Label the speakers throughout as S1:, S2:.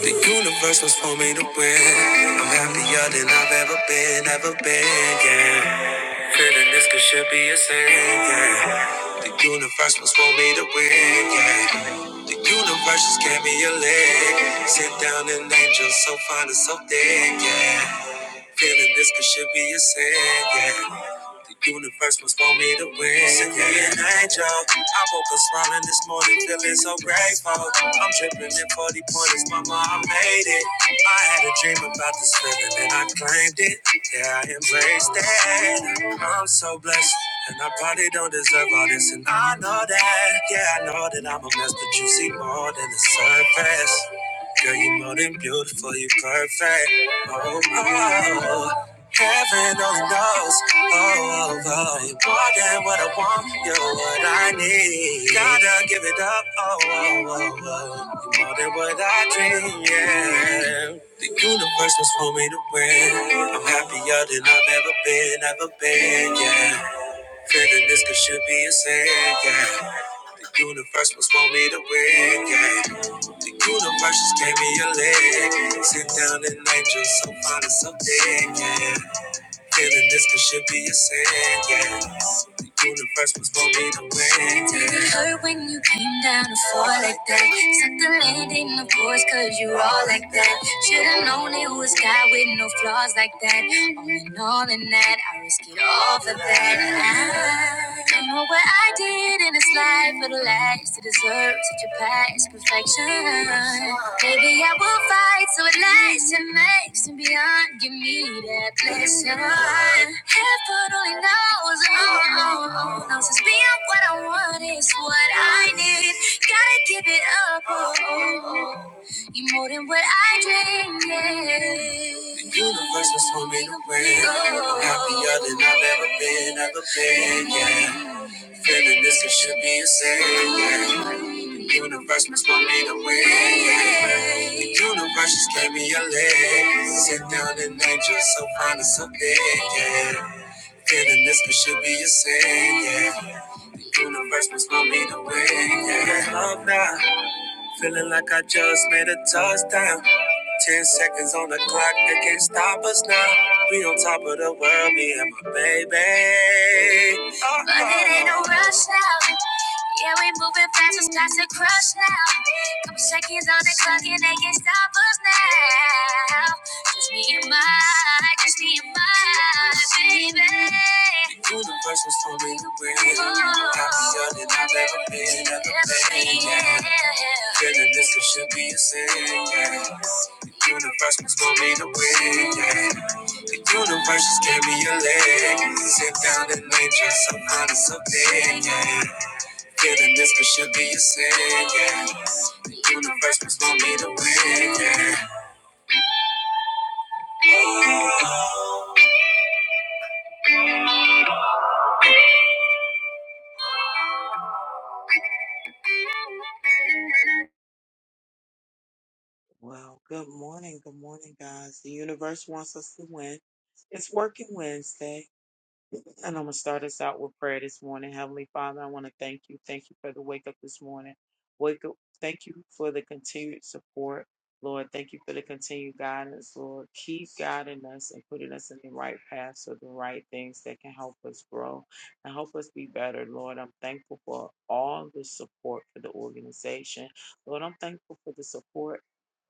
S1: The universe was for me to win. I'm happier than I've ever been, ever been, yeah. Feeling this could should be a sin, yeah. The universe was for me to win, yeah. The universe just gave me a leg. Sit down an angel so fine and so thick, yeah. Feeling this could should be a sin, yeah. The universe must want me to win, yeah. An angel. I woke up smiling this morning, feeling so grateful. I'm dripping in 40 pointers, mama, I made it. I had a dream about this feeling and I claimed it. Yeah, I embraced it. I'm so blessed. And I probably don't deserve all this, and I know that. Yeah, I know that I'm a mess, but you see more than the surface. Girl, you are more than beautiful, you are perfect. Oh, oh, oh. heaven only knows. Oh, oh, oh, you more than what I want, you're what I need. Gotta give it up. Oh, oh, oh, oh. you more than what I dream, yeah. The universe was for me to win. I'm happier than I've ever been, ever been, yeah. Feeling this could should be a sin, yeah. The universe must want me to win, yeah. The universe just gave me a leg. Sit down and angel, so fine and so dead, yeah. Feeling this could should be a sin, yeah. The universe was gonna be the wind, yeah. it hurt when you came down to fall like that? Suck the landing, of course, cause you all like that. Should've known it was God with no flaws like that. All in all, in that, I risk it all for that. I don't know what I did waited in this life for the last to deserve such a past perfection. Maybe I will fight so it lasts and makes and beyond. Give me that blessing. Heaven only knows, oh, oh, oh, knows it's beyond what I want is what I need. Gotta give it up, oh, oh, oh. you more than what I dreamed. Yeah. The universe was for me to win. I'm happier than I've ever been, ever been. Yeah. Feeling this, it should be insane. The universe must want me to win. yeah. The universe just gave me a leg. Sit down and angel, so fine and so big, yeah. Feeling this, it should be insane. saying. The universe must want me to win. Yeah. Love now, Feeling like I just made a touchdown. Ten seconds on the clock, they can't stop us now. We on top of the world, me and my baby. Oh, but it ain't no rush now. Yeah, we moving fast, it's time to crush now. Couple seconds on the clock and they can not stop us now. Just me and my, just me and my baby. The universe was for me to win. Happier than I've ever been, ever been. Yeah. Feeling this it should be a sin. Yeah. The universe was for me to win. Yeah. The universe just gave me a leg. Sit down and lay just so honest, so big. Yeah. Killing this could should be a sin, yeah. The universe must want me to win, yeah.
S2: Well, good morning. Good morning, guys. The universe wants us to win. It's working Wednesday. And I'm going to start us out with prayer this morning. Heavenly Father, I want to thank you. Thank you for the wake up this morning. Wake up. Thank you for the continued support, Lord. Thank you for the continued guidance, Lord. Keep guiding us and putting us in the right path so the right things that can help us grow and help us be better, Lord. I'm thankful for all the support for the organization. Lord, I'm thankful for the support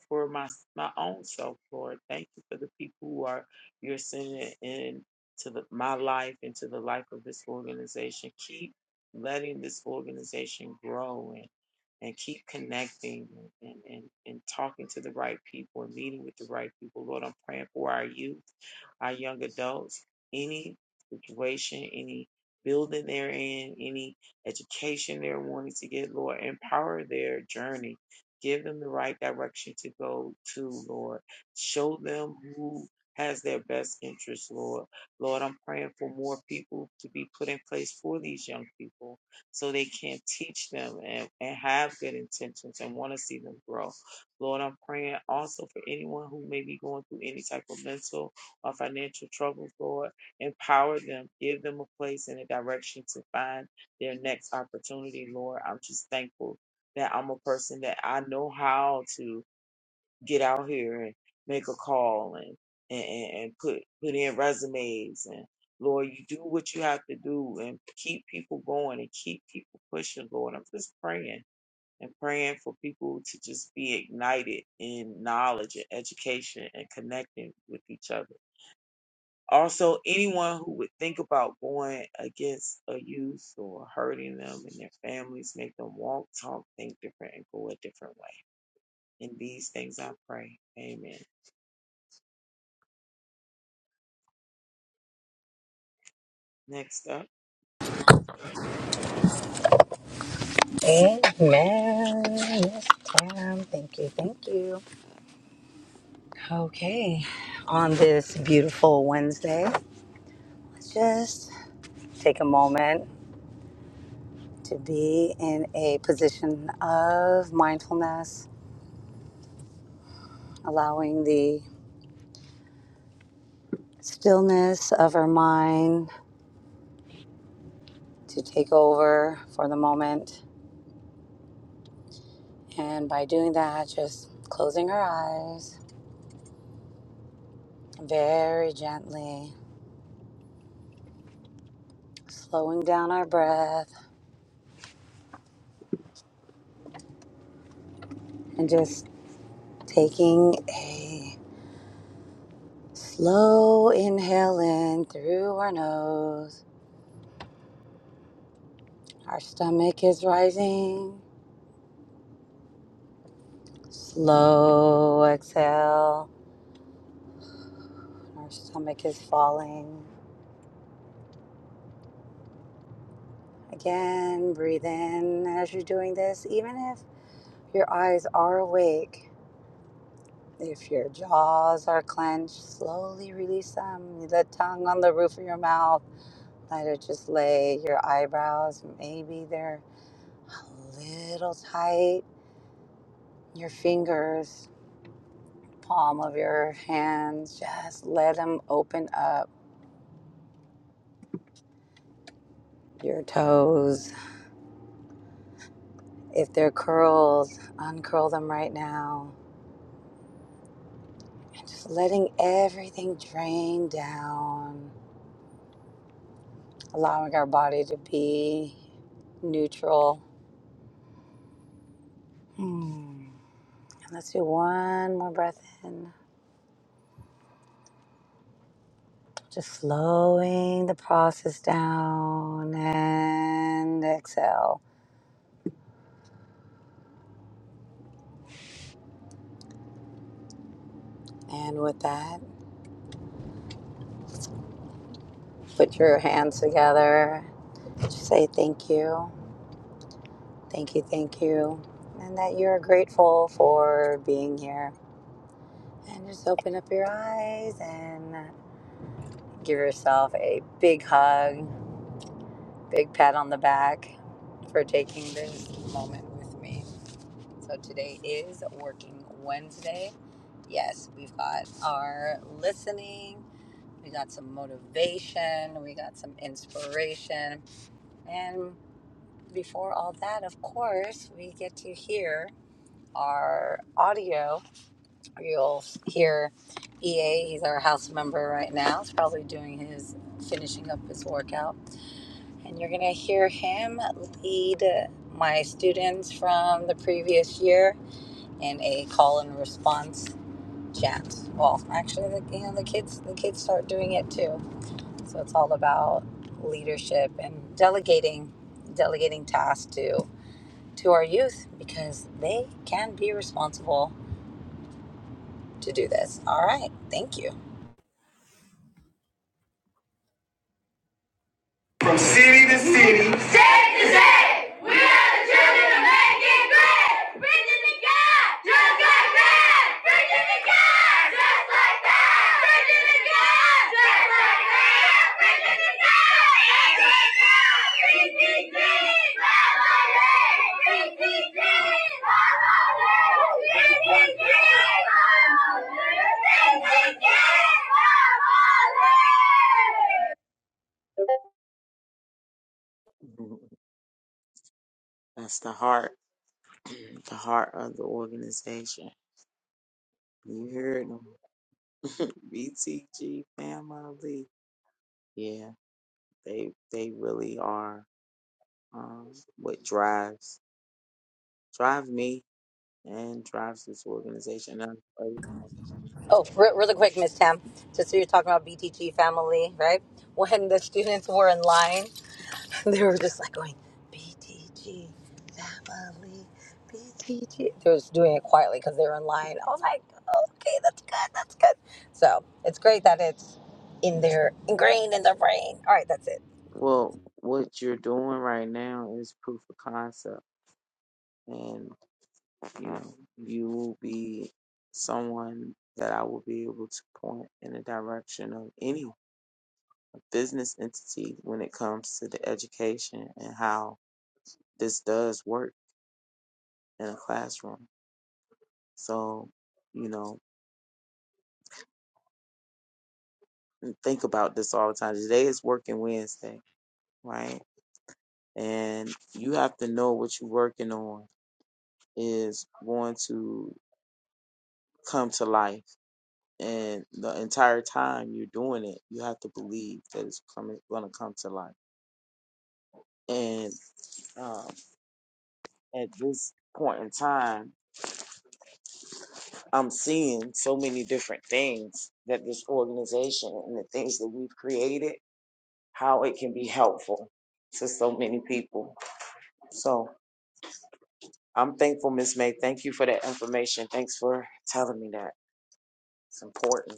S2: for my my own self, Lord. Thank you for the people who are you're sending in to the, my life and to the life of this organization. Keep letting this organization grow and, and keep connecting and, and, and talking to the right people and meeting with the right people. Lord, I'm praying for our youth, our young adults, any situation, any building they're in, any education they're wanting to get, Lord, empower their journey. Give them the right direction to go to, Lord. Show them who has their best interest, Lord Lord, I'm praying for more people to be put in place for these young people so they can teach them and, and have good intentions and want to see them grow. Lord, I'm praying also for anyone who may be going through any type of mental or financial troubles, Lord. Empower them, give them a place and a direction to find their next opportunity, Lord. I'm just thankful that I'm a person that I know how to get out here and make a call and and, and and put put in resumes and Lord, you do what you have to do and keep people going and keep people pushing, Lord. I'm just praying and praying for people to just be ignited in knowledge and education and connecting with each other. Also, anyone who would think about going against a youth or hurting them and their families, make them walk, talk, think different, and go a different way. In these things I pray. Amen. Next up,
S3: Amen. Yes, ma'am. Thank you. Thank you. Okay. On this beautiful Wednesday, let's just take a moment to be in a position of mindfulness, allowing the stillness of our mind to take over for the moment. And by doing that, just closing our eyes very gently, slowing down our breath, and just taking a Slow inhale in through our nose. Our stomach is rising. Slow exhale. Our stomach is falling. Again, breathe in as you're doing this, even if your eyes are awake. If your jaws are clenched, slowly release them. The tongue on the roof of your mouth. Let it just lay. Your eyebrows, maybe they're a little tight. Your fingers palm of your hands. Just let them open up your toes. If they're curled, uncurl them right now. And just letting everything drain down, allowing our body to be neutral. Hmm. Let's do one more breath in. Just slowing the process down and exhale. And with that, put your hands together. Just say thank you. Thank you, thank you. And that you're grateful for being here. And just open up your eyes and give yourself a big hug, big pat on the back for taking this moment with me. So today is Working Wednesday. Yes, we've got our listening, we got some motivation, we got some inspiration. And before all that, of course, we get to hear our audio You'll hear EA, he's our house member right now. He's probably doing his finishing up his workout. And you're going to hear him lead my students from the previous year in a call and response chat. Well, actually, the, you know, the kids the kids start doing it too. So it's all about leadership and delegating delegating tasks to to our youth because they can be responsible to do this. All right. Thank you.
S1: From city to city. State to state. We are the children of making great Preaching to God. Just like that. Preaching to God. Just like that. Preaching to God. Just like that. Preaching to God. Just like that. PCC.
S2: that's the heart, the heart of the organization. You heard them, BTG family. Yeah, they they really are um, what drives drive me and drives this organization. And I'm-
S3: Oh, re- really quick, Miss Tam. Just so you're talking about BTG family, right? When the students were in line, they were just like going, BTG family, BTG. They were just doing it quietly because they were in line. I was like, okay, that's good, that's good. So it's great that it's in their ingrained in their brain. All right, that's it.
S2: Well, what you're doing right now is proof of concept, and you know, you will be someone that I will be able to point in the direction of any business entity when it comes to the education and how this does work in a classroom. So, you know, think about this all the time. Today is working Wednesday, right? And you have to know what you're working on is going to come to life. And the entire time you're doing it, you have to believe that it's coming, going to come to life And um, at this point in time, I'm seeing so many different things that this organization and the things that we've created, how it can be helpful to so many people. So I'm thankful, Miss May. Thank you for that information. Thanks for telling me that. It's important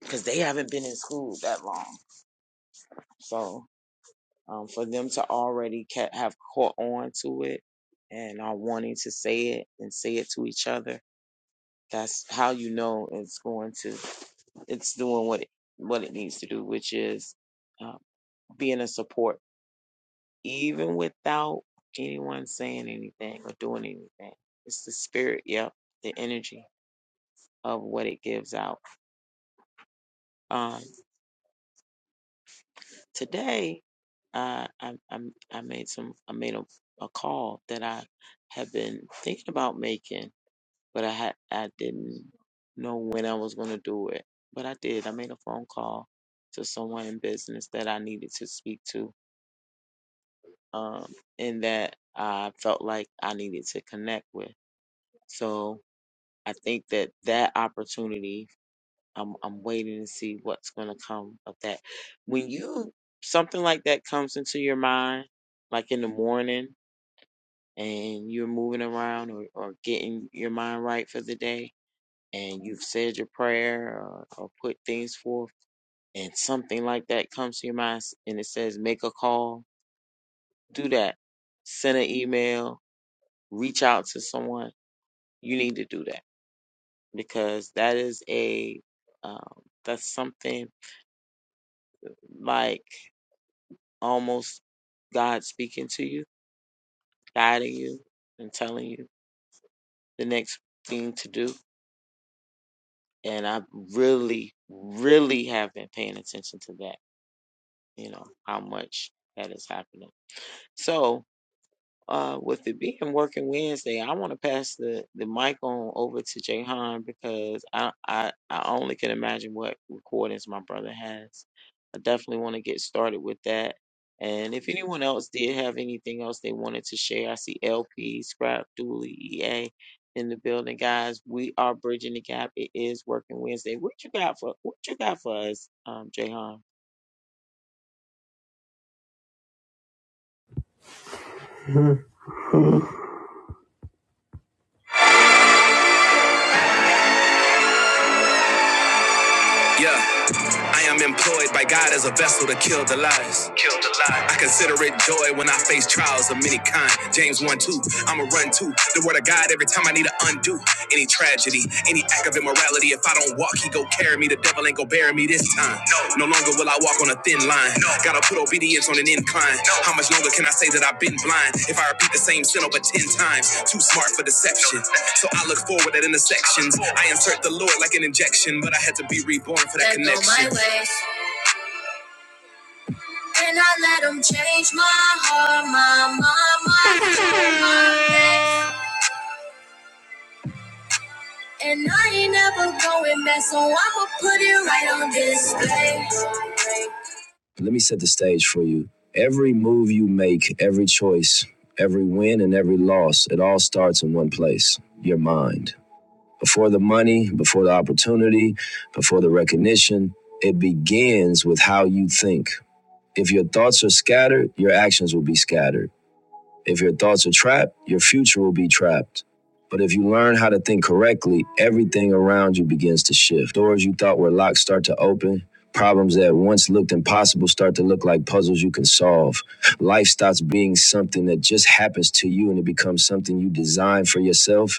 S2: because they haven't been in school that long. So um, for them to already ca- have caught on to it and are wanting to say it and say it to each other That's how you know it's going to, it's doing what it, what it needs to do, which is uh, being a support, even without anyone saying anything or doing anything. It's the spirit, yep, the energy of what it gives out. Um, today, uh, I, I I made some I made a, a call that I have been thinking about making but I had I didn't know when I was going to do it. But I did. I made a phone call to someone in business that I needed to speak to, um, and that I felt like I needed to connect with. So I think that that opportunity, I'm I'm waiting to see what's going to come of that. When you something like that comes into your mind, like in the morning, and you're moving around or, or getting your mind right for the day, and you've said your prayer or, or put things forth and something like that comes to your mind and it says make a call, do that. Send an email, reach out to someone. You need to do that because that is a um, that's something like almost God speaking to you, guiding you, and telling you the next thing to do. And I really, really have been paying attention to that. You know how much that is happening. So, uh, with it being working Wednesday, I want to pass the, the mic on over to Jahan because I, I I only can imagine what recordings my brother has. I definitely want to get started with that. And if anyone else did have anything else they wanted to share, I see LP, Scrap, Dooley, EA in the building, guys. We are bridging the gap. It is working Wednesday. What you got for what you got for us, um, Jahan?
S1: Yeah, I am employed by God as a vessel to kill the lies. I consider it joy when I face trials of many kind. James 1 2, I'm I'ma run to the word of God every time I need to undo any tragedy, any act of immorality. If I don't walk, he go carry me. The devil ain't go bury me this time. No, no longer will I walk on a thin line. No. Gotta put obedience on an incline. No. How much longer can I say that I've been blind? If I repeat the same sin over 10 times, too smart for deception. So I look forward at intersections. I insert the Lord like an injection, but I had to be reborn for that That connection. go my connection. way. And I let them change my heart, my mind, my soul, And I ain't never going back, so I'ma put it right on display. Let me set the stage for you. Every move you make, every choice, every win and every loss, it all starts in one place your mind. Before the money, before the opportunity, before the recognition, it begins with how you think. If your thoughts are scattered, your actions will be scattered. If your thoughts are trapped, your future will be trapped. But if you learn how to think correctly, everything around you begins to shift. Doors you thought were locked start to open. Problems that once looked impossible start to look like puzzles you can solve. Life stops being something that just happens to you and it becomes something you design for yourself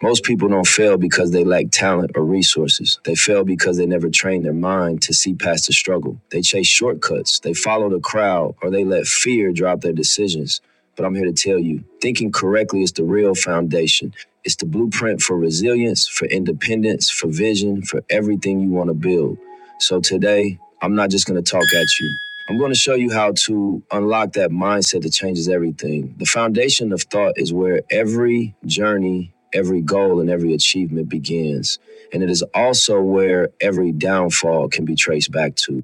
S1: most people don't fail because they lack talent or resources. They fail because they never train their mind to see past the struggle. They chase shortcuts, they follow the crowd, or they let fear drive their decisions. But I'm here to tell you thinking correctly is the real foundation. It's the blueprint for resilience, for independence, for vision, for everything you want to build. So today, I'm not just going to talk at you. I'm going to show you how to unlock that mindset that changes everything. The foundation of thought is where every journey, every goal, and every achievement begins. And it is also where every downfall can be traced back to.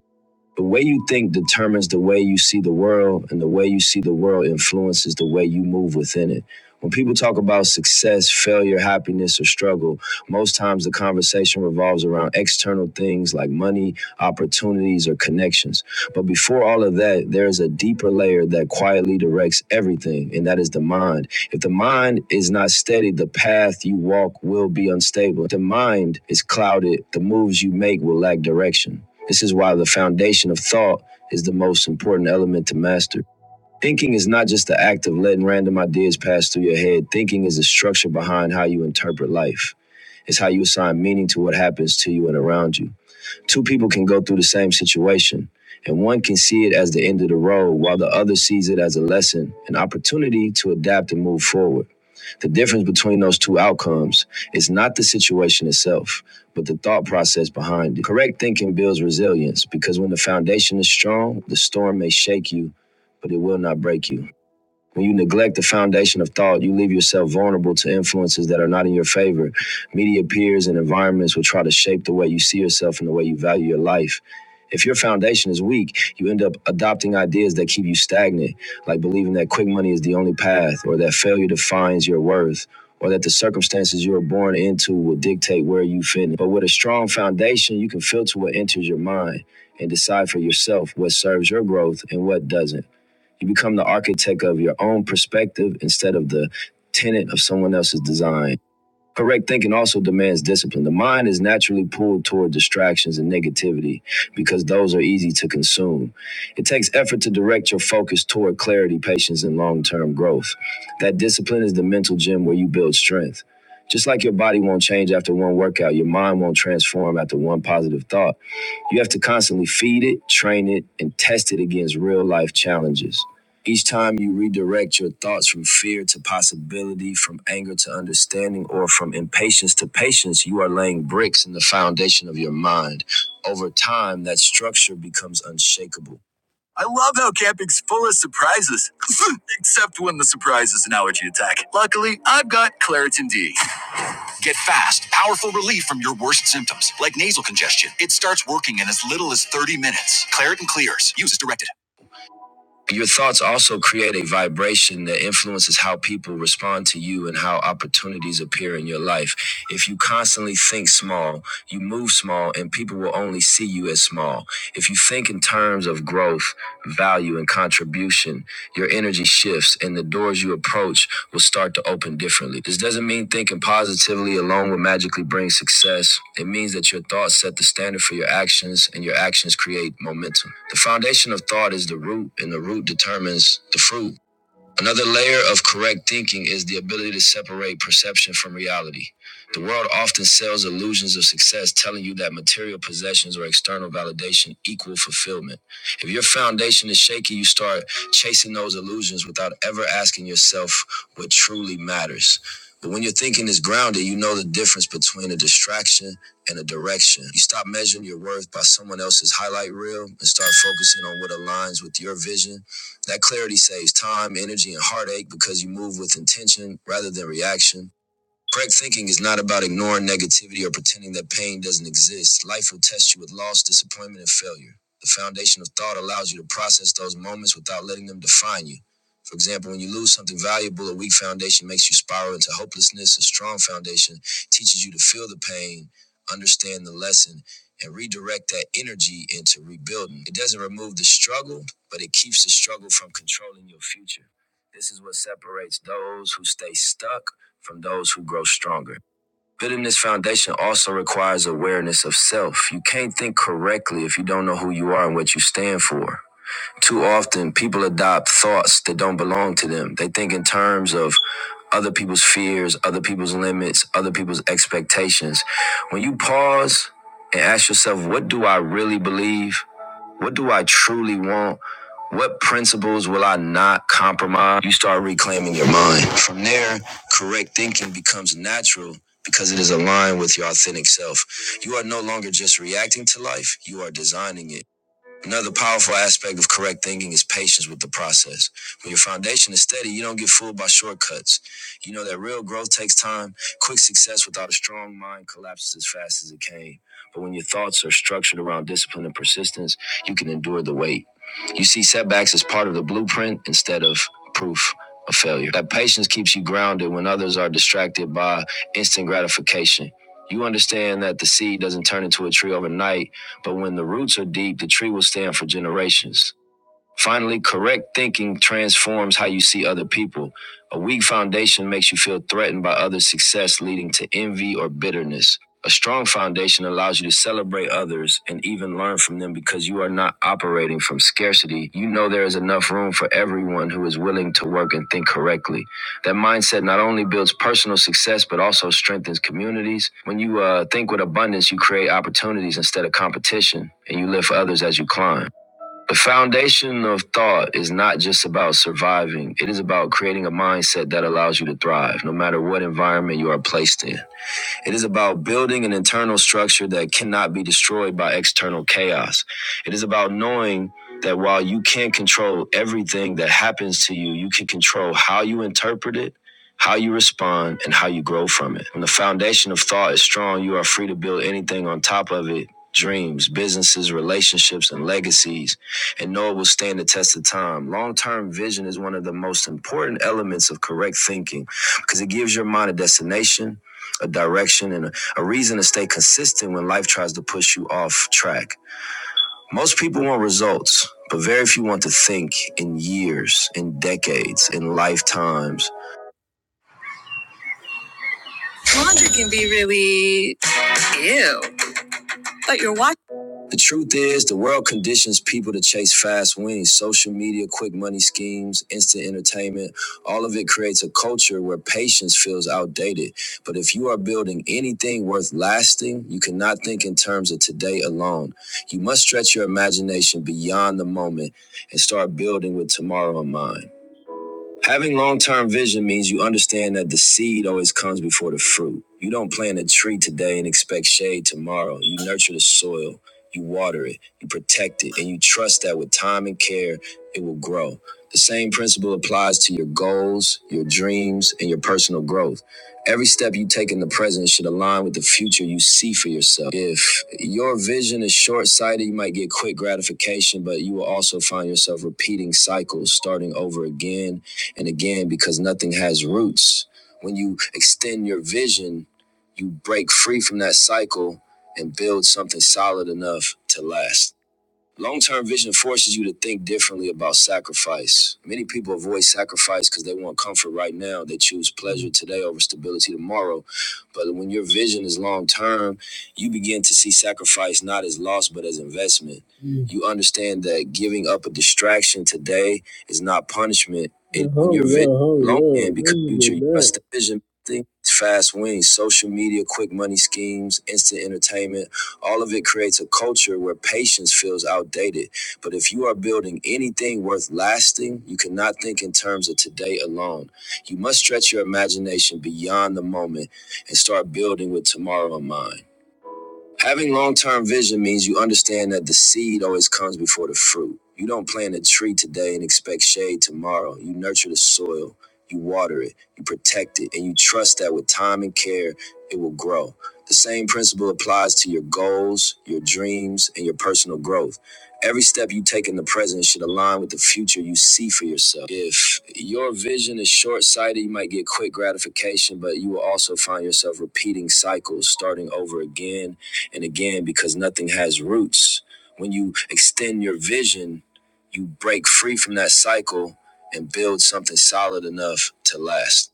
S1: The way you think determines the way you see the world, and the way you see the world influences the way you move within it. When people talk about success, failure, happiness, or struggle, most times the conversation revolves around external things like money, opportunities, or connections. But before all of that, there is a deeper layer that quietly directs everything, and that is the mind. If the mind is not steady, the path you walk will be unstable. If the mind is clouded, the moves you make will lack direction. This is why the foundation of thought is the most important element to master. Thinking is not just the act of letting random ideas pass through your head. Thinking is the structure behind how you interpret life. It's how you assign meaning to what happens to you and around you. Two people can go through the same situation, and one can see it as the end of the road, while the other sees it as a lesson, an opportunity to adapt and move forward. The difference between those two outcomes is not the situation itself, but the thought process behind it. Correct thinking builds resilience because when the foundation is strong, the storm may shake you, but it will not break you. When you neglect the foundation of thought, you leave yourself vulnerable to influences that are not in your favor. Media peers and environments will try to shape the way you see yourself and the way you value your life. If your foundation is weak, you end up adopting ideas that keep you stagnant, like believing that quick money is the only path, or that failure defines your worth, or that the circumstances you were born into will dictate where you fit. But with a strong foundation, you can filter what enters your mind and decide for yourself what serves your growth and what doesn't. You become the architect of your own perspective instead of the tenant of someone else's design. Correct thinking also demands discipline. The mind is naturally pulled toward distractions and negativity because those are easy to consume. It takes effort to direct your focus toward clarity, patience, and long term growth. That discipline is the mental gym where you build strength. Just like your body won't change after one workout, your mind won't transform after one positive thought. You have to constantly feed it, train it, and test it against real life challenges. Each time you redirect your thoughts from fear to possibility, from anger to understanding, or from impatience to patience, you are laying bricks in the foundation of your mind. Over time, that structure becomes unshakable. Get fast, powerful relief from your worst symptoms, like nasal congestion. It starts working in as little as 30 minutes. Claritin clears. Use as directed. Your thoughts also create a vibration that influences how people respond to you and how opportunities appear in your life. If you constantly think small, you move small, and people will only see you as small. If you think in terms of growth, value, and contribution, your energy shifts and the doors you approach will start to open differently. This doesn't mean thinking positively alone will magically bring success. It means that your thoughts set the standard for your actions and your actions create momentum. The foundation of thought is the root and the root determines the fruit. Another layer of correct thinking is the ability to separate perception from reality. The world often sells illusions of success, telling you that material possessions or external validation equal fulfillment. If your foundation is shaky, you start chasing those illusions without ever asking yourself what truly matters. But when your thinking is grounded, you know the difference between a distraction and a direction. You stop measuring your worth by someone else's highlight reel and start focusing on what aligns with your vision that clarity saves time, energy, and heartache because you move with intention rather than reaction. Correct thinking is not about ignoring negativity or pretending that pain doesn't exist. Life will test you with loss, disappointment, and failure. The foundation of thought allows you to process those moments without letting them define you. For example, when you lose something valuable, a weak foundation makes you spiral into hopelessness. A strong foundation teaches you to feel the pain, understand the lesson, and redirect that energy into rebuilding. It doesn't remove the struggle, but it keeps the struggle from controlling your future. This is what separates those who stay stuck from those who grow stronger. Building this foundation also requires awareness of self. You can't think correctly if you don't know who you are and what you stand for. Too often, people adopt thoughts that don't belong to them. They think in terms of other people's fears, other people's limits, other people's expectations. When you pause and ask yourself, what do I really believe? What do I truly want? What principles will I not compromise? You start reclaiming your mind. From there, correct thinking becomes natural because it is aligned with your authentic self. You are no longer just reacting to life, you are designing it. Another powerful aspect of correct thinking is patience with the process. When your foundation is steady, you don't get fooled by shortcuts. You know that real growth takes time. Quick success without a strong mind collapses as fast as it came. But when your thoughts are structured around discipline and persistence, you can endure the wait. You see setbacks as part of the blueprint instead of proof of failure. That patience keeps you grounded when others are distracted by instant gratification. You understand that the seed doesn't turn into a tree overnight but when the roots are deep, the tree will stand for generations. Finally, correct thinking transforms how you see other people. A weak foundation makes you feel threatened by others' success, leading to envy or bitterness. A strong foundation allows you to celebrate others and even learn from them because you are not operating from scarcity. You know there is enough room for everyone who is willing to work and think correctly. That mindset not only builds personal success, but also strengthens communities. When you uh, think with abundance, you create opportunities instead of competition, and you live for others as you climb. The foundation of thought is not just about surviving, it is about creating a mindset that allows you to thrive, no matter what environment you are placed in. It is about building an internal structure that cannot be destroyed by external chaos. It is about knowing that while you can't control everything that happens to you, you can control how you interpret it, how you respond, and how you grow from it. When the foundation of thought is strong, you are free to build anything on top of it dreams, businesses, relationships, and legacies, and know it will stand the test of time. Long term vision is one of the most important elements of correct thinking because it gives your mind a destination a direction, and a, a reason to stay consistent when life tries to push you off track. Most people want results, but very few want to think in years, in decades, in lifetimes. Laundry can be really ew, but your wife The truth is, the world conditions people to chase fast wins, social media, quick money schemes, instant entertainment. All of it creates a culture where patience feels outdated. But if you are building anything worth lasting, you cannot think in terms of today alone. You must stretch your imagination beyond the moment and start building with tomorrow in mind. Having long term vision means you understand that the seed always comes before the fruit. You don't plant a tree today and expect shade tomorrow. You nurture the soil, you water it, you protect it, and you trust that with time and care, it will grow. The same principle applies to your goals, your dreams, and your personal growth. Every step you take in the present should align with the future you see for yourself. If your vision is short sighted, you might get quick gratification, but you will also find yourself repeating cycles, starting over again and again, because nothing has roots, when you extend your vision, you break free from that cycle and build something solid enough to last. Long term vision forces you to think differently about sacrifice. Many people avoid sacrifice because they want comfort right now. They choose pleasure today over stability tomorrow. But when your vision is long term, you begin to see sacrifice not as loss, but as investment. Mm. You understand that giving up a distraction today is not punishment. It, when your yeah, vision is long and because future, you trust the vision. Things, fast wins. social media, quick money schemes, instant entertainment all of it creates a culture where patience feels outdated. But if you are building anything worth lasting, you cannot think in terms of today alone. You must stretch your imagination beyond the moment and start building with tomorrow in mind. Having long term vision means you understand that the seed always comes before the fruit. You don't plant a tree today and expect shade tomorrow. You nurture the soil, you water it, you protect it, and you trust that with time and care, it will grow. The same principle applies to your goals, your dreams, and your personal growth. Every step you take in the present should align with the future you see for yourself. If your vision is short sighted, you might get quick gratification, but you will also find yourself repeating cycles, starting over again and again, because nothing has roots, when you extend your vision, you break free from that cycle and build something solid enough to last.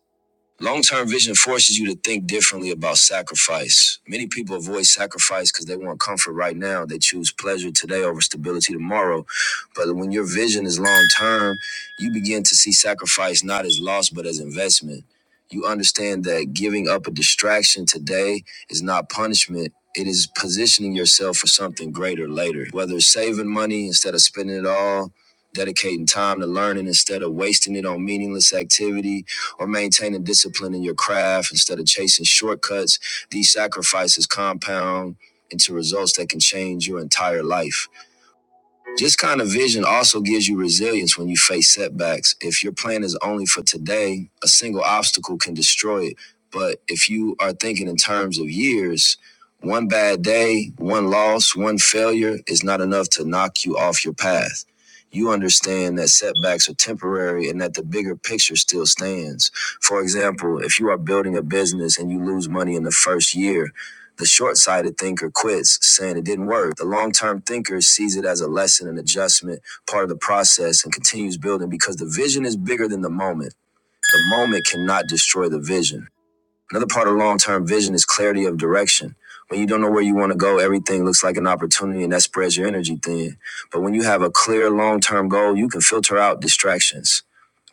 S1: Long term vision forces you to think differently about sacrifice. Many people avoid sacrifice because they want comfort right now. They choose pleasure today over stability tomorrow. But when your vision is long term, you begin to see sacrifice not as loss, but as investment. You understand that giving up a distraction today is not punishment. It is positioning yourself for something greater later. Whether it's saving money instead of spending it all, dedicating time to learning instead of wasting it on meaningless activity, or maintaining discipline in your craft instead of chasing shortcuts, these sacrifices compound into results that can change your entire life. This kind of vision also gives you resilience when you face setbacks. If your plan is only for today, a single obstacle can destroy it. But if you are thinking in terms of years, one bad day, one loss, one failure is not enough to knock you off your path. You understand that setbacks are temporary and that the bigger picture still stands. For example, if you are building a business and you lose money in the first year, the short sighted thinker quits, saying it didn't work. The long term thinker sees it as a lesson, an adjustment, part of the process, and continues building because the vision is bigger than the moment. The moment cannot destroy the vision. Another part of long term vision is clarity of direction. When you don't know where you want to go, everything looks like an opportunity and that spreads your energy thin. But when you have a clear long term goal, you can filter out distractions.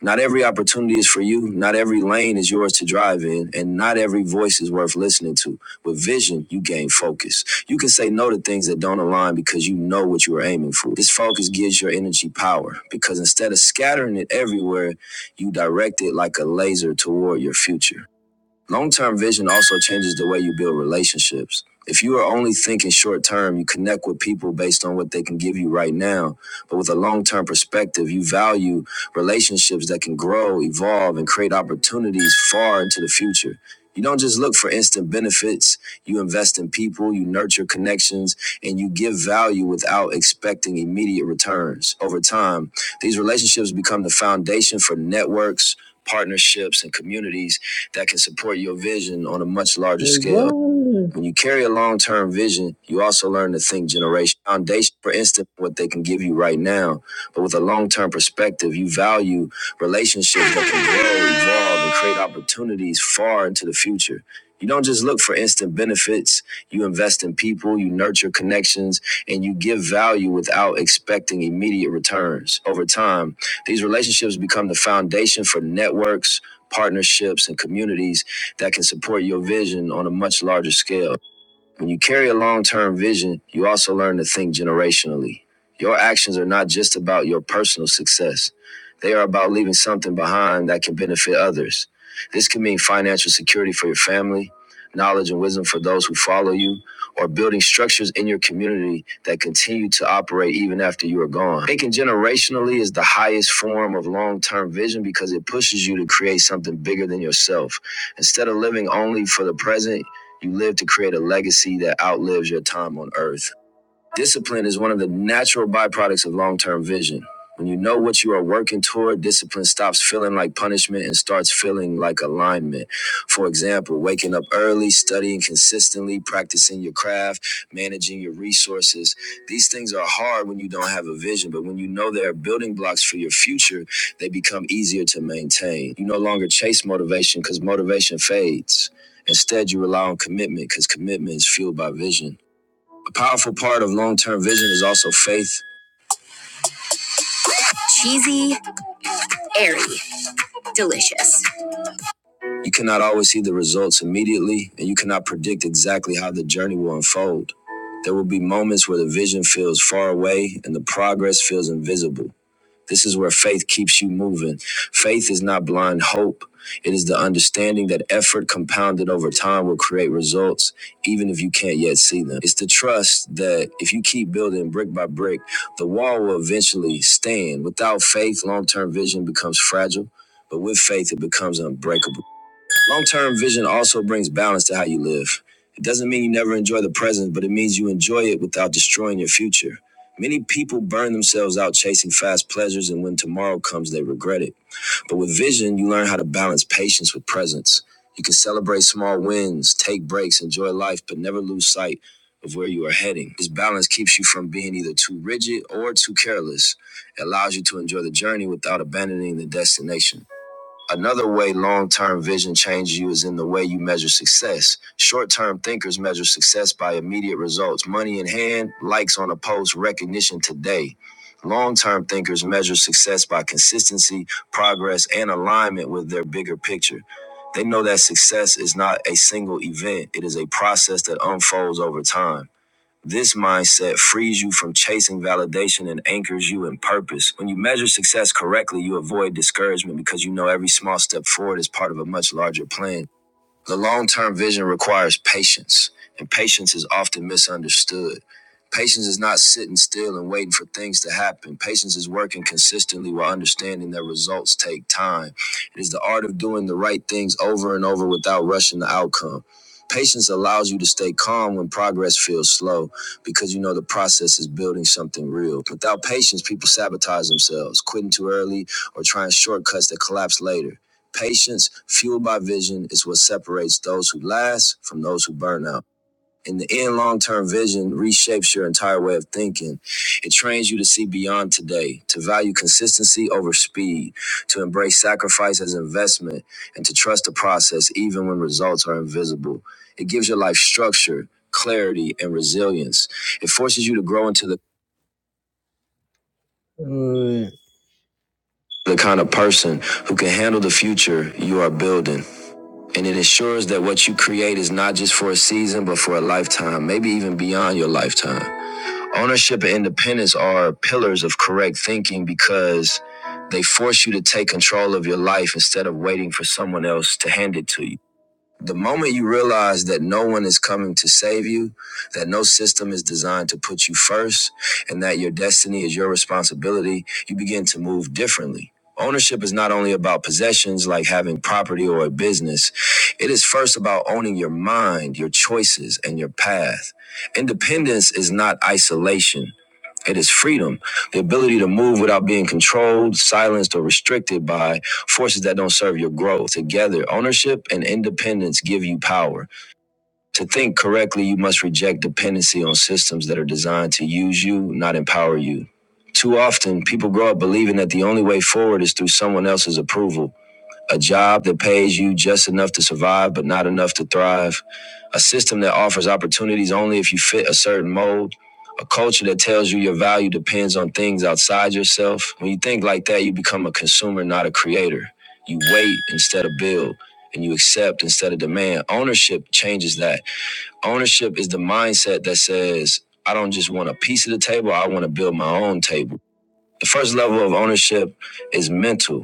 S1: Not every opportunity is for you. Not every lane is yours to drive in, and not every voice is worth listening to. With vision, you gain focus. You can say no to things that don't align because you know what you are aiming for. This focus gives your energy power because instead of scattering it everywhere, you direct it like a laser toward your future. Long term vision also changes the way you build relationships. If you are only thinking short term, you connect with people based on what they can give you right now. But with a long term perspective, you value relationships that can grow, evolve, and create opportunities far into the future. You don't just look for instant benefits. You invest in people, you nurture connections, and you give value without expecting immediate returns. Over time, these relationships become the foundation for networks, partnerships, and communities that can support your vision on a much larger scale. When you carry a long term vision, you also learn to think generation foundation, for instance, what they can give you right now. But with a long term perspective, you value relationships that can grow, evolve, and create opportunities far into the future. You don't just look for instant benefits. You invest in people, you nurture connections, and you give value without expecting immediate returns. Over time, these relationships become the foundation for networks, partnerships, and communities that can support your vision on a much larger scale. When you carry a long term vision, you also learn to think generationally. Your actions are not just about your personal success, they are about leaving something behind that can benefit others. This can mean financial security for your family, knowledge and wisdom for those who follow you, or building structures in your community that continue to operate even after you are gone. Thinking generationally is the highest form of long term vision because it pushes you to create something bigger than yourself. Instead of living only for the present, you live to create a legacy that outlives your time on earth. Discipline is one of the natural byproducts of long term vision. When you know what you are working toward, discipline stops feeling like punishment and starts feeling like alignment. For example, waking up early, studying consistently, practicing your craft, managing your resources. These things are hard when you don't have a vision, but when you know they are building blocks for your future, they become easier to maintain. You no longer chase motivation because motivation fades. Instead, you rely on commitment because commitment is fueled by vision. A powerful part of long term vision is also faith. You cannot always see the results immediately, and you cannot predict exactly how the journey will unfold. There will be moments where the vision feels far away and the progress feels invisible. This is where faith keeps you moving. Faith is not blind hope. It is the understanding that effort compounded over time will create results, even if you can't yet see them. It's the trust that if you keep building brick by brick, the wall will eventually stand. Without faith, long term vision becomes fragile, but with faith, it becomes unbreakable. Long term vision also brings balance to how you live. It doesn't mean you never enjoy the present, but it means you enjoy it without destroying your future. Many people burn themselves out chasing fast pleasures, and when tomorrow comes, they regret it. But with vision, you learn how to balance patience with presence. You can celebrate small wins, take breaks, enjoy life, but never lose sight of where you are heading. This balance keeps you from being either too rigid or too careless. It allows you to enjoy the journey without abandoning the destination. Another way long term vision changes you is in the way you measure success. Short term thinkers measure success by immediate results money in hand, likes on a post, recognition today. Long term thinkers measure success by consistency, progress, and alignment with their bigger picture. They know that success is not a single event, it is a process that unfolds over time. This mindset frees you from chasing validation and anchors you in purpose. When you measure success correctly, you avoid discouragement because you know every small step forward is part of a much larger plan. The long term vision requires patience, and patience is often misunderstood. Patience is not sitting still and waiting for things to happen. Patience is working consistently while understanding that results take time. It is the art of doing the right things over and over without rushing the outcome. Patience allows you to stay calm when progress feels slow because you know the process is building something real. Without patience, people sabotage themselves, quitting too early or trying shortcuts that collapse later. Patience, fueled by vision, is what separates those who last from those who burn out. In the end, long term vision reshapes your entire way of thinking. It trains you to see beyond today, to value consistency over speed, to embrace sacrifice as investment, and to trust the process even when results are invisible. It gives your life structure, clarity, and resilience. It forces you to grow into the the kind of person who can handle the future you are building. And it ensures that what you create is not just for a season, but for a lifetime, maybe even beyond your lifetime. Ownership and independence are pillars of correct thinking because they force you to take control of your life instead of waiting for someone else to hand it to you the moment you realize that no one is coming to save you, that no system is designed to put you first, and that your destiny is your responsibility, you begin to move differently. Ownership is not only about possessions like having property or a business. It is first about owning your mind, your choices, and your path. Independence is not isolation. It is freedom, the ability to move without being controlled, silenced, or restricted by forces that don't serve your growth. Together, ownership and independence give you power. To think correctly, you must reject dependency on systems that are designed to use you, not empower you. Too often, people grow up believing that the only way forward is through someone else's approval a job that pays you just enough to survive but not enough to thrive, a system that offers opportunities only if you fit a certain mold, a culture that tells you your value depends on things outside yourself. When you think like that, you become a consumer, not a creator. You wait instead of build. And you accept instead of demand. Ownership changes that. Ownership is the mindset that says, I don't just want a piece of the table, I want to build my own table. The first level of ownership is mental.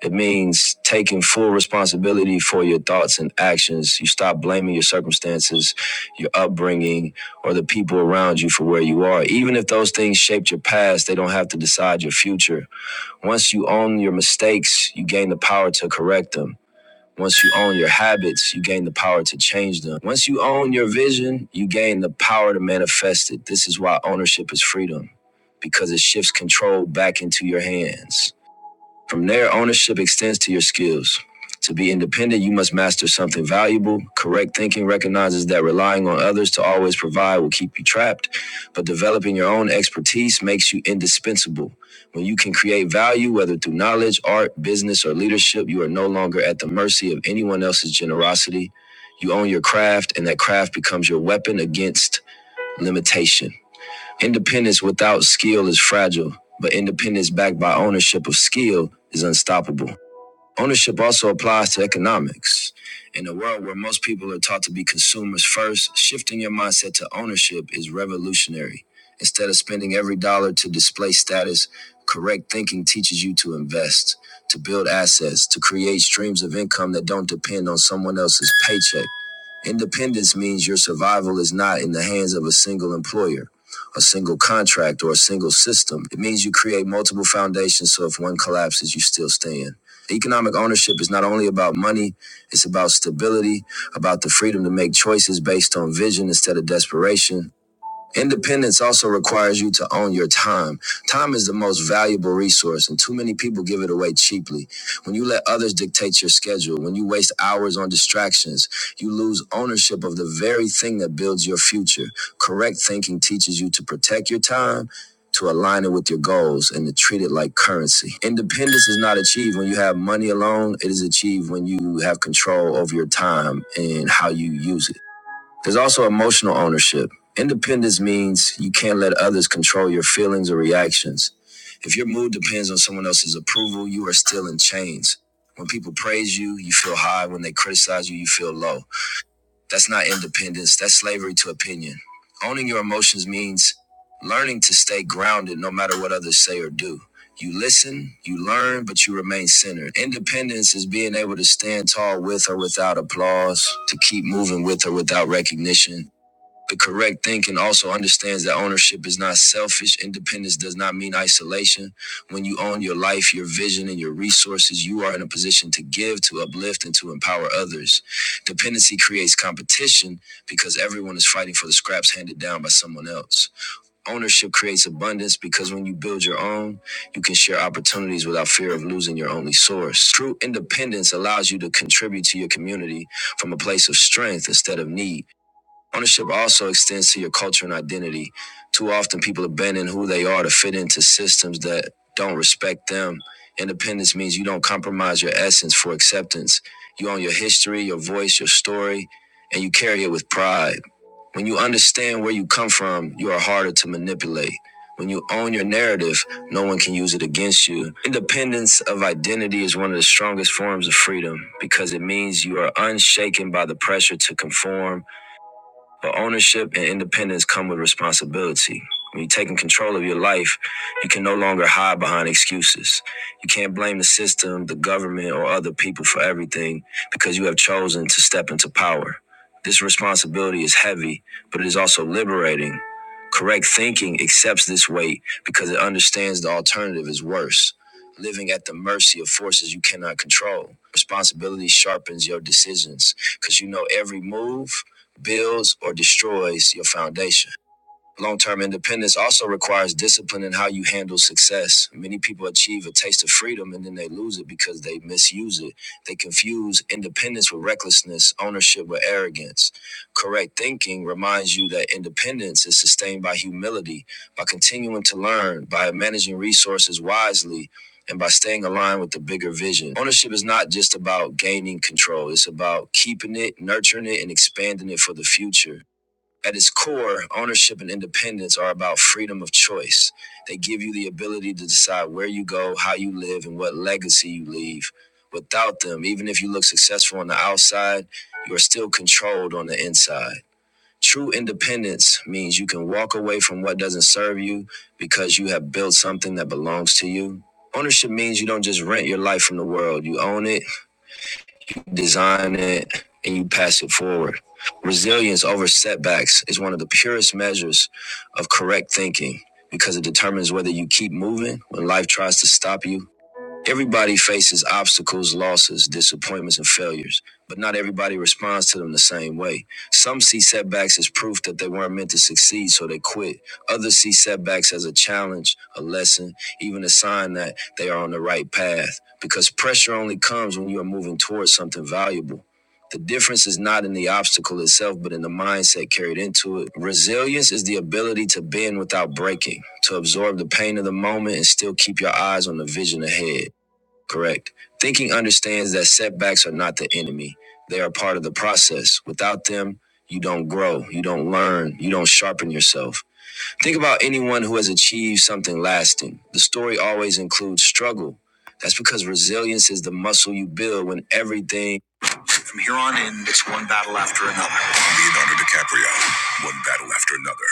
S1: It means taking full responsibility for your thoughts and actions. You stop blaming your circumstances, your upbringing, or the people around you for where you are. Even if those things shaped your past, they don't have to decide your future. Once you own your mistakes, you gain the power to correct them. Once you own your habits, you gain the power to change them. Once you own your vision, you gain the power to manifest it. This is why ownership is freedom, because it shifts control back into your hands. From there, ownership extends to your skills. To be independent, you must master something valuable. Correct thinking recognizes that relying on others to always provide will keep you trapped, but developing your own expertise makes you indispensable. When you can create value, whether through knowledge, art, business, or leadership, you are no longer at the mercy of anyone else's generosity. You own your craft, and that craft becomes your weapon against limitation. Independence without skill is fragile, but independence backed by ownership of skill is unstoppable. Ownership also applies to economics. In a world where most people are taught to be consumers first, shifting your mindset to ownership is revolutionary. Instead of spending every dollar to display status, correct thinking teaches you to invest, to build assets, to create streams of income that don't depend on someone else's paycheck. Independence means your survival is not in the hands of a single employer, a single contract, or a single system. It means you create multiple foundations so if one collapses, you still stand. Economic ownership is not only about money, it's about stability, about the freedom to make choices based on vision instead of desperation. Independence also requires you to own your time. Time is the most valuable resource, and too many people give it away cheaply. When you let others dictate your schedule, when you waste hours on distractions, you lose ownership of the very thing that builds your future. Correct thinking teaches you to protect your time. To align it with your goals and to treat it like currency. Independence is not achieved when you have money alone. It is achieved when you have control over your time and how you use it. There's also emotional ownership. Independence means you can't let others control your feelings or reactions. If your mood depends on someone else's approval, you are still in chains. When people praise you, you feel high. When they criticize you, you feel low. That's not independence, that's slavery to opinion. Owning your emotions means learning to stay grounded no matter what others say or do. You listen, you learn, but you remain centered. Independence is being able to stand tall with or without applause, to keep moving with or without recognition, the correct thinking also understands that ownership is not selfish. Independence does not mean isolation. When you own your life, your vision, and your resources, you are in a position to give, to uplift, and to empower others. Dependency creates competition because everyone is fighting for the scraps handed down by someone else. Ownership creates abundance because when you build your own, you can share opportunities without fear of losing your only source. True independence allows you to contribute to your community from a place of strength instead of need. Ownership also extends to your culture and identity. Too often, people abandon who they are to fit into systems that don't respect them. Independence means you don't compromise your essence for acceptance. You own your history, your voice, your story, and you carry it with pride. When you understand where you come from, you are harder to manipulate. When you own your narrative, no one can use it against you. Independence of identity is one of the strongest forms of freedom because it means you are unshaken by the pressure to conform but ownership and independence come with responsibility. When you're taking control of your life, you can no longer hide behind excuses. You can't blame the system, the government, or other people for everything because you have chosen to step into power. This responsibility is heavy, but it is also liberating. Correct thinking accepts this weight because it understands the alternative is worse. Living at the mercy of forces you cannot control. Responsibility sharpens your decisions because you know every move builds or destroys your foundation. Long term independence also requires discipline in how you handle success. Many people achieve a taste of freedom and then they lose it because they misuse it. They confuse independence with recklessness, ownership with arrogance. Correct thinking reminds you that independence is sustained by humility, by continuing to learn, by managing resources wisely, and by staying aligned with the bigger vision. Ownership is not just about gaining control, it's about keeping it, nurturing it, and expanding it for the future. At its core, ownership and independence are about freedom of choice. They give you the ability to decide where you go, how you live, and what legacy you leave. Without them, even if you look successful on the outside, you are still controlled on the inside. True independence means you can walk away from what doesn't serve you because you have built something that belongs to you. Ownership means you don't just rent your life from the world, you own it you design it, and you pass it forward. Resilience over setbacks is one of the purest measures of correct thinking because it determines whether you keep moving when life tries to stop you Everybody faces obstacles, losses, disappointments, and failures, but not everybody responds to them the same way. Some see setbacks as proof that they weren't meant to succeed, so they quit. Others see setbacks as a challenge, a lesson, even a sign that they are on the right path, because pressure only comes when you are moving towards something valuable. The difference is not in the obstacle itself, but in the mindset carried into it. Resilience is the ability to bend without breaking, to absorb the pain of the moment and still keep your eyes on the vision ahead. Correct. Thinking understands that setbacks are not the enemy, they are part of the process. Without them, you don't grow, you don't learn, you don't sharpen yourself. Think about anyone who has achieved something lasting. The story always includes struggle. That's because resilience is the muscle you build when everything. From here on in, it's one battle after another. Leonardo DiCaprio, one battle after another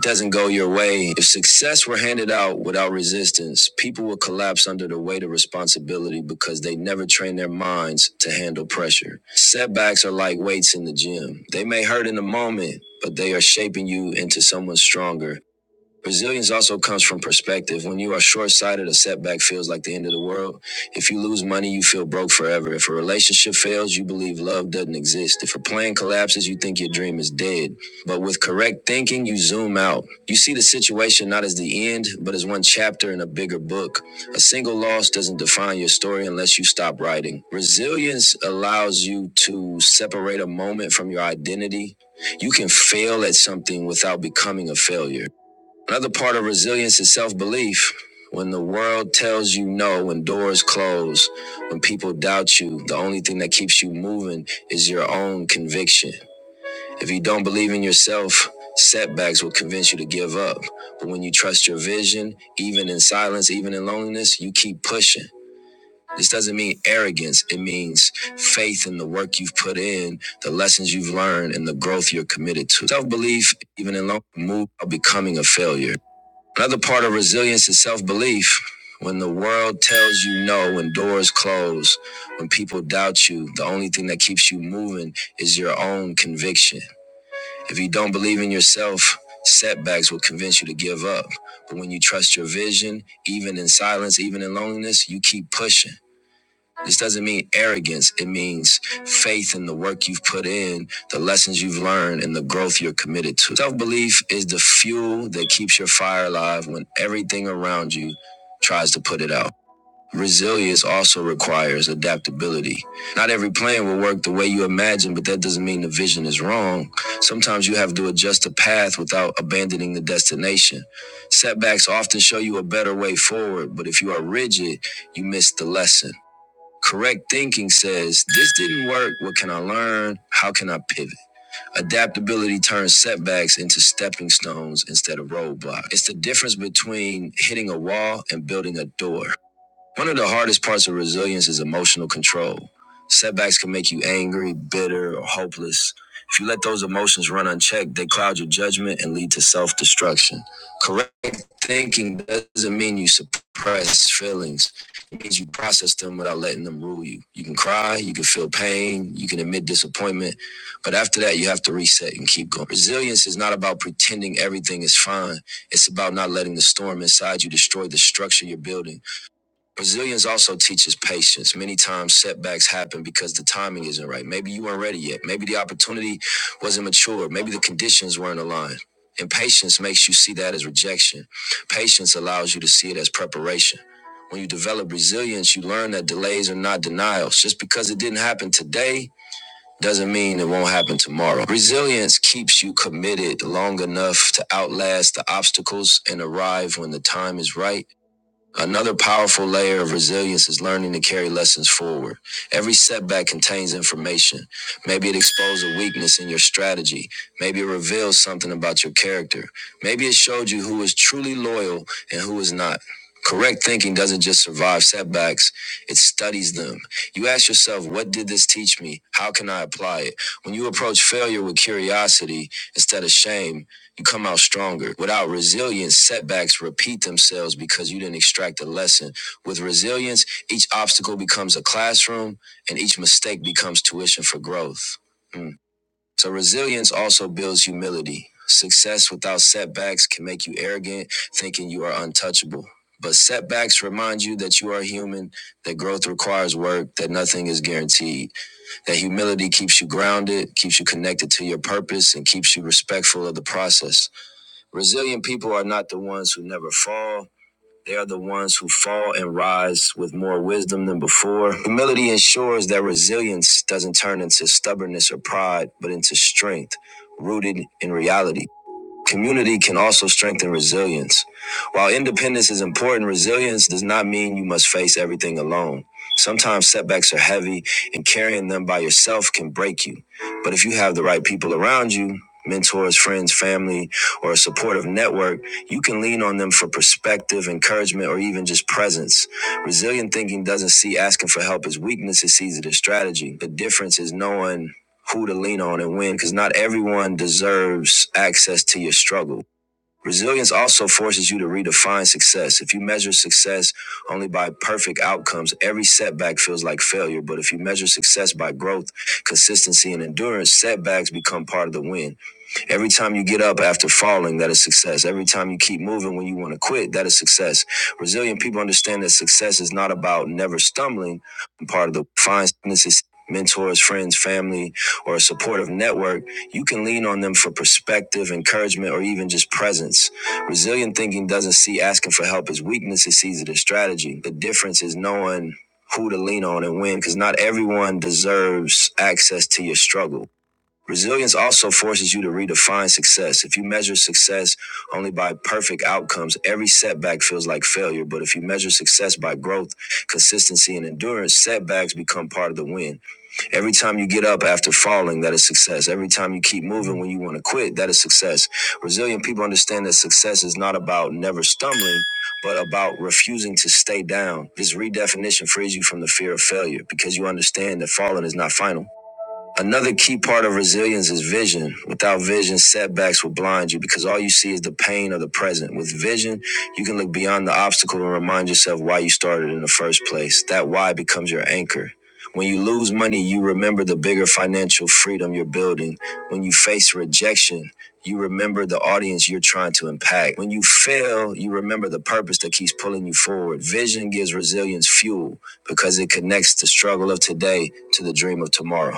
S1: doesn't go your way, if success were handed out without resistance, people would collapse under the weight of responsibility because they never train their minds to handle pressure. Setbacks are like weights in the gym. They may hurt in the moment, but they are shaping you into someone stronger Resilience also comes from perspective. When you are short sighted, a setback feels like the end of the world. If you lose money, you feel broke forever. If a relationship fails, you believe love doesn't exist. If a plan collapses, you think your dream is dead. But with correct thinking, you zoom out. You see the situation not as the end, but as one chapter in a bigger book. A single loss doesn't define your story unless you stop writing. Resilience allows you to separate a moment from your identity. You can fail at something without becoming a failure. Another part of resilience is self belief. When the world tells you no, when doors close, when people doubt you, the only thing that keeps you moving is your own conviction. If you don't believe in yourself, setbacks will convince you to give up. But when you trust your vision, even in silence, even in loneliness, you keep pushing. This doesn't mean arrogance. It means faith in the work you've put in, the lessons you've learned, and the growth you're committed to. Self belief, even in loneliness, move of becoming a failure. Another part of resilience is self belief. When the world tells you no, when doors close, when people doubt you, the only thing that keeps you moving is your own conviction. If you don't believe in yourself, setbacks will convince you to give up. But when you trust your vision, even in silence, even in loneliness, you keep pushing. This doesn't mean arrogance. It means faith in the work you've put in, the lessons you've learned, and the growth you're committed to. Self belief is the fuel that keeps your fire alive when everything around you tries to put it out. Resilience also requires adaptability. Not every plan will work the way you imagine, but that doesn't mean the vision is wrong. Sometimes you have to adjust the path without abandoning the destination. Setbacks often show you a better way forward, but if you are rigid, you miss the lesson. Correct thinking says, This didn't work. What can I learn? How can I pivot? Adaptability turns setbacks into stepping stones instead of roadblocks. It's the difference between hitting a wall and building a door. One of the hardest parts of resilience is emotional control. Setbacks can make you angry, bitter, or hopeless. If you let those emotions run unchecked, they cloud your judgment and lead to self destruction. Correct thinking doesn't mean you suppress feelings, it means you process them without letting them rule you. You can cry, you can feel pain, you can admit disappointment, but after that, you have to reset and keep going. Resilience is not about pretending everything is fine, it's about not letting the storm inside you destroy the structure you're building. Resilience also teaches patience. Many times setbacks happen because the timing isn't right. Maybe you weren't ready yet. Maybe the opportunity wasn't mature. Maybe the conditions weren't aligned. And patience makes you see that as rejection. Patience allows you to see it as preparation. When you develop resilience, you learn that delays are not denials. Just because it didn't happen today doesn't mean it won't happen tomorrow. Resilience keeps you committed long enough to outlast the obstacles and arrive when the time is right Another powerful layer of resilience is learning to carry lessons forward. Every setback contains information. Maybe it exposed a weakness in your strategy. Maybe it revealed something about your character. Maybe it showed you who is truly loyal and who is not. Correct thinking doesn't just survive setbacks, it studies them. You ask yourself, what did this teach me? How can I apply it? When you approach failure with curiosity instead of shame, you come out stronger. Without resilience, setbacks repeat themselves because you didn't extract a lesson. With resilience, each obstacle becomes a classroom and each mistake becomes tuition for growth. Mm. So, resilience also builds humility. Success without setbacks can make you arrogant, thinking you are untouchable. But setbacks remind you that you are human, that growth requires work, that nothing is guaranteed, that humility keeps you grounded, keeps you connected to your purpose, and keeps you respectful of the process. Resilient people are not the ones who never fall. They are the ones who fall and rise with more wisdom than before. Humility ensures that resilience doesn't turn into stubbornness or pride, but into strength rooted in reality. Community can also strengthen resilience. While independence is important, resilience does not mean you must face everything alone. Sometimes setbacks are heavy, and carrying them by yourself can break you. But if you have the right people around you, mentors, friends, family, or a supportive network, you can lean on them for perspective, encouragement, or even just presence. Resilient thinking doesn't see asking for help as weakness, it sees it as strategy. The difference is knowing who to lean on and when, because not everyone deserves access to your struggle. Resilience also forces you to redefine success. If you measure success only by perfect outcomes, every setback feels like failure. But if you measure success by growth, consistency, and endurance, setbacks become part of the win. Every time you get up after falling, that is success. Every time you keep moving when you want to quit, that is success. Resilient people understand that success is not about never stumbling. Part of the fine sickness is mentors, friends, family, or a supportive network. You can lean on them for perspective, encouragement, or even just presence. Resilient thinking doesn't see asking for help as weakness, it sees it as strategy. The difference is knowing who to lean on and when, because not everyone deserves access to your struggle. Resilience also forces you to redefine success. If you measure success only by perfect outcomes, every setback feels like failure. But if you measure success by growth, consistency, and endurance, setbacks become part of the win. Every time you get up after falling, that is success. Every time you keep moving when you want to quit, that is success. Resilient people understand that success is not about never stumbling. But about refusing to stay down. This redefinition frees you from the fear of failure because you understand that falling is not final. Another key part of resilience is vision. Without vision, setbacks will blind you because all you see is the pain of the present. With vision, you can look beyond the obstacle and remind yourself why you started in the first place. That why becomes your anchor. When you lose money, you remember the bigger financial freedom you're building. When you face rejection, you remember the audience you're trying to impact. When you fail, you remember the purpose that keeps pulling you forward. Vision gives resilience fuel because it connects the struggle of today to the dream of tomorrow.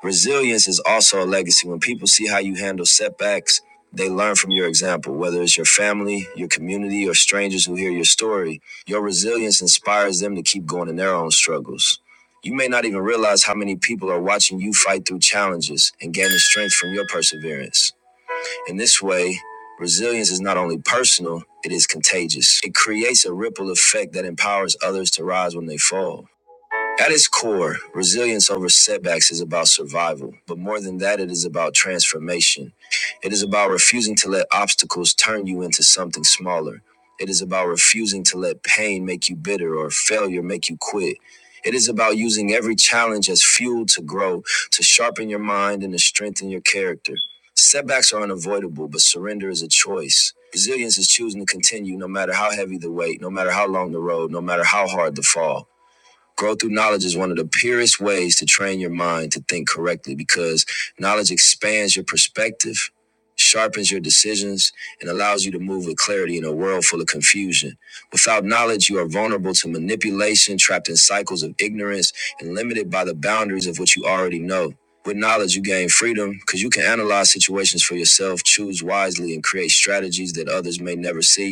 S1: Resilience is also a legacy. When people see how you handle setbacks, they learn from your example, whether it's your family, your community, or strangers who hear your story. Your resilience inspires them to keep going in their own struggles. You may not even realize how many people are watching you fight through challenges and gaining strength from your perseverance. In this way, resilience is not only personal, it is contagious. It creates a ripple effect that empowers others to rise when they fall. At its core, resilience over setbacks is about survival, but more than that, it is about transformation. It is about refusing to let obstacles turn you into something smaller. It is about refusing to let pain make you bitter or failure make you quit. It is about using every challenge as fuel to grow, to sharpen your mind, and to strengthen your character. Setbacks are unavoidable, but surrender is a choice. Resilience is choosing to continue no matter how heavy the weight, no matter how long the road, no matter how hard the fall. Growth through knowledge is one of the purest ways to train your mind to think correctly because knowledge expands your perspective, sharpens your decisions, and allows you to move with clarity in a world full of confusion. Without knowledge, you are vulnerable to manipulation, trapped in cycles of ignorance, and limited by the boundaries of what you already know. With knowledge, you gain freedom because you can analyze situations for yourself, choose wisely, and create strategies that others may never see.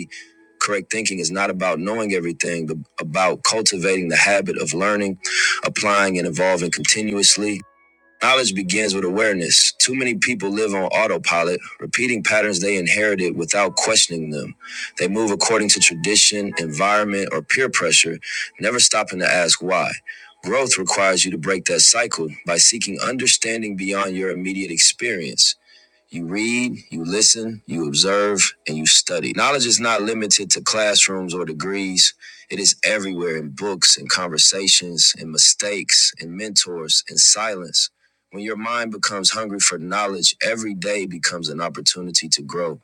S1: Correct thinking is not about knowing everything, but about cultivating the habit of learning, applying, and evolving continuously. Knowledge begins with awareness. Too many people live on autopilot, repeating patterns they inherited without questioning them. They move according to tradition, environment, or peer pressure, never stopping to ask why. Growth requires you to break that cycle by seeking understanding beyond your immediate experience. You read, you listen, you observe, and you study. Knowledge is not limited to classrooms or degrees. It is everywhere in books in conversations in mistakes in mentors in silence. When your mind becomes hungry for knowledge, every day becomes an opportunity to grow.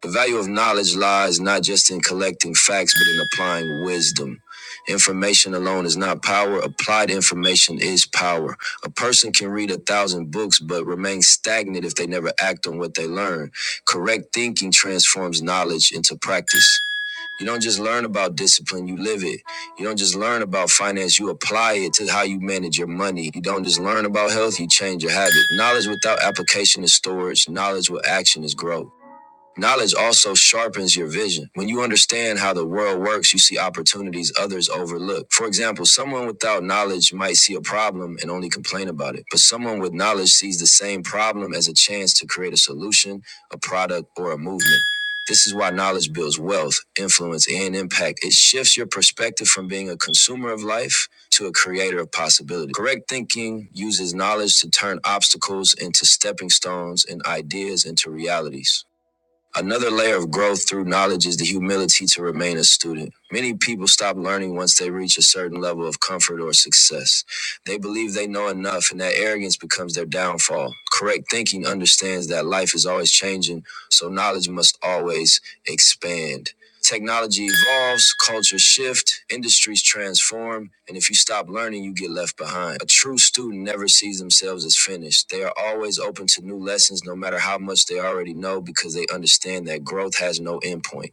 S1: The value of knowledge lies not just in collecting facts, but in applying wisdom. Information alone is not power. Applied information is power. A person can read a thousand books, but remain stagnant if they never act on what they learn. Correct thinking transforms knowledge into practice. You don't just learn about discipline, you live it. You don't just learn about finance, you apply it to how you manage your money. You don't just learn about health, you change your habit. Knowledge without application is storage, knowledge with action is growth. Knowledge also sharpens your vision. When you understand how the world works, you see opportunities others overlook. For example, someone without knowledge might see a problem and only complain about it, but someone with knowledge sees the same problem as a chance to create a solution, a product, or a movement. This is why knowledge builds wealth, influence, and impact. It shifts your perspective from being a consumer of life to a creator of possibility. Correct thinking uses knowledge to turn obstacles into stepping stones and ideas into realities. Another layer of growth through knowledge is the humility to remain a student. Many people stop learning once they reach a certain level of comfort or success. They believe they know enough, and that arrogance becomes their downfall. Correct thinking understands that life is always changing, so knowledge must always expand. Technology evolves, cultures shift, industries transform, and if you stop learning, you get left behind. A true student never sees themselves as finished. They are always open to new lessons, no matter how much they already know, because they understand that growth has no endpoint.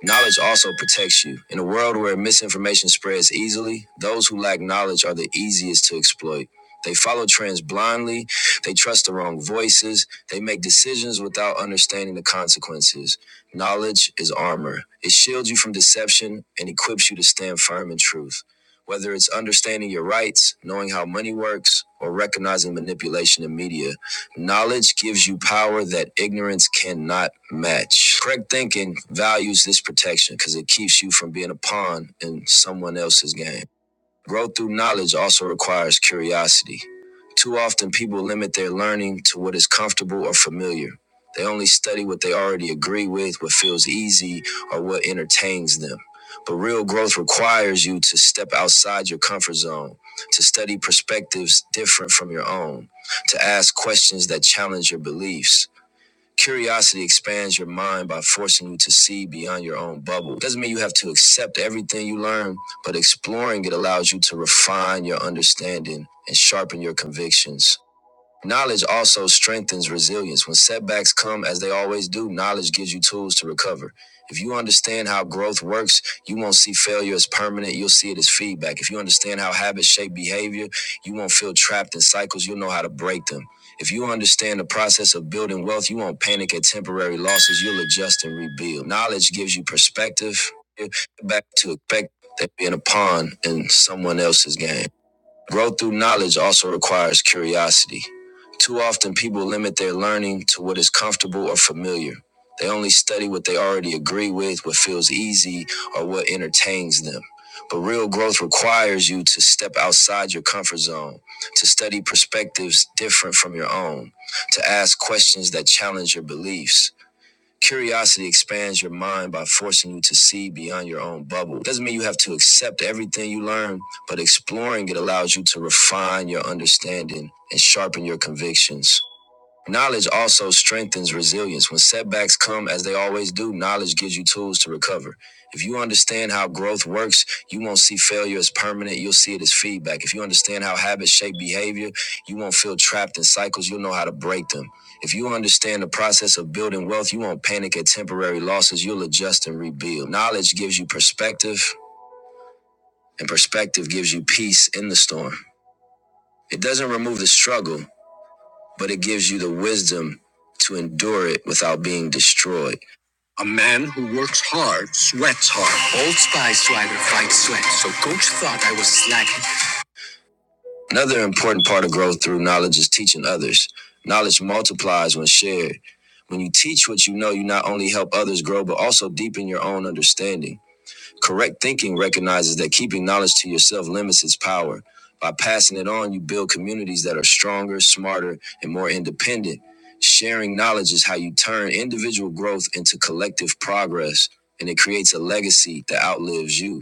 S1: Knowledge also protects you. In a world where misinformation spreads easily, those who lack knowledge are the easiest to exploit. They follow trends blindly, they trust the wrong voices, they make decisions without understanding the consequences. Knowledge is armor, it shields you from deception and equips you to stand firm in truth. Whether it's understanding your rights, knowing how money works, or recognizing manipulation in media, Knowledge gives you power that ignorance cannot match. Correct thinking values this protection because it keeps you from being a pawn in someone else's game. Growth through knowledge also requires curiosity. Too often, people limit their learning to what is comfortable or familiar. They only study what they already agree with, what feels easy, or what entertains them. But real growth requires you to step outside your comfort zone, to study perspectives different from your own, to ask questions that challenge your beliefs. Curiosity expands your mind by forcing you to see beyond your own bubble. Doesn't mean you have to accept everything you learn, but exploring it allows you to refine your understanding and sharpen your convictions. Knowledge also strengthens resilience. When setbacks come, as they always do, knowledge gives you tools to recover. If you understand how growth works, you won't see failure as permanent, you'll see it as feedback. If you understand how habits shape behavior, you won't feel trapped in cycles, you'll know how to break them. If you understand the process of building wealth, you won't panic at temporary losses, you'll adjust and rebuild. Knowledge gives you perspective back to expect that being a pawn in someone else's game. Growth through knowledge also requires curiosity. Too often, people limit their learning to what is comfortable or familiar. They only study what they already agree with, what feels easy, or what entertains them. But real growth requires you to step outside your comfort zone, to study perspectives different from your own, to ask questions that challenge your beliefs. Curiosity expands your mind by forcing you to see beyond your own bubble. It Doesn't mean you have to accept everything you learn, but exploring it allows you to refine your understanding and sharpen your convictions. Knowledge also strengthens resilience. When setbacks come, as they always do, knowledge gives you tools to recover. If you understand how growth works, you won't see failure as permanent, you'll see it as feedback. If you understand how habits shape behavior, you won't feel trapped in cycles, you'll know how to break them. If you understand the process of building wealth, you won't panic at temporary losses, you'll adjust and rebuild. Knowledge gives you perspective, and perspective gives you peace in the storm. It doesn't remove the struggle, but it gives you the wisdom to endure it without being destroyed. Another important part of growth through knowledge is teaching others. Knowledge multiplies when shared. When you teach what you know, you not only help others grow, but also deepen your own understanding. Correct thinking recognizes that keeping knowledge to yourself limits its power. By passing it on, you build communities that are stronger, smarter, and more independent. Sharing knowledge is how you turn individual growth into collective progress, and it creates a legacy that outlives you.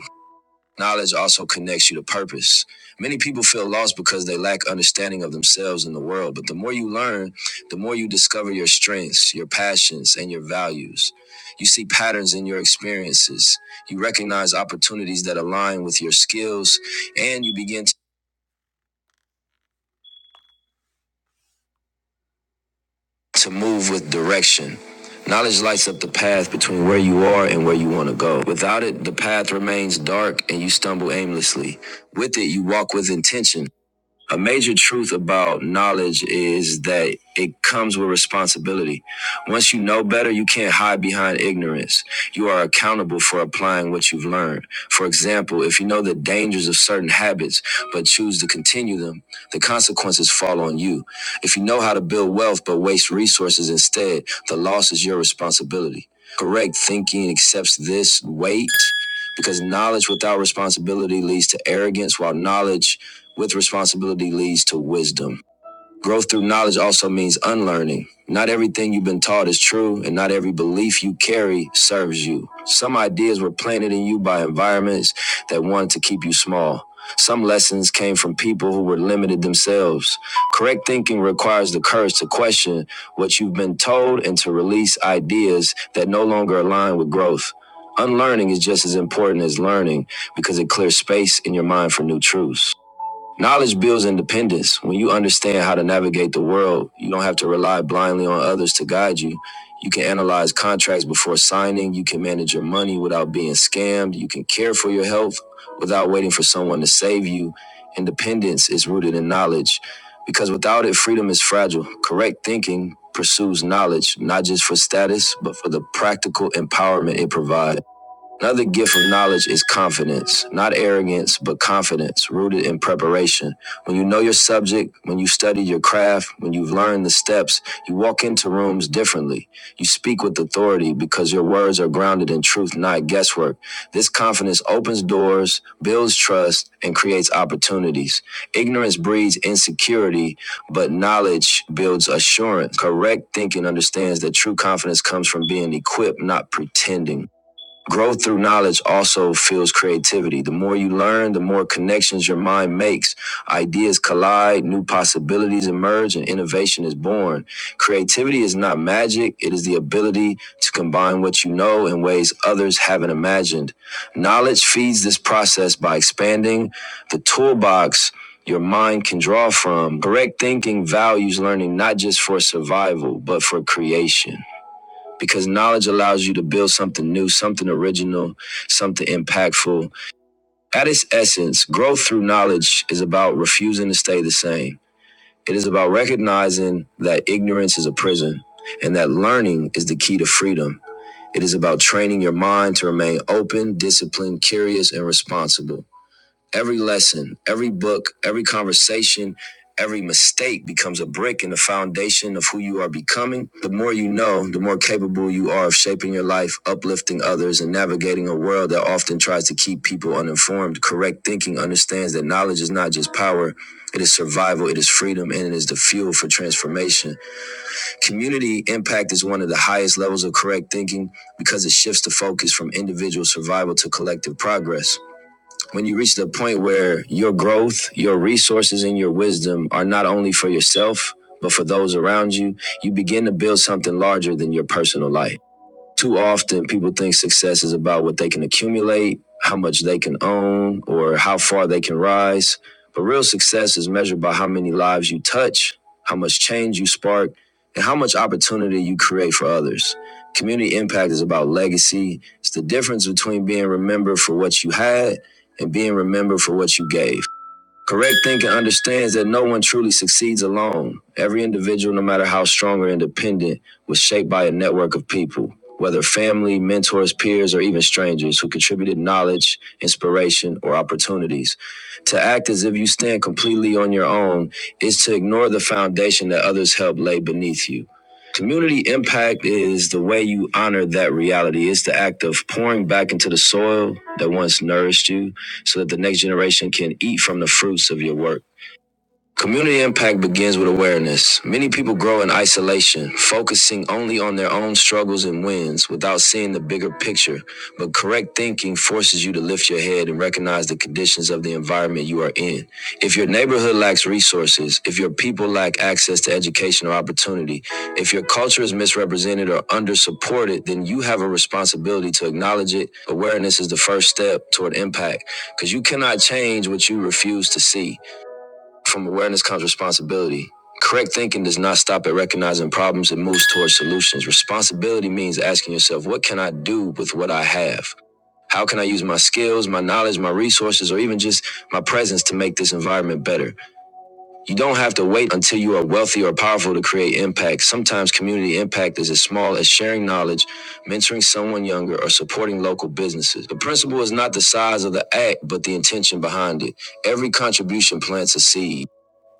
S1: Knowledge also connects you to purpose. Many people feel lost because they lack understanding of themselves and the world, but the more you learn, the more you discover your strengths, your passions, and your values. You see patterns in your experiences. You recognize opportunities that align with your skills, and you begin t- to move with direction. Knowledge lights up the path between where you are and where you want to go. Without it, the path remains dark and you stumble aimlessly. With it, you walk with intention A major truth about knowledge is that it comes with responsibility. Once you know better, you can't hide behind ignorance. You are accountable for applying what you've learned. For example, if you know the dangers of certain habits but choose to continue them, the consequences fall on you. If you know how to build wealth but waste resources instead, the loss is your responsibility. Correct thinking accepts this weight because knowledge without responsibility leads to arrogance, while knowledge with responsibility leads to wisdom. Growth through knowledge also means unlearning. Not everything you've been taught is true, and not every belief you carry serves you. Some ideas were planted in you by environments that wanted to keep you small. Some lessons came from people who were limited themselves. Correct thinking requires the courage to question what you've been told and to release ideas that no longer align with growth. Unlearning is just as important as learning because it clears space in your mind for new truths. Knowledge builds independence. When you understand how to navigate the world, you don't have to rely blindly on others to guide you. You can analyze contracts before signing. You can manage your money without being scammed. You can care for your health without waiting for someone to save you. Independence is rooted in knowledge because without it, freedom is fragile. Correct thinking pursues knowledge, not just for status, but for the practical empowerment it provides. Another gift of knowledge is confidence, not arrogance, but confidence rooted in preparation. When you know your subject, when you've studied your craft, when you've learned the steps, you walk into rooms differently. You speak with authority because your words are grounded in truth, not guesswork. This confidence opens doors, builds trust, and creates opportunities. Ignorance breeds insecurity, but knowledge builds assurance. Correct thinking understands that true confidence comes from being equipped, not pretending. Growth through knowledge also fuels creativity. The more you learn, the more connections your mind makes. Ideas collide, new possibilities emerge, and innovation is born. Creativity is not magic, it is the ability to combine what you know in ways others haven't imagined. Knowledge feeds this process by expanding the toolbox your mind can draw from. Correct thinking values learning not just for survival, but for creation because knowledge allows you to build something new, something original, something impactful. At its essence, growth through knowledge is about refusing to stay the same. It is about recognizing that ignorance is a prison and that learning is the key to freedom. It is about training your mind to remain open, disciplined, curious, and responsible. Every lesson, every book, every conversation, every mistake becomes a brick in the foundation of who you are becoming. The more you know, the more capable you are of shaping your life, uplifting others, and navigating a world that often tries to keep people uninformed. Correct thinking understands that knowledge is not just power. It is survival, it is freedom, and it is the fuel for transformation. Community impact is one of the highest levels of correct thinking because it shifts the focus from individual survival to collective progress when you reach the point where your growth, your resources, and your wisdom are not only for yourself, but for those around you, you begin to build something larger than your personal life. Too often, people think success is about what they can accumulate, how much they can own, or how far they can rise. But real success is measured by how many lives you touch, how much change you spark, and how much opportunity you create for others. Community impact is about legacy. It's the difference between being remembered for what you had and being remembered for what you gave. Correct thinking understands that no one truly succeeds alone. Every individual, no matter how strong or independent, was shaped by a network of people, whether family, mentors, peers, or even strangers who contributed knowledge, inspiration, or opportunities. To act as if you stand completely on your own is to ignore the foundation that others helped lay beneath you. Community impact is the way you honor that reality. It's the act of pouring back into the soil that once nourished you so that the next generation can eat from the fruits of your work. Community impact begins with awareness. Many people grow in isolation, focusing only on their own struggles and wins without seeing the bigger picture. But correct thinking forces you to lift your head and recognize the conditions of the environment you are in. If your neighborhood lacks resources, if your people lack access to education or opportunity, if your culture is misrepresented or undersupported, then you have a responsibility to acknowledge it. Awareness is the first step toward impact because you cannot change what you refuse to see. From awareness comes responsibility. Correct thinking does not stop at recognizing problems, it moves towards solutions. Responsibility means asking yourself, what can I do with what I have? How can I use my skills, my knowledge, my resources, or even just my presence to make this environment better? You don't have to wait until you are wealthy or powerful to create impact. Sometimes community impact is as small as sharing knowledge, mentoring someone younger, or supporting local businesses. The principle is not the size of the act, but the intention behind it. Every contribution plants a seed.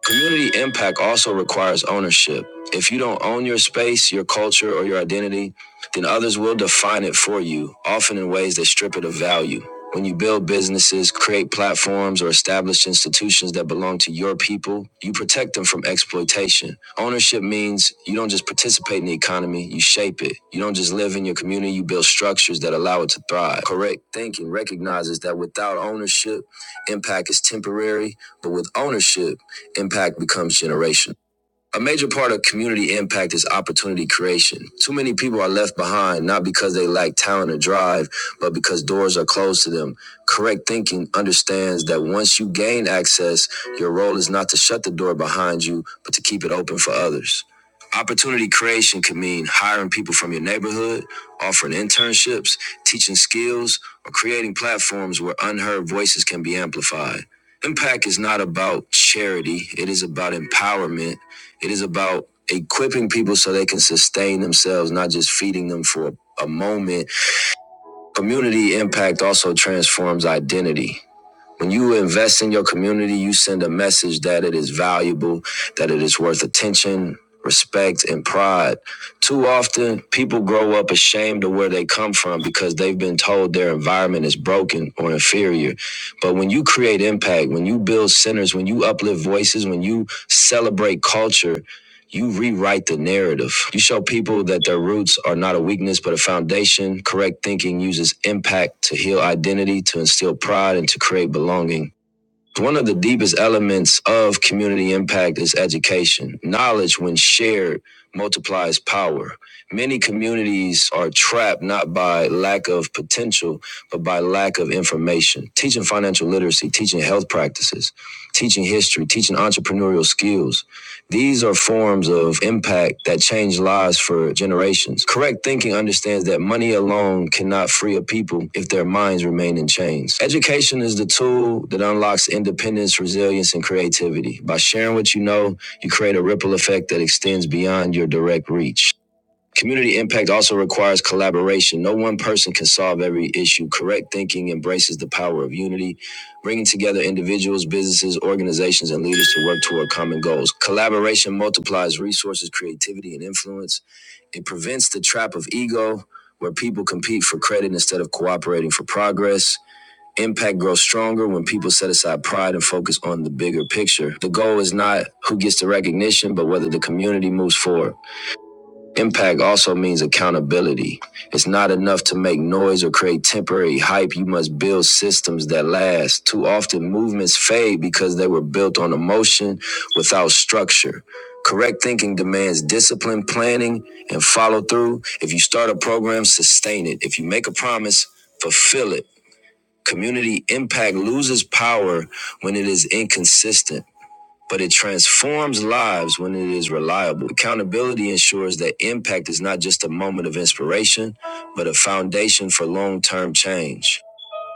S1: Community impact also requires ownership. If you don't own your space, your culture, or your identity, then others will define it for you, often in ways that strip it of value. When you build businesses, create platforms, or establish institutions that belong to your people, you protect them from exploitation. Ownership means you don't just participate in the economy, you shape it. You don't just live in your community, you build structures that allow it to thrive. Correct thinking recognizes that without ownership, impact is temporary, but with ownership, Impact becomes generational. A major part of community impact is opportunity creation. Too many people are left behind, not because they lack talent or drive, but because doors are closed to them. Correct thinking understands that once you gain access, your role is not to shut the door behind you, but to keep it open for others. Opportunity creation can mean hiring people from your neighborhood, offering internships, teaching skills, or creating platforms where unheard voices can be amplified. Impact is not about charity, it is about empowerment it is about equipping people so they can sustain themselves, not just feeding them for a, a moment. Community impact also transforms identity. When you invest in your community, you send a message that it is valuable, that it is worth attention, respect, and pride. Too often, people grow up ashamed of where they come from because they've been told their environment is broken or inferior. But when you create impact, when you build centers, when you uplift voices, when you celebrate culture, you rewrite the narrative. You show people that their roots are not a weakness, but a foundation. Correct thinking uses impact to heal identity, to instill pride, and to create belonging. One of the deepest elements of community impact is education. Knowledge, when shared, multiplies power. Many communities are trapped not by lack of potential, but by lack of information. Teaching financial literacy, teaching health practices, teaching history, teaching entrepreneurial skills these are forms of impact that change lives for generations. Correct thinking understands that money alone cannot free a people if their minds remain in chains. Education is the tool that unlocks independence, resilience, and creativity. By sharing what you know, you create a ripple effect that extends beyond your direct reach. Community impact also requires collaboration. No one person can solve every issue. Correct thinking embraces the power of unity, bringing together individuals, businesses, organizations, and leaders to work toward common goals. Collaboration multiplies resources, creativity, and influence. It prevents the trap of ego, where people compete for credit instead of cooperating for progress. Impact grows stronger when people set aside pride and focus on the bigger picture. The goal is not who gets the recognition, but whether the community moves forward. Impact also means accountability. It's not enough to make noise or create temporary hype. You must build systems that last. Too often, movements fade because they were built on emotion without structure. Correct thinking demands discipline, planning, and follow through. If you start a program, sustain it. If you make a promise, fulfill it. Community impact loses power when it is inconsistent but it transforms lives when it is reliable. Accountability ensures that impact is not just a moment of inspiration, but a foundation for long term change.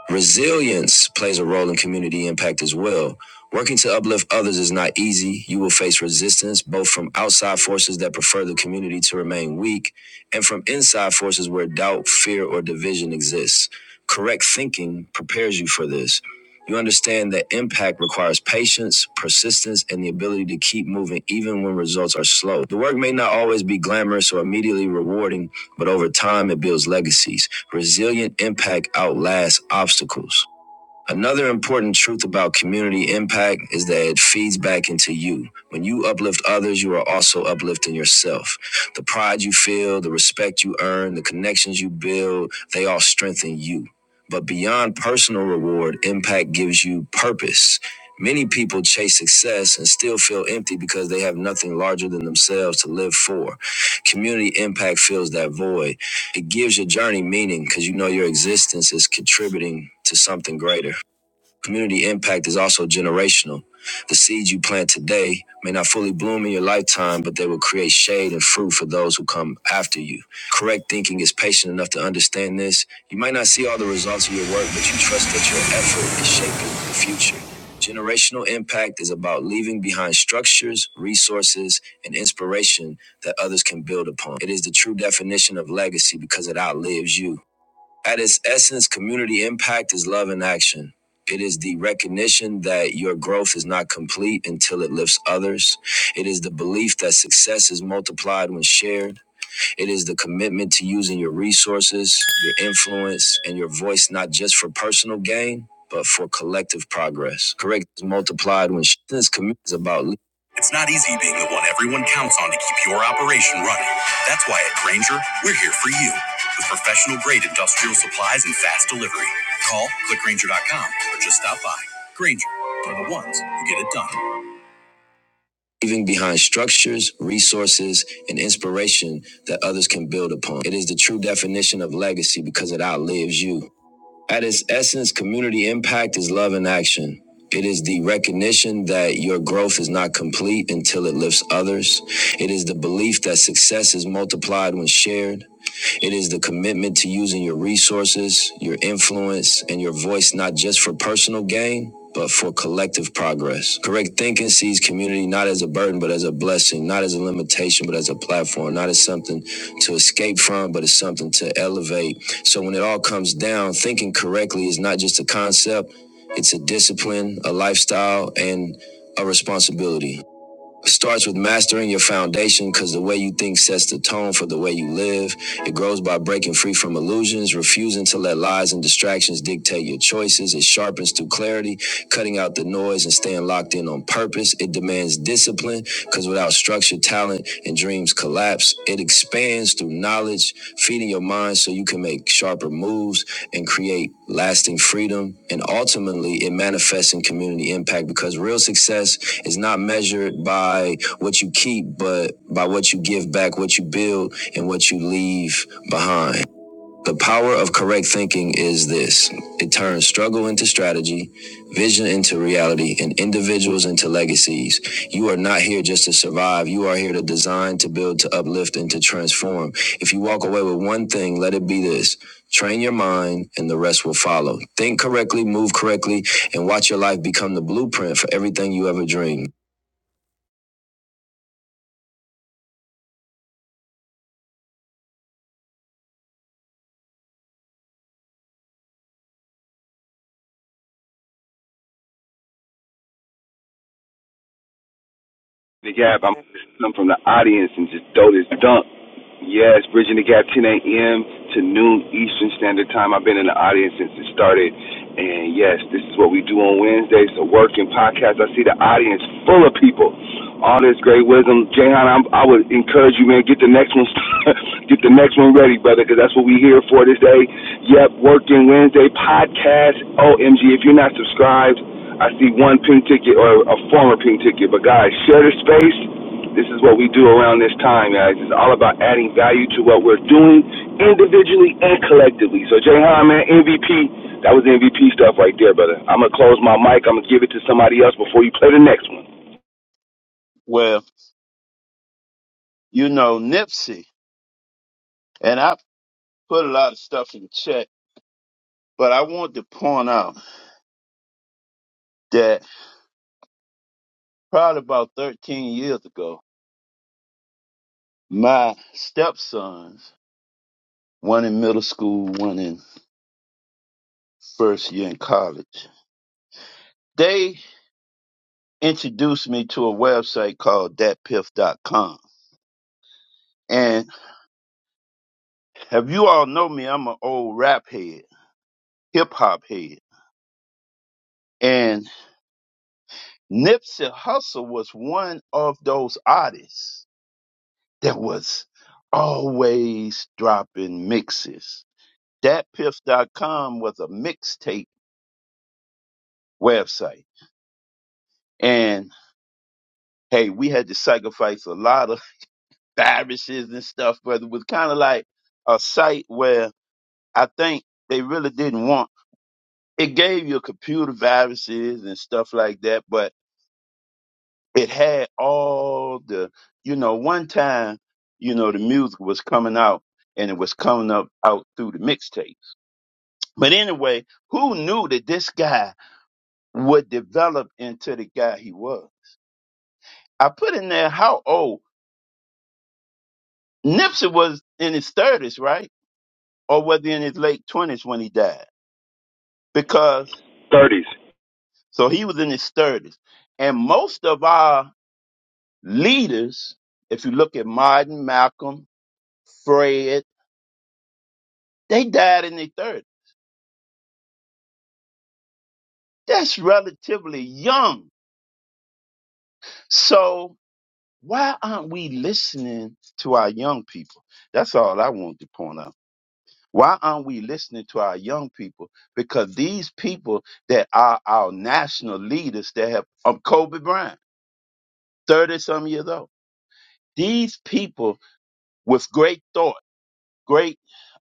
S1: Resilience plays a role in community impact as well. Working to uplift others is not easy. You will face resistance, both from outside forces that prefer the community to remain weak, and from inside forces where doubt, fear, or division exists. Correct thinking prepares you for this. You understand that impact requires patience, persistence, and the ability to keep moving even when results are slow. The work may not always be glamorous or immediately rewarding, but over time it builds legacies. Resilient impact outlasts obstacles. Another important truth about community impact is that it feeds back into you. When you uplift others, you are also uplifting yourself. The pride you feel, the respect you earn, the connections you build, they all strengthen you. But beyond personal reward, impact gives you purpose. Many people chase success and still feel empty because they have nothing larger than themselves to live for. Community impact fills that void. It gives your journey meaning because you know your existence is contributing to something greater. Community impact is also generational. The seeds you plant today may not fully bloom in your lifetime, but they will create shade and fruit for those who come after you. Correct thinking is patient enough to understand this. You might not see all the results of your work, but you trust that your effort is shaping the future. Generational impact is about leaving behind structures, resources, and inspiration that others can build upon. It is the true definition of legacy because it outlives you. At its essence, community impact is love in action. It is the recognition that your growth is not complete until it lifts others. It is the belief that success is multiplied when shared. It is the commitment to using your resources, your influence, and your voice not just for personal gain, but for collective progress. Correct is multiplied when sh- this commitment is about leading. It's not easy being the one everyone counts on to keep your operation running. That's why at Grainger, we're here for you with professional grade industrial supplies and fast delivery. Call click, clickgranger.com or just stop by. Grainger for the ones who get it done leaving behind structures, resources, and inspiration that others can build upon. It is the true definition of legacy because it outlives you. At its essence, community impact is love in action. It is the recognition that your growth is not complete until it lifts others. It is the belief that success is multiplied when shared. It is the commitment to using your resources, your influence, and your voice not just for personal gain, but for collective progress. Correct thinking sees community not as a burden, but as a blessing, not as a limitation, but as a platform, not as something to escape from, but as something to elevate. So when it all comes down, thinking correctly is not just a concept, it's a discipline, a lifestyle, and a responsibility. It starts with mastering your foundation because the way you think sets the tone for the way you live. It grows by breaking free from illusions, refusing to let lies and distractions dictate your choices. It sharpens through clarity, cutting out the noise and staying locked in on purpose. It demands discipline because without structure, talent and dreams collapse stops. It expands through knowledge, feeding your mind so you can make sharper moves and create lasting freedom. And ultimately, it manifests in community impact because real success is not measured by what you keep, but by what you give back, what you build, and what you leave behind. The power of correct thinking is this it turns struggle into strategy, vision into reality, and individuals into legacies. You are not here just to survive, you are here to design, to build, to uplift, and to transform. If you walk away with one thing, let it be this. Train your mind and the rest will follow. Think correctly, move correctly, and watch your life become the blueprint for everything you ever dreamed.
S4: Gab, I'm
S2: Okay.
S4: gonna come from the audience and just throw this dunk. Yes, bridging the gap, 10 a.m. to noon Eastern Standard Time. I've been in the audience since it started, and yes, this is what we do on Wednesdays. So work and podcast. I see the audience full of people. All this great wisdom, Jayhan. I'm, I would encourage you, man. Get the next one, get the next one ready, brother, because that's what we here for this day. Yep, working Wednesday podcast. OMG, if you're not subscribed, I see one pink ticket or a former pink ticket. But guys, share the space. This is what we do around this time, guys. It's all about adding value to what we're doing individually and collectively. So, Jayhan, man, MVP. That was MVP stuff right there, brother. I'm going to close my mic. I'm going to give it to somebody else before you play the next one.
S5: Well, you know, Nipsey, and I put a lot of stuff in the chat, but I wanted to point out that probably about 13 years ago, my stepsons, one in middle school, one in first year in college, they introduced me to a website called thatpiff.com. And if you all know me, I'm an old rap head, hip hop head. And Nipsey Hussle was one of those artists that was always dropping mixes. Thatpiff.com was a mixtape website. And hey, we had to sacrifice a lot of viruses and stuff, but it was kind of like a site where I think they really didn't want it gave you computer viruses and stuff like that, but it had all the you know, one time, you know, the music was coming out and it was coming up out through the mixtape. But anyway, who knew that this guy would develop into the guy he was? I put in there how old Nipsey was in his thirties, right? Or was he in his late twenties when he died? Because
S4: 30s.
S5: so he was in his thirties, and most of our leaders, if you look at Martin, Malcolm, Fred, they died in their thirties. That's relatively young. So why aren't we listening to our young people? That's all I want to point out. Why aren't we listening to our young people? Because these people that are our national leaders that have, um, Kobe Bryant, 30 some years old, these people with great thought, great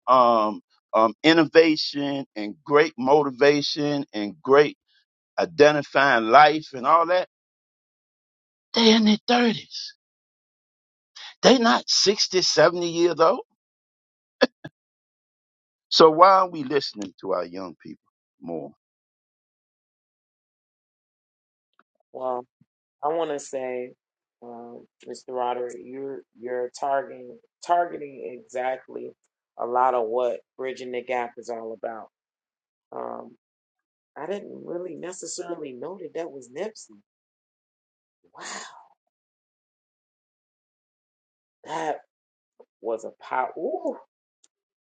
S5: um, um, innovation, and great motivation, and great identifying life and all that, they're in their 30s. They're not 60, 70 years old. So why are not we listening to our young people more?
S2: Well, I want to say, um, Mr. Roderick, you're you're targeting targeting exactly a lot of what bridging the gap is all about. Um, I didn't really necessarily know that that was Nipsey. Wow, that was a pow. Ooh,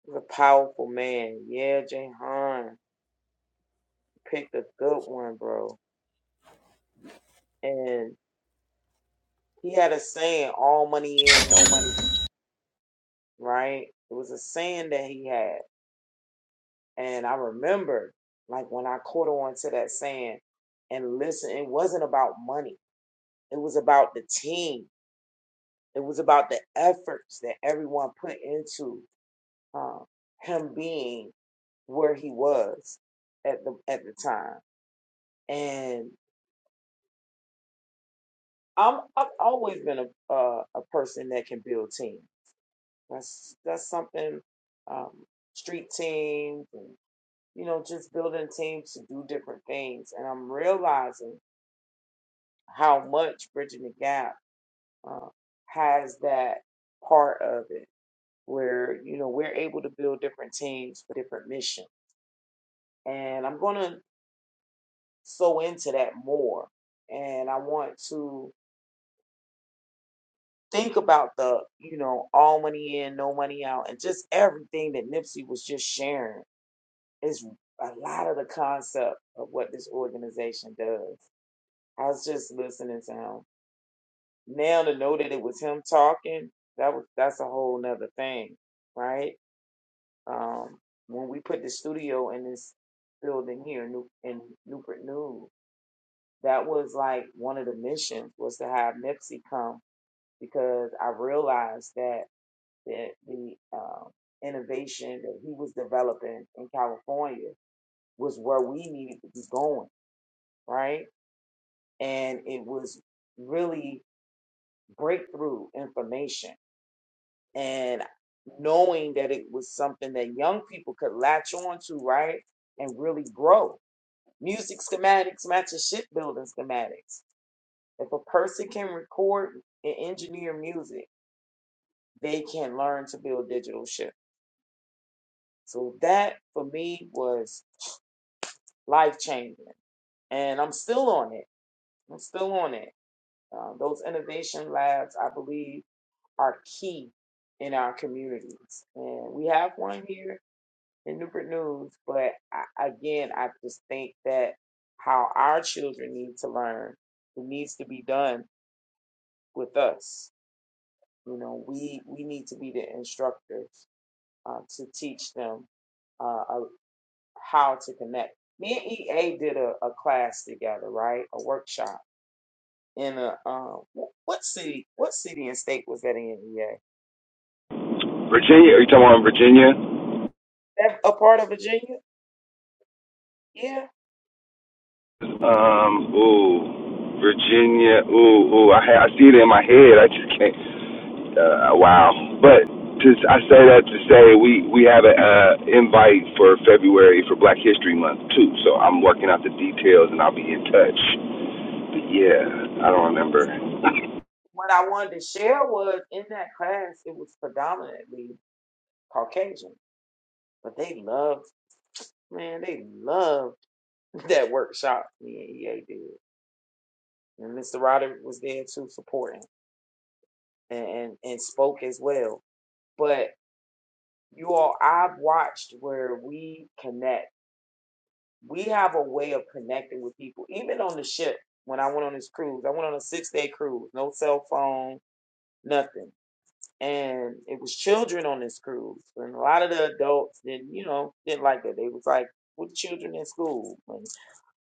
S2: was a powerful man. Yeah, Jahan picked a good one, bro. And he had a saying, "All money in, no money." out," Right? It was a saying that he had. And I remember, like when I caught on to that saying and listen, it wasn't about money. It was about the team. It was about the efforts that everyone put into um, him being where he was at the at the time. And I'm I've always been a uh, a person that can build team. That's that's something um, street teams and you know just building teams to do different things. And I'm realizing how much Bridging the Gap uh, has that part of it where, you know, we're able to build different teams for different missions. And I'm going to sew into that more. And I want to think about the, you know, all money in, no money out, and just everything that Nipsey was just sharing is a lot of the concept of what this organization does. I was just listening to him now to know that it was him talking, that was that's a whole nother thing, right? Um, when we put the studio in this building here, New in Newport News, that was like one of the missions was to have Nipsey come because I realized that the the um, innovation that he was developing in California was where we needed to be going, right? And it was really breakthrough information and knowing that it was something that young people could latch on to, right? And really grow. Music schematics matches shipbuilding schematics. If a person can record and engineer music, they can learn to build digital ships. So that for me was life changing. And I'm still on it. I'm still on it. Uh, those innovation labs, I believe, are key in our communities. And we have one here in Newport News. But I, again, I just think that how our children need to learn, it needs to be done with us. You know, we we need to be the instructors uh, to teach them uh, uh, how to connect. Me and EA did a, a class together, right? A workshop in a um, what city? What city and state was that in? EA?
S4: Virginia. Are you talking about Virginia?
S2: That a part of Virginia? Yeah
S4: Um, ooh. Virginia. Ooh, ooh. I, I see it in my head. I just can't. uh, a while. But to, I say that to say we we have an uh, invite for February for Black History Month too. So I'm working out the details and I'll be in touch. But yeah, I don't remember.
S2: what I wanted to share was in that class, it was predominantly Caucasian, but they loved, man, they loved that workshop me and EA did. And Mr. Roderick was there too, supporting and, and, and spoke as well. But you all, I've watched where we connect. We have a way of connecting with people, even on the ship. When I went on this cruise, I went on a six day cruise, no cell phone, nothing. And it was children on this cruise. And a lot of the adults didn't, you know, didn't like that. They was like, with children in school. and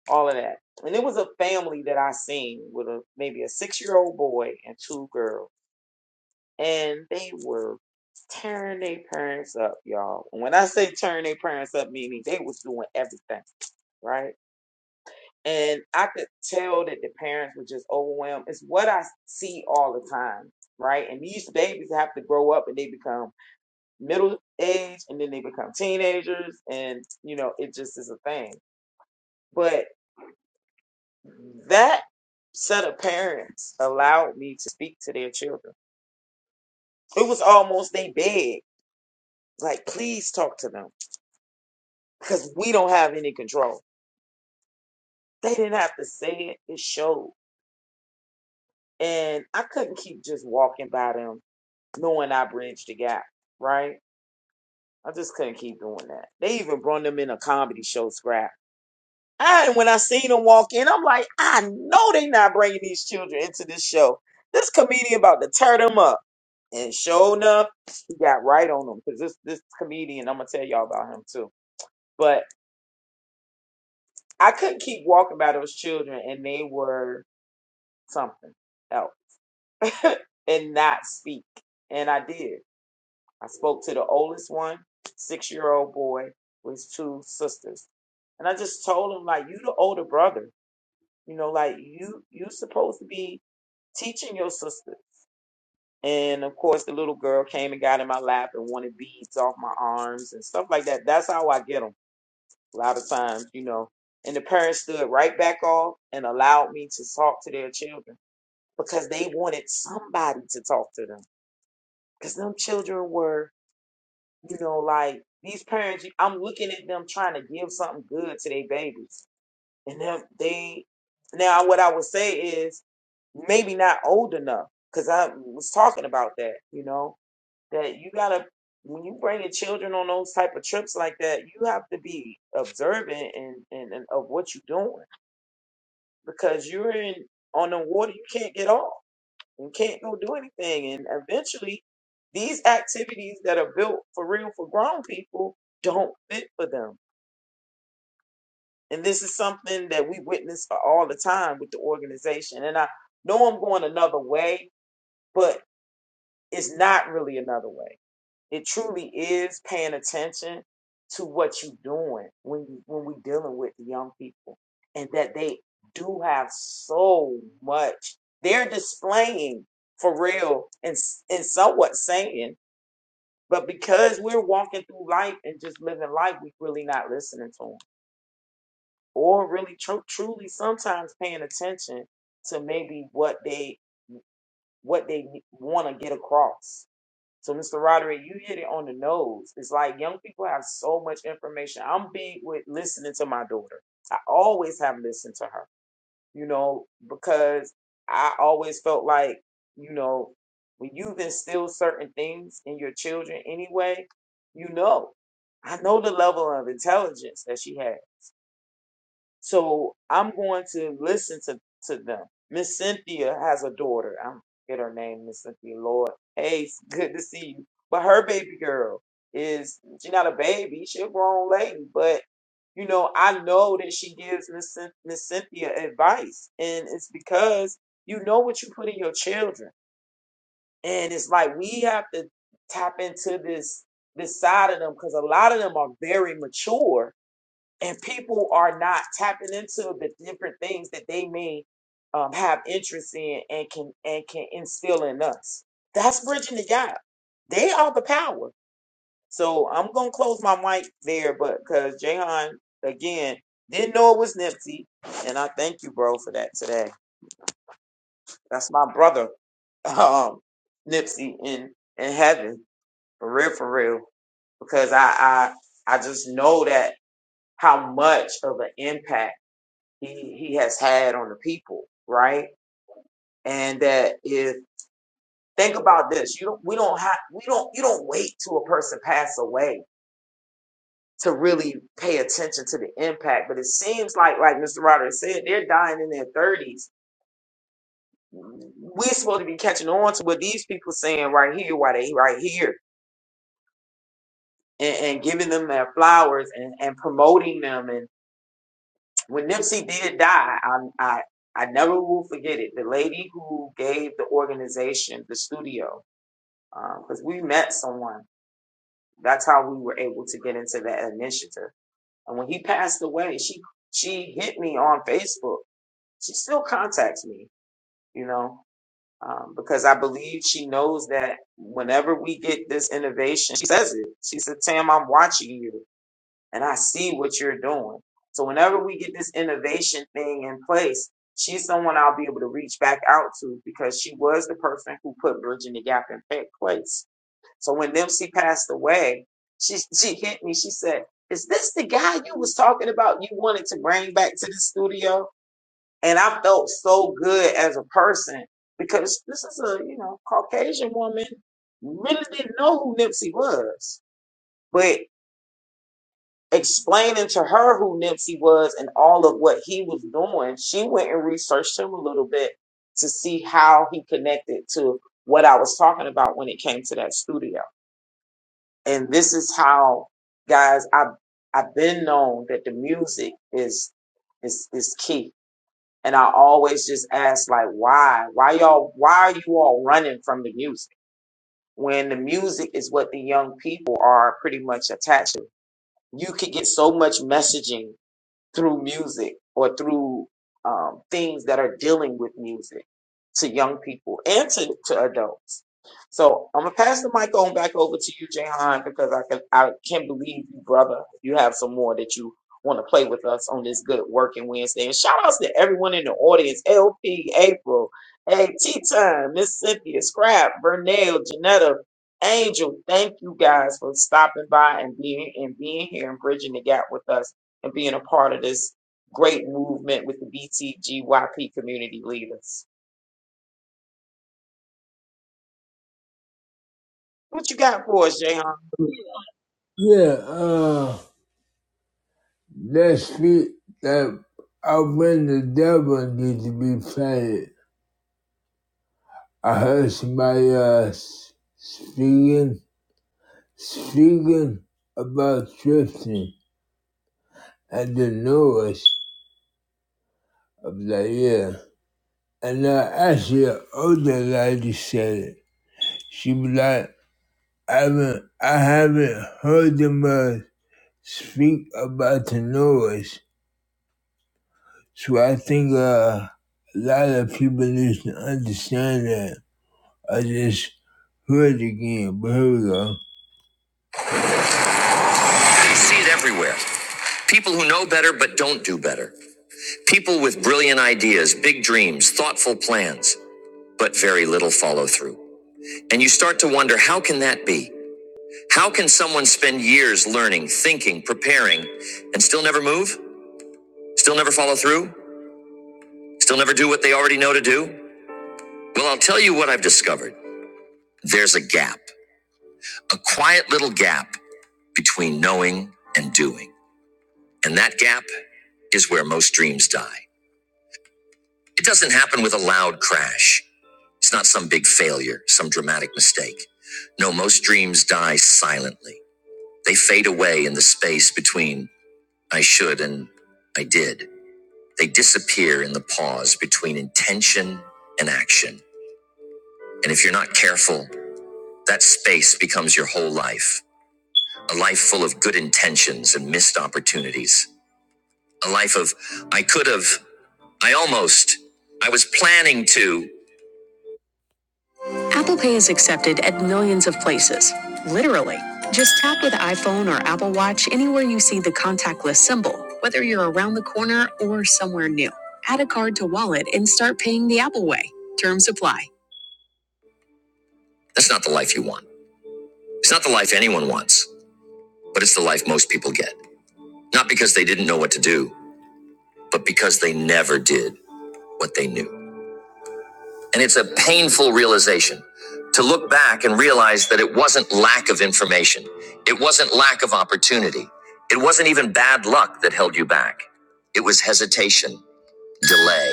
S2: all of that. And it was a family that I seen with a maybe a six year old boy and two girls, and they were tearing their parents up, y'all. And when I say tearing their parents up, meaning they was doing everything right. And I could tell that the parents were just overwhelmed. It's what I see all the time, right? And these babies have to grow up and they become middle age and then they become teenagers and you know, it just is a thing. But That set of parents allowed me to speak to their children. It was almost they begged, like, please talk to them because we don't have any control. They didn't have to say it, it showed. And I couldn't keep just walking by them knowing I bridged the gap, right? I just couldn't keep doing that. They even brought them in a comedy show scrap I, when I seen them walk in, I'm like, I know they not bringing these children into this show. This comedian about to tear them up. And sure enough, he got right on them because this this comedian, I'm gonna tell y'all about him too. But I couldn't keep walking by those children, and they were something else, and not speak. And I did. I spoke to the oldest one, six year old boy, with his two sisters, and I just told him like, you the older brother, you know, like you you supposed to be teaching your sister. And of course, the little girl came and got in my lap and wanted beads off my arms and stuff like that. That's how I get them a lot of times, you know. And the parents stood right back off and allowed me to talk to their children because they wanted somebody to talk to them. Because them children were, you know, like these parents, I'm looking at them trying to give something good to their babies and that they now what I would say is maybe not old enough because I was talking about that, you know, that you gotta when you bring your children on those type of trips like that, you have to be observant and, and, and of what you're doing because you're in on the water, you can't get off and can't go do anything, and eventually these activities that are built for real for grown people don't fit for them And this is something that we witness all the time with the organization. And I know I'm going another way, but it's not really another way. It truly is paying attention to what you're doing when you when we are dealing with the young people and that they do have so much they're displaying for real and s- and somewhat saying but because we're walking through life and just living life we're really not listening to them. or really tru- truly sometimes paying attention to maybe what they what they want to get across. So, Mr. Roderick, you hit it on the nose. It's like young people have so much information. I'm big with listening to my daughter. I always have listened to her, you know, because I always felt like, you know, when you've instilled certain things in your children anyway, you know. I know the level of intelligence that she had. So I'm going to listen to, to them. Miss Cynthia has a daughter. I am get her name, Miss Cynthia Lord. Hey, it's good to see you. But her baby girl is she not a baby, she a grown lady. But you know, I know that she gives Miss Cyn- Miss Cynthia advice. And it's because you know what you put in your children. And it's like we have to tap into this this side of them because a lot of them are very mature and people are not tapping into the different things that they may um, have interest in and can and can instill in us. That's bridging the gap. They are the power. So I'm gonna close my mic there, but because Jahan again didn't know it was Nipsey, and I thank you, bro, for that today. That's my brother, um, Nipsey in in heaven for real, for real. Because I I I just know that how much of an impact he he has had on the people, right? And that if think about this, you don't we don't have we don't you don't wait till a person pass away to really pay attention to the impact. But it seems like like Mr. Rodgers said, they're dying in their thirties. We're supposed to be catching on to what these people saying right here, why they right here, and, and giving them their flowers and, and promoting them. And when Nipsey did die, I, I I never will forget it. The lady who gave the organization the studio, because um, we met someone. That's how we were able to get into that initiative. And when he passed away, she she hit me on Facebook. She still contacts me, you know, um, because I believe she knows that whenever we get this innovation, she says it. She said, "Tam, I'm watching you, and I see what you're doing." So whenever we get this innovation thing in place, she's someone I'll be able to reach back out to because she was the person who put Bridging the Gap in place so when Nipsey passed away, she she hit me. She said, "Is this the guy you was talking about? You wanted to bring back to the studio?" And I felt so good as a person because this is a you know Caucasian woman really didn't know who Nipsey was, but explaining to her who Nipsey was and all of what he was doing, she went and researched him a little bit to see how he connected to what I was talking about when it came to that studio. and this is how guys i've i've been known that the music is is is key and i always just ask like why why y'all why are you all running from the music when the music is what the young people are pretty much attached to you could get so much messaging through music or through um, things that are dealing with music to young people and to, to adults. So I'm gonna pass the mic on back over to you, Jahan, because I can I can't believe you, brother. You have some more that you want to play with us on this good working Wednesday. And shout outs to everyone in the audience, LP, April, hey, Tea Time, Miss Cynthia, Scrap, Vernell, Janetta, Angel. Thank you guys for stopping by and being and being here and bridging the gap with us and being a part of this great movement with the BTGYP community leaders. What you got for us, Jayhan?
S1: Yeah, uh, that speak that I when the devil needs to be planted. I heard somebody uh, speaking speaking about drifting and the noise of the year. And uh, actually, an older lady said it. She was like, I haven't, I haven't heard them uh, speak about the noise. So I think uh, a lot of people need to understand that. I just heard it again, but here we go. You See it everywhere. People who know better but don't do better. People with brilliant ideas, big dreams, thoughtful plans, but very little follow through. And you, how can that be? How can someone spend years learning, thinking, preparing, and still never move? Still never follow through? Still never do what they already know to do? Well, I'll tell you what I've discovered. There's a gap, a quiet little gap between knowing and doing. And that gap is where most dreams die. It doesn't happen with a loud crash. It's not some big failure, some dramatic mistake. No, most dreams die silently. They fade away in the space between I should and I did. They disappear in the pause between intention and action. And if you're not careful, that space becomes your whole life a life full of good intentions and missed opportunities. A life of I could have, I almost, I was planning to. Apple Pay is accepted at millions of places, literally. Just tap with iPhone or Apple Watch anywhere you see the contactless symbol, whether you're around the corner or somewhere new. Add a card to wallet and start paying the Apple way. Terms apply. That's not the life you want. It's not the life anyone wants, but it's the life most people get. Not because they didn't know what to do, but because they never did what they knew. And it's a painful realization to look back and realize that it wasn't lack of information. It wasn't lack of opportunity. It wasn't even bad luck that held you back. It was hesitation, delay,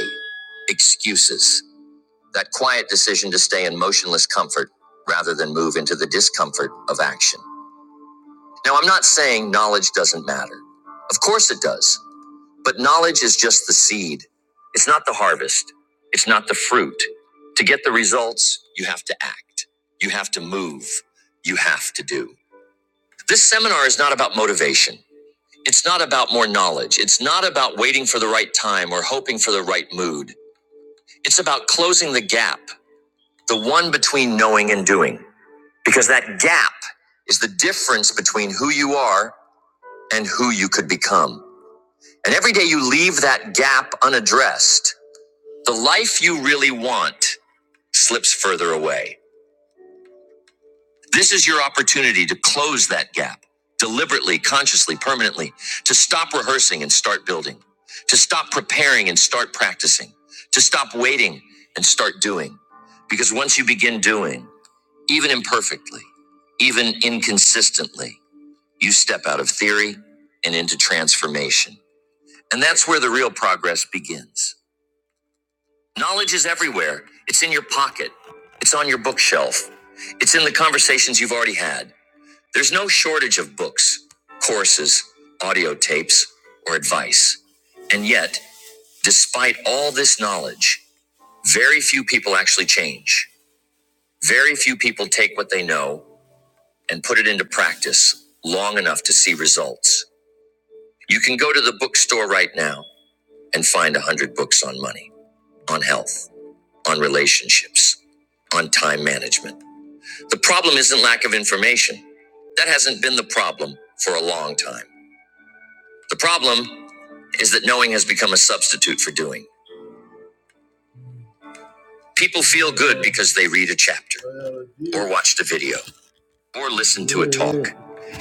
S1: excuses, that quiet decision to stay in motionless comfort rather than move into the discomfort of action. Now, I'm not saying knowledge doesn't matter. Of course it does. But knowledge is just the seed. It's not the harvest. It's not the fruit. To get the results, you have to act. You have to move. You have to do. This seminar is not about motivation. It's not about more knowledge. It's not about waiting for the right time or hoping for the right mood. It's about closing the gap, the one between knowing and doing. Because that gap is the difference between who you are and who you could become. And every day you leave that gap unaddressed, The life you really want slips further away. This is your opportunity to close that gap deliberately, consciously, permanently, to stop rehearsing and start building, to stop preparing and start practicing, to stop waiting and start doing. Because once you begin doing, even imperfectly, even inconsistently, you step out of theory and into transformation. And that's where the real progress begins. Knowledge is everywhere. It's in your pocket. It's on your bookshelf. It's in the conversations you've already had. There's no shortage of books, courses, audio tapes, or advice. And yet, despite all this knowledge, very few people actually change. Very few people take what they know and put it into practice long enough to see results. You can go to the bookstore right now and find 100 books on money, on health, on relationships, on time management The problem isn't lack of information. That hasn't been the problem for a long time. The problem is that knowing has become a substitute for doing. People feel good because they read a chapter, or watched a video, or listened to a talk.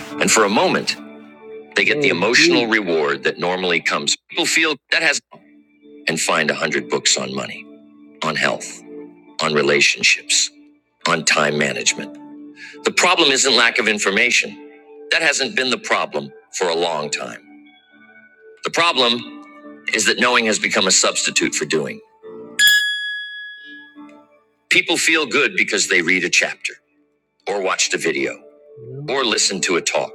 S1: And for a moment, they get the emotional reward that normally comes. People feel that has, and find a hundred books on money, on health, on relationships, on time management. The problem isn't lack of information. That hasn't been the problem for a long time. The problem is that knowing has become a substitute for doing. People feel good because they read a chapter, or watched a video, or listened to a talk.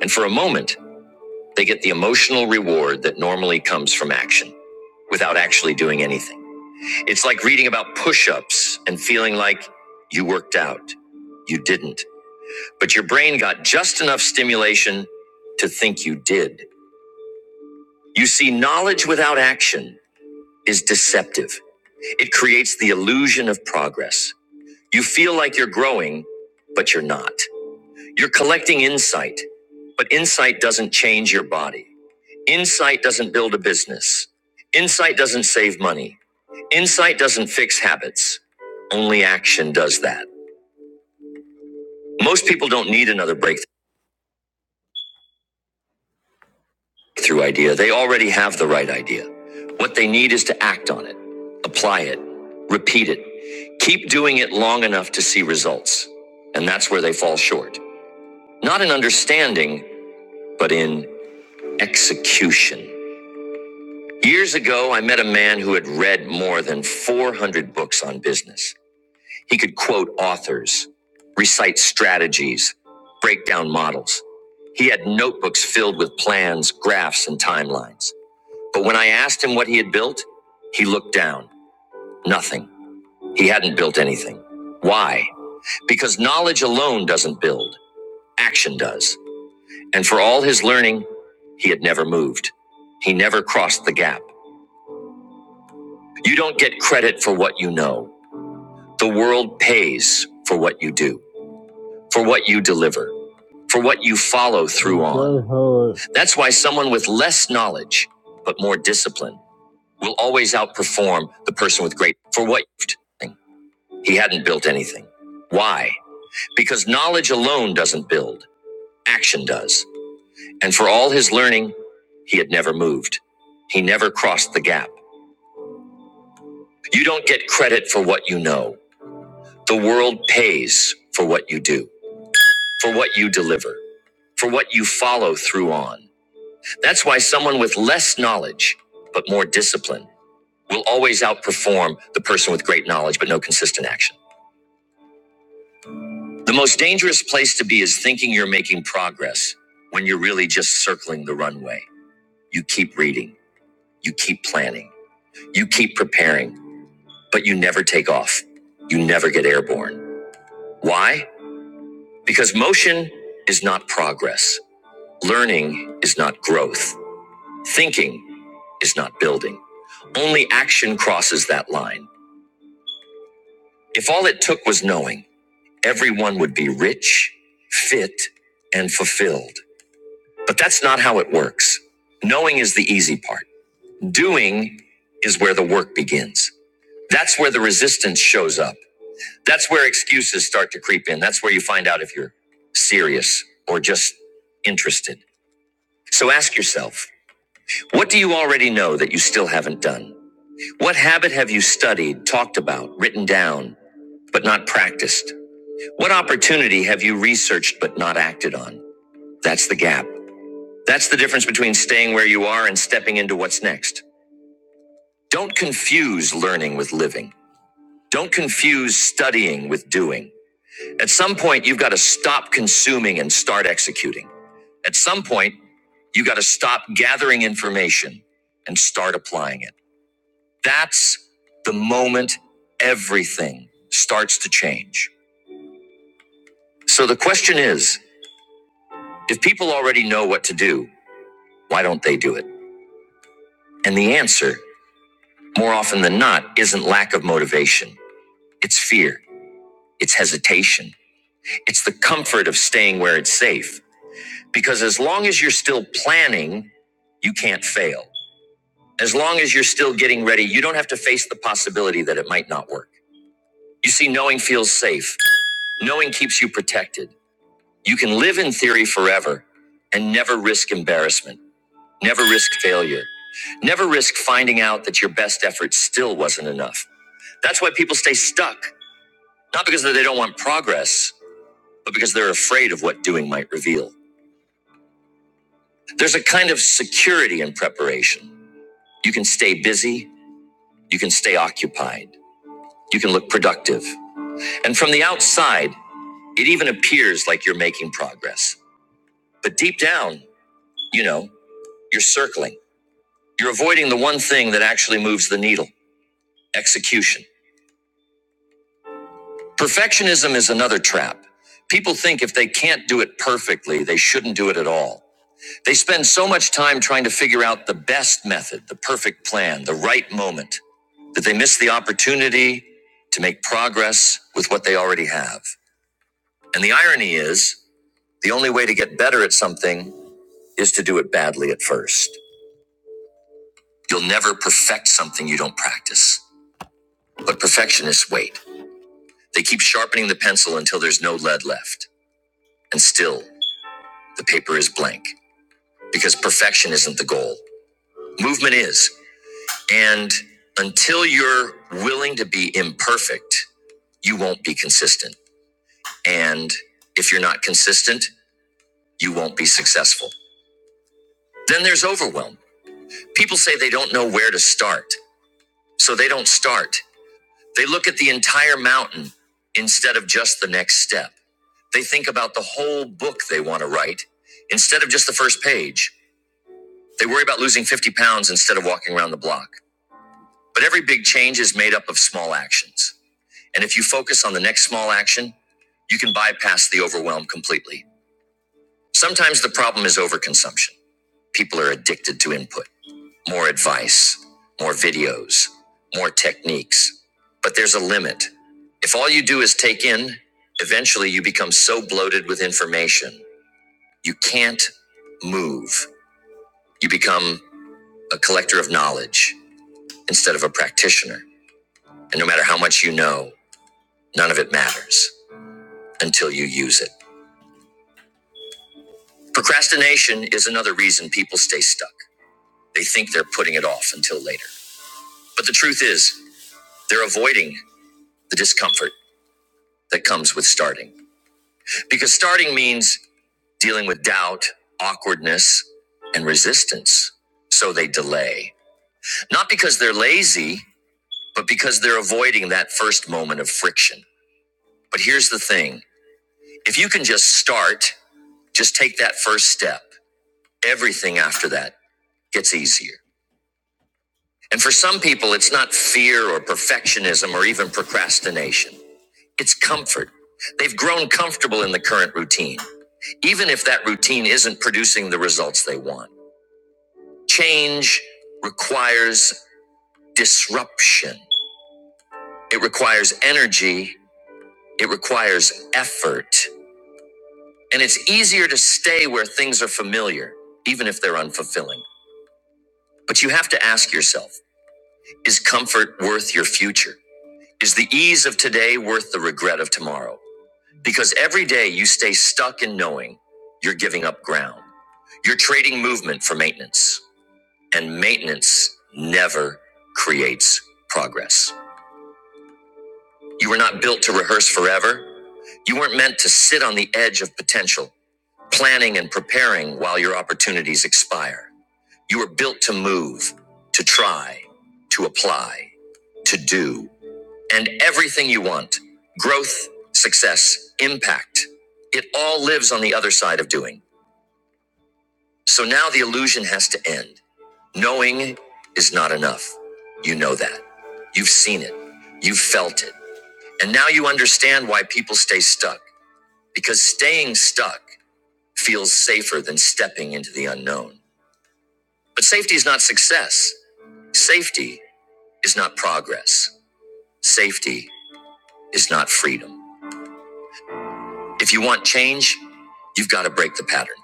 S1: And for a moment, they get the emotional reward that normally comes from action without actually doing anything. It's like reading about push ups and feeling like you worked out. You didn't. But your brain got just enough stimulation to think you did. You see, knowledge without action is deceptive. It creates the illusion of progress You feel like you're growing, but you're not. You're collecting insight, but insight doesn't change your body. Insight doesn't build a business. Insight doesn't save money. Insight doesn't fix habits. Only action does that. Most people don't need another breakthrough idea. They already have the right idea. What they need is to act on it, apply it, repeat it. Keep doing it long enough to see results. And that's where they fall short. Not in understanding, but in execution. Years ago, I met a man who had read more than 400 books on business. He could quote authors, recite strategies, break down models. He had notebooks filled with plans, graphs, and timelines. But when I asked him what he had built, he looked down. Nothing. He hadn't built anything. Why? Because knowledge alone doesn't build, action does. And for all his learning, he had never moved. He never crossed the gap. You don't get credit for what you know. The world pays for what you do, for what you deliver, for what you follow through on. That's why someone with less knowledge, but more discipline, will always outperform the person with great for what he hadn't built anything. Why? Because knowledge alone doesn't build, action does. And for all his learning, he had never moved. He never crossed the gap. You don't get credit for what you know. The world pays for what you do for what you deliver, for what you follow through on. That's why someone with less knowledge, but more discipline, will always outperform the person with great knowledge, but no consistent action. The most dangerous place to be is thinking you're making progress when you're really just circling the runway. You keep reading, you keep planning, you keep preparing, but you never take off. You never get airborne. Why? Because motion is not progress. Learning is not growth. Thinking is not building. Only action crosses that line. If all it took was knowing, everyone would be rich, fit, and fulfilled. But that's not how it works. Knowing is the easy part. Doing is where the work begins. That's where the resistance shows up. That's where excuses start to creep in. That's where you find out if you're serious or just interested. So ask yourself, what do you already know that you still haven't done? What habit have you studied, talked about, written down, but not practiced? What opportunity have you researched but not acted on? That's the gap. That's the difference between staying where you are and stepping into what's next. Don't confuse learning with living. Don't confuse studying with doing. At some point, you've got to stop consuming and start executing. At some point, you have got to stop gathering information and start applying it. That's the moment everything starts to change. So the question is if people already know what to do, why don't they do it? And the answer, more often than not, isn't lack of motivation, it's fear, it's hesitation, it's the comfort of staying where it's safe. Because as long as you're still planning, you can't fail. As long as you're still getting ready, you don't have to face the possibility that it might not work. You see, knowing feels safe. Knowing keeps you protected. You can live in theory forever and never risk embarrassment, never risk failure, never risk finding out that your best effort still wasn't enough. That's why people stay stuck, not because they don't want progress, but because they're afraid of what doing might reveal. There's a kind of security in preparation. You can stay busy, you can stay occupied, you can look productive. And from the outside, it even appears like you're making progress. But deep down, you know, you're circling. You're avoiding the one thing that actually moves the needle execution. Perfectionism is another trap. People think if they can't do it perfectly, they shouldn't do it at all. They spend so much time trying to figure out the best method, the perfect plan, the right moment, that they miss the opportunity to make progress with what they already have. And the irony is, the only way to get better at something is to do it badly at first. You'll never perfect something you don't practice. But perfectionists wait. They keep sharpening the pencil until there's no lead left. And still, the paper is blank. Because perfection isn't the goal, movement is. And until you're willing to be imperfect, you won't be consistent. And if you're not consistent, you won't be successful. Then there's overwhelm. People say they don't know where to start, so they don't start. They look at the entire mountain instead of just the next step. They think about the whole book they want to write instead of just the first page. They worry about losing 50 pounds instead of walking around the block. But every big change is made up of small actions. And if you focus on the next small action, you can bypass the overwhelm completely. Sometimes the problem is overconsumption. People are addicted to input. more advice, more videos, more techniques. But there's a limit. If all you do is take in, eventually you become so bloated with information, you can't move. You become a collector of knowledge instead of a practitioner. And no matter how much you know, none of it matters until you use it. Procrastination is another reason people stay stuck. They think they're putting it off until later. But the truth is, they're avoiding the discomfort that comes with starting. Because starting means dealing with doubt, awkwardness, and resistance. So they delay. Not because they're lazy, but because they're avoiding that first moment of friction. But here's the thing if you can just start, just take that first step, everything after that gets easier. And for some people, it's not fear or perfectionism or even procrastination, it's comfort. They've grown comfortable in the current routine, even if that routine isn't producing the results they want. Change requires disruption, it requires energy, it requires effort. And it's easier to stay where things are familiar, even if they're unfulfilling. But you have to ask yourself is comfort worth your future? Is the ease of today worth the regret of tomorrow? Because every day you stay stuck in knowing you're giving up ground. You're trading movement for maintenance, and maintenance never creates progress. You were not built to rehearse forever. You weren't meant to sit on the edge of potential, planning and preparing while your opportunities expire. You were built to move, to try, to apply, to do, and everything you want growth, success, impact. It all lives on the other side of doing. So now the illusion has to end. Knowing is not enough. You know that. You've seen it. You've felt it. And now you understand why people stay stuck. because staying stuck feels safer than stepping into the unknown. But safety is not success. Safety is not progress. Safety is not freedom. If you want change, you've got to break the pattern.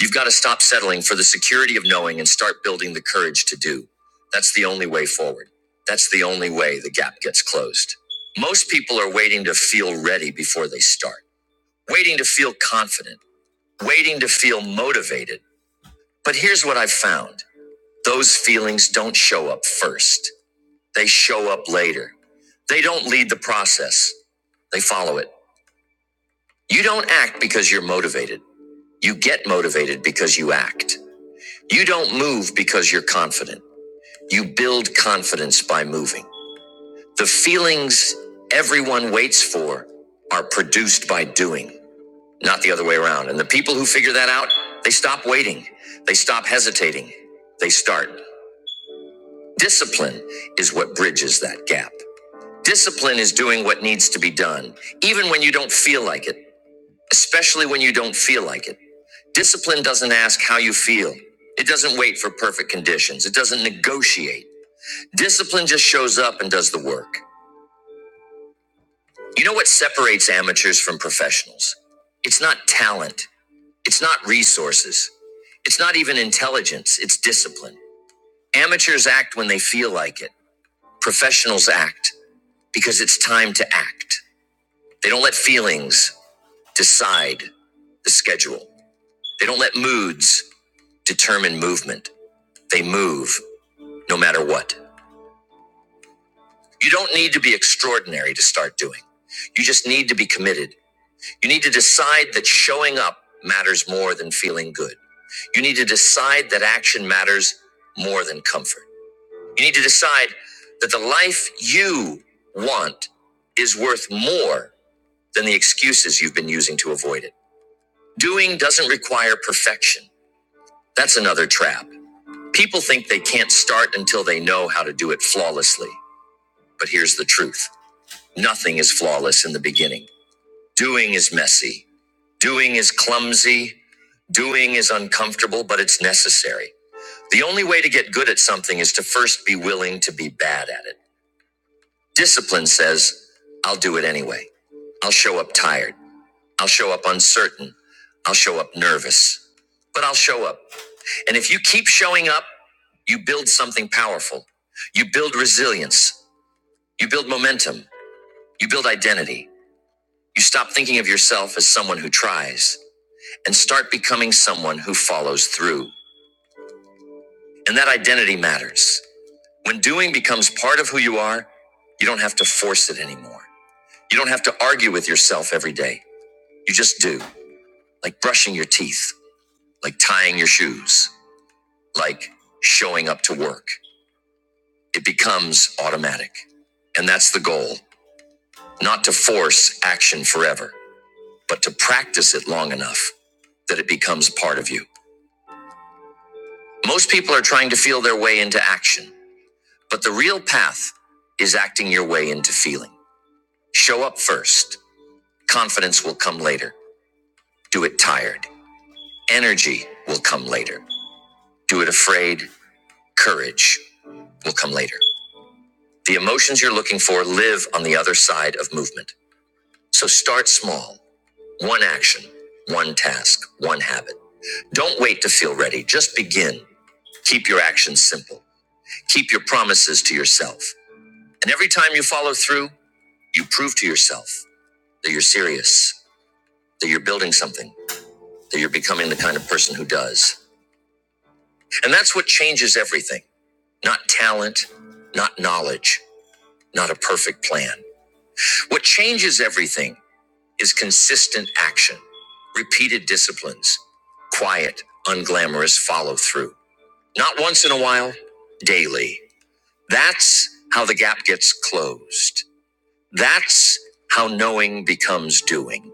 S1: You've got to stop settling for the security of knowing and start building the courage to do. That's the only way forward. That's the only way the gap gets closed. Most people are waiting to feel ready before they start, waiting to feel confident, waiting to feel motivated. But here's what I've found. those feelings don't show up first. They show up later. They don't lead the process. They follow it. You don't act because you're motivated. You get motivated because you act. You don't move because you're confident. You build confidence by moving. The feelings everyone waits for are produced by doing, not the other way around. And the people who figure that out, they stop waiting. They stop hesitating. They start. Discipline is what bridges that gap. Discipline is doing what needs to be done, even when you don't feel like it, especially when you don't feel like it. Discipline doesn't ask how you feel, it doesn't wait for perfect conditions, it doesn't negotiate. Discipline just shows up and does the work. You know what separates amateurs from professionals? It's not talent, it's not resources, it's not even intelligence, it's discipline. Amateurs act when they feel like it, professionals act because it's time to act. They don't let feelings. decide the schedule. They don't let moods determine movement. They move no matter what. You don't need to be extraordinary to start doing. You just need to be committed. You need to decide that showing up matters more than feeling good. You need to decide that action matters more than comfort. You need to decide that the life you want is worth more than the excuses you've been using to avoid it. Doing doesn't require perfection. That's another trap. People think they can't start until they know how to do it flawlessly. But here's the truth nothing is flawless in the beginning. Doing is messy, doing is clumsy, doing is uncomfortable, but it's necessary. The only way to get good at something is to first be willing to be bad at it. Discipline says, I'll do it anyway. I'll show up tired. I'll show up uncertain. I'll show up nervous. But I'll show up. And if you keep showing up, you build something powerful. You build resilience. You build momentum. You build identity. You stop thinking of yourself as someone who tries and start becoming someone who follows through. And that identity matters. When doing becomes part of who you are, you don't have to force it anymore. You don't have to argue with yourself every day. You just do, like brushing your teeth, like tying your shoes, like showing up to work. It becomes automatic. And that's the goal not to force action forever, but to practice it long enough that it becomes part of you. Most people are trying to feel their way into action, but the real path is acting your way into feeling. Show up first. Confidence will come later. Do it tired. Energy will come later. Do it afraid. Courage will come later. The emotions you're looking for live on the other side of movement. So start small. One action, one task, one habit. Don't wait to feel ready. Just begin. Keep your actions simple. Keep your promises to yourself. And every time you follow through, you prove to yourself that you're serious, that you're building something, that you're becoming the kind of person who does. And that's what changes everything. Not talent, not knowledge, not a perfect plan. What changes everything is consistent action, repeated disciplines, quiet, unglamorous follow through. Not once in a while, daily. That's how the gap gets closed. That's how knowing becomes doing.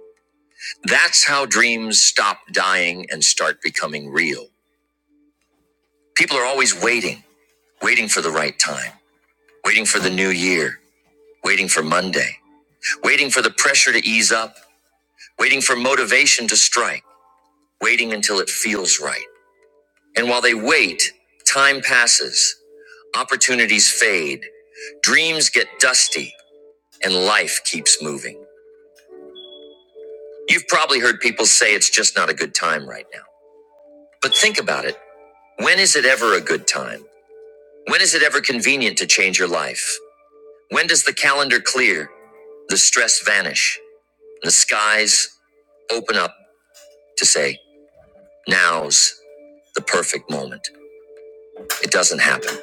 S1: That's how dreams stop dying and start becoming real. People are always waiting, waiting for the right time, waiting for the new year, waiting for Monday, waiting for the pressure to ease up, waiting for motivation to strike, waiting until it feels right. And while they wait, time passes, opportunities fade, dreams get dusty, and life keeps moving. You've probably heard people say it's just not a good time right now. But think about it. When is it ever a good time? When is it ever convenient to change your life? When does the calendar clear, the stress vanish, and the skies open up to say, now's the perfect moment? It doesn't happen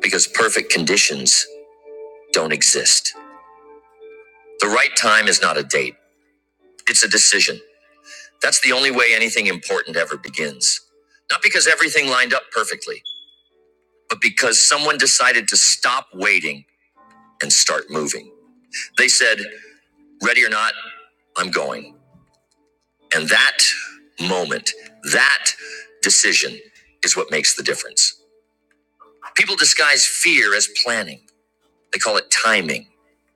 S1: because perfect conditions don't exist. The right time is not a date, it's a decision. That's the only way anything important ever begins. Not because everything lined up perfectly but because someone decided to stop waiting and start moving. They said, Ready or not, I'm going. And that moment, that decision is what makes the difference. People disguise fear as planning, they call it timing,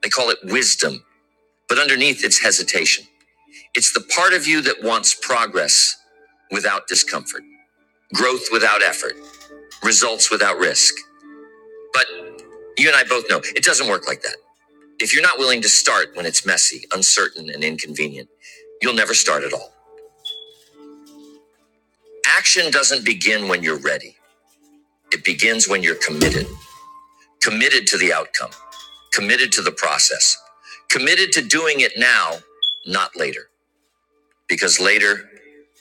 S1: they call it wisdom, but underneath it's hesitation. It's the part of you that wants progress without discomfort, growth without effort, results without risk. But you and I both know it doesn't work like that. If you're not willing to start when it's messy, uncertain, and inconvenient, you'll never start at all. Action doesn't begin when you're ready, it begins when you're committed. Committed to the outcome, committed to the process, committed to doing it now, not later, because later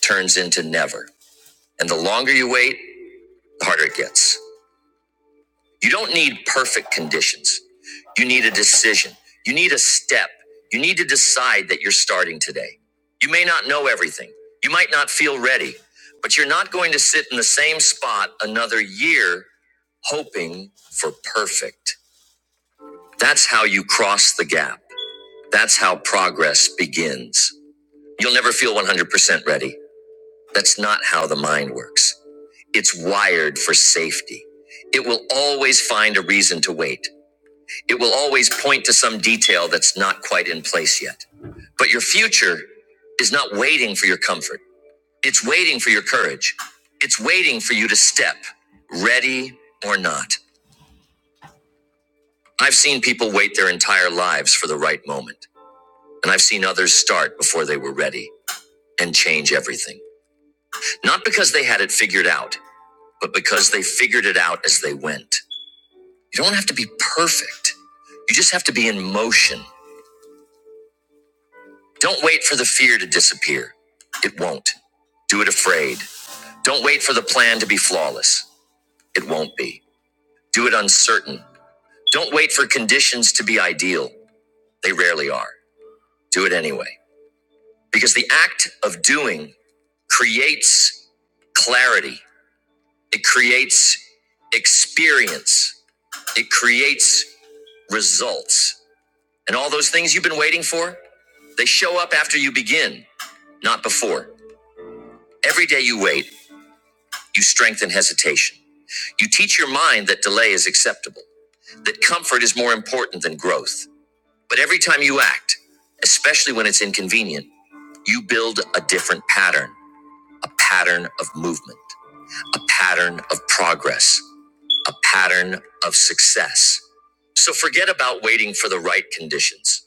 S1: turns into never. And the longer you wait, the harder it gets. You don't need perfect conditions. You need a decision. You need a step. You need to decide that you're starting today. You may not know everything. You might not feel ready, but you're not going to sit in the same spot another year hoping for perfect. That's how you cross the gap. That's how progress begins. You'll never feel 100% ready. That's not how the mind works. It's wired for safety. It will always find a reason to wait. It will always point to some detail that's not quite in place yet. But your future is not waiting for your comfort. It's waiting for your courage. It's waiting for you to step, ready or not. I've seen people wait their entire lives for the right moment. And I've seen others start before they were ready and change everything. Not because they had it figured out, but because they figured it out as they went. You don't have to be perfect. You just have to be in motion. Don't wait for the fear to disappear. It won't. Do it afraid. Don't wait for the plan to be flawless. It won't be. Do it uncertain. Don't wait for conditions to be ideal. They rarely are. Do it anyway. Because the act of doing creates clarity, it creates experience, it creates results. And all those things you've been waiting for, they show up after you begin, not before. Every day you wait, You strengthen hesitation. You teach your mind that delay is acceptable, that comfort is more important than growth. But every time you act, especially when it's inconvenient, you build a different pattern, a pattern of movement, a pattern of progress, a pattern of success. So forget about waiting for the right conditions.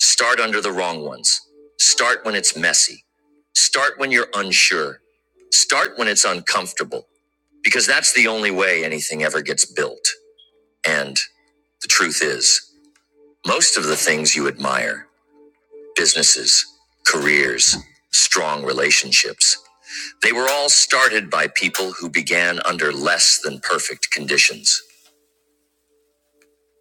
S1: Start under the wrong ones. Start when it's messy. Start when you're unsure. Start when it's uncomfortable because that's the only way anything ever gets built. And the truth is, most of the things you admire businesses, careers, strong relationships they were all started by people who began under less than perfect conditions.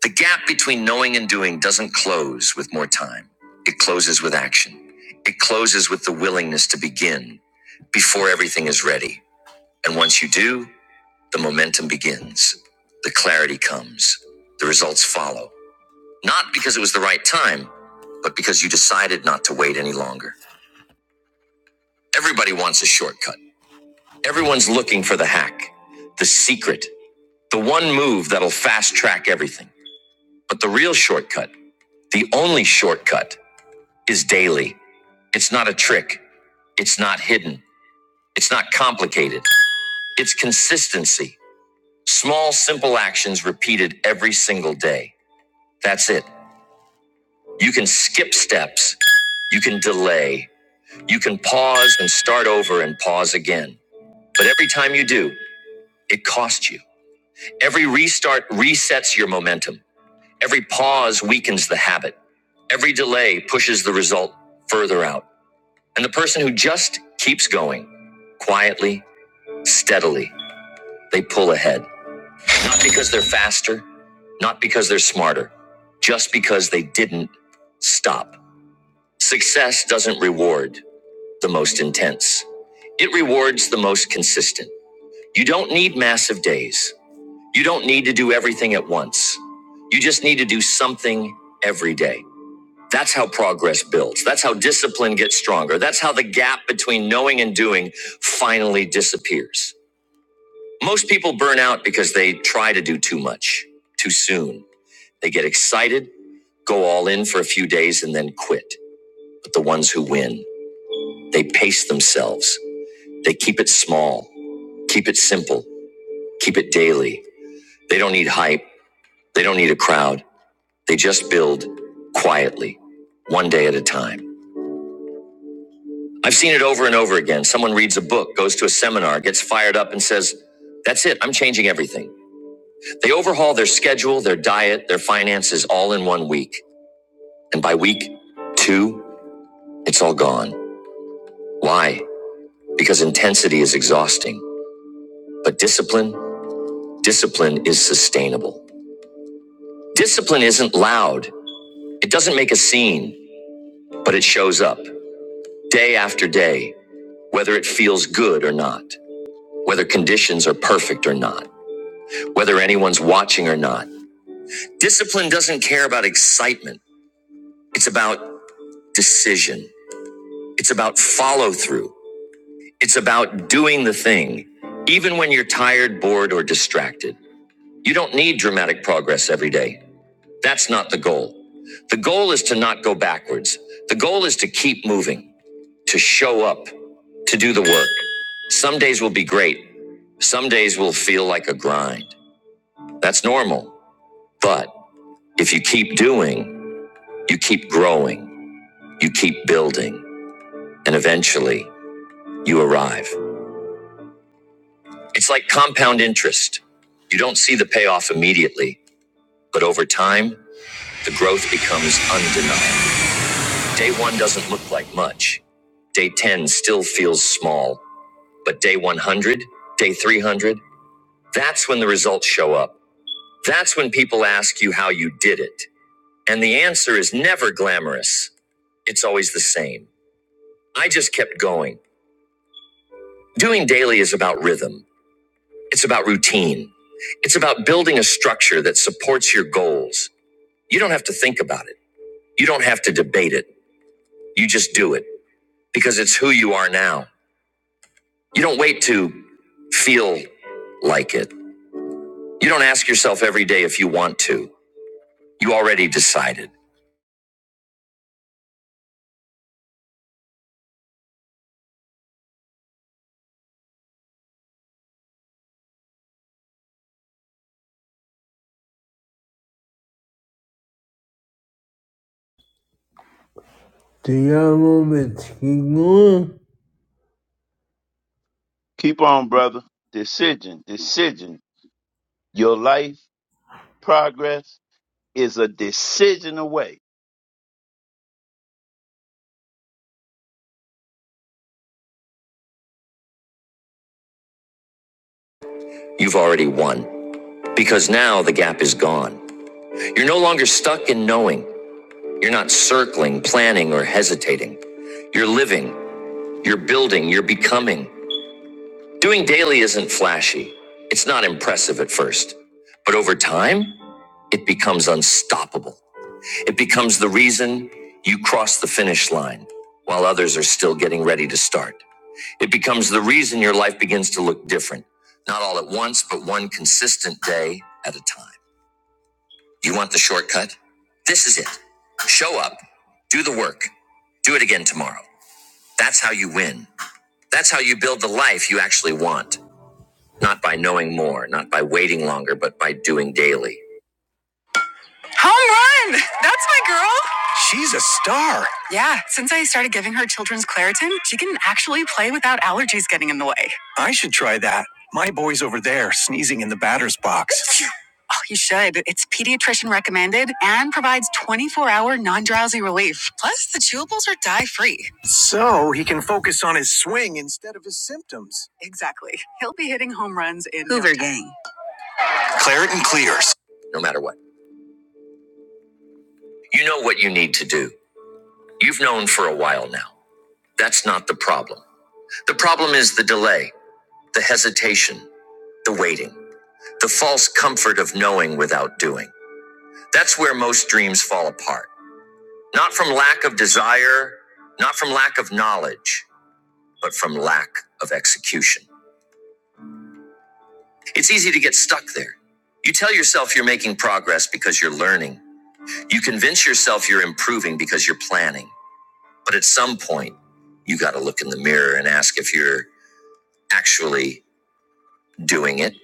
S1: The gap between knowing and doing doesn't close with more time, it closes with action. It closes with the willingness to begin before everything is ready. And once you do, The momentum begins. The clarity comes. The results follow. Not because it was the right time, but because you decided not to wait any longer. Everybody wants a shortcut. Everyone's looking for the hack, the secret, the one move that'll fast track everything. But the real shortcut, the only shortcut, is daily. It's not a trick. It's not hidden. It's not complicated. It's consistency. Small, simple actions repeated every single day. That's it. You can skip steps. You can delay. You can pause and start over and pause again. But every time you do, it costs you. Every restart resets your momentum. Every pause weakens the habit. Every delay pushes the result further out. And the person who just keeps going, quietly, steadily, they pull ahead. Not because they're faster, not because they're smarter, just because they didn't stop. Success doesn't reward. the most intense. It rewards the most consistent. You don't need massive days. You don't need to do everything at once. You just need to do something every day. That's how progress builds. That's how discipline gets stronger. That's how the gap between knowing and doing finally disappears. Most people burn out because they try to do too much too soon. They get excited, go all in for a few days, and then quit. But the ones who win, they pace themselves, they keep it small. Keep it simple. Keep it daily. They don't need hype. They don't need a crowd. They just build quietly, one day at a time. I've seen it over and over again. Someone reads a book, goes to a seminar, gets fired up, and says, That's it, I'm changing everything. They overhaul their schedule, their diet, their finances all in one week. And by week two, it's all gone. Why? Because intensity is exhausting. But discipline, discipline is sustainable. Discipline isn't loud. It doesn't make a scene. but it shows up day after day, whether it feels good or not, whether conditions are perfect or not, whether anyone's watching or not. Discipline doesn't care about excitement, it's about decision, it's about follow through, it's about doing the thing, even when you're tired, bored, or distracted. You don't need dramatic progress every day. That's not the goal. The goal is to not go backwards. The goal is to keep moving. to show up, to do the work. Some days will be great, some days will feel like a grind. That's normal. But if you keep doing, you keep growing, you keep building, and eventually you arrive. It's like compound interest. You don't see the payoff immediately, but over time, the growth becomes undeniable. Day one doesn't look like much. Day 10 still feels small, but day 100, day 300, that's when the results show up. That's when people ask you how you did it. And the answer is never glamorous. It's always the same. I just kept going. Doing daily is about rhythm. It's about routine. It's about building a structure that supports your goals. You don't have to think about it. You don't have to debate it. You just do it because it's who you are now. You don't wait to feel like it. You don't ask yourself every day if you want to. You already decided. Te amo, me
S5: Keep on, brother. Decision, decision, Your life progress is a decision away.
S1: you've already won. Because now the gap is gone. You're no longer stuck in knowing. You're not circling, planning, or hesitating. You're living, you're building, you're becoming. Doing daily isn't flashy. It's not impressive at first. But over time, it becomes unstoppable. It becomes the reason you cross the finish line while others are still getting ready to start. It becomes the reason your life begins to look different, not all at once, but one consistent day at a time. You want the shortcut? This is it. Show up, do the work, do it again tomorrow. That's how you win. That's how you build the life you actually want. Not by knowing more, not by waiting longer, but by doing daily. Home run! That's my girl! Yeah, since I started giving her children's Claritin, she can actually play without allergies getting in the way. I should try that. My boy's over there sneezing in the batter's box. You should. It's pediatrician recommended and provides 24 hour non drowsy relief. Plus, the chewables are dye free. So he can focus on his swing instead of his symptoms. Exactly. He'll be hitting home runs in Hoover no time. Gang. Claret and clears. no matter what. You know what you need to do. You've known for a while now. That's not the problem. The problem is the delay, the hesitation, the waiting, the false comfort of knowing without doing. That's where most dreams fall apart. Not from lack of desire, not from lack of knowledge, but from lack of execution. It's easy to get stuck there. You tell yourself you're making progress because you're learning. You convince yourself you're improving because you're planning. But at some point, you got to look in the mirror and ask if you're actually doing it,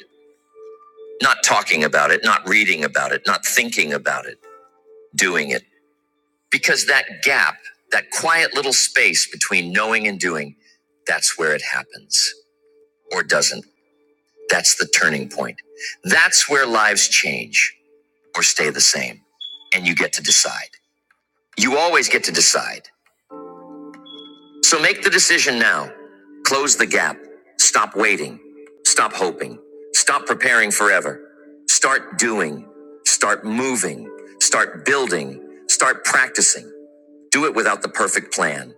S1: not talking about it, not reading about it, not thinking about it, doing it. Because that gap, that quiet little space between knowing and doing, that's where it happens. or doesn't. That's the turning point. That's where lives change or stay the same. And you get to decide. You always get to decide. So make the decision now. Close the gap. Stop waiting. Stop hoping. Stop preparing forever. Start doing. Start moving. Start building. Start practicing. Do it without the perfect plan.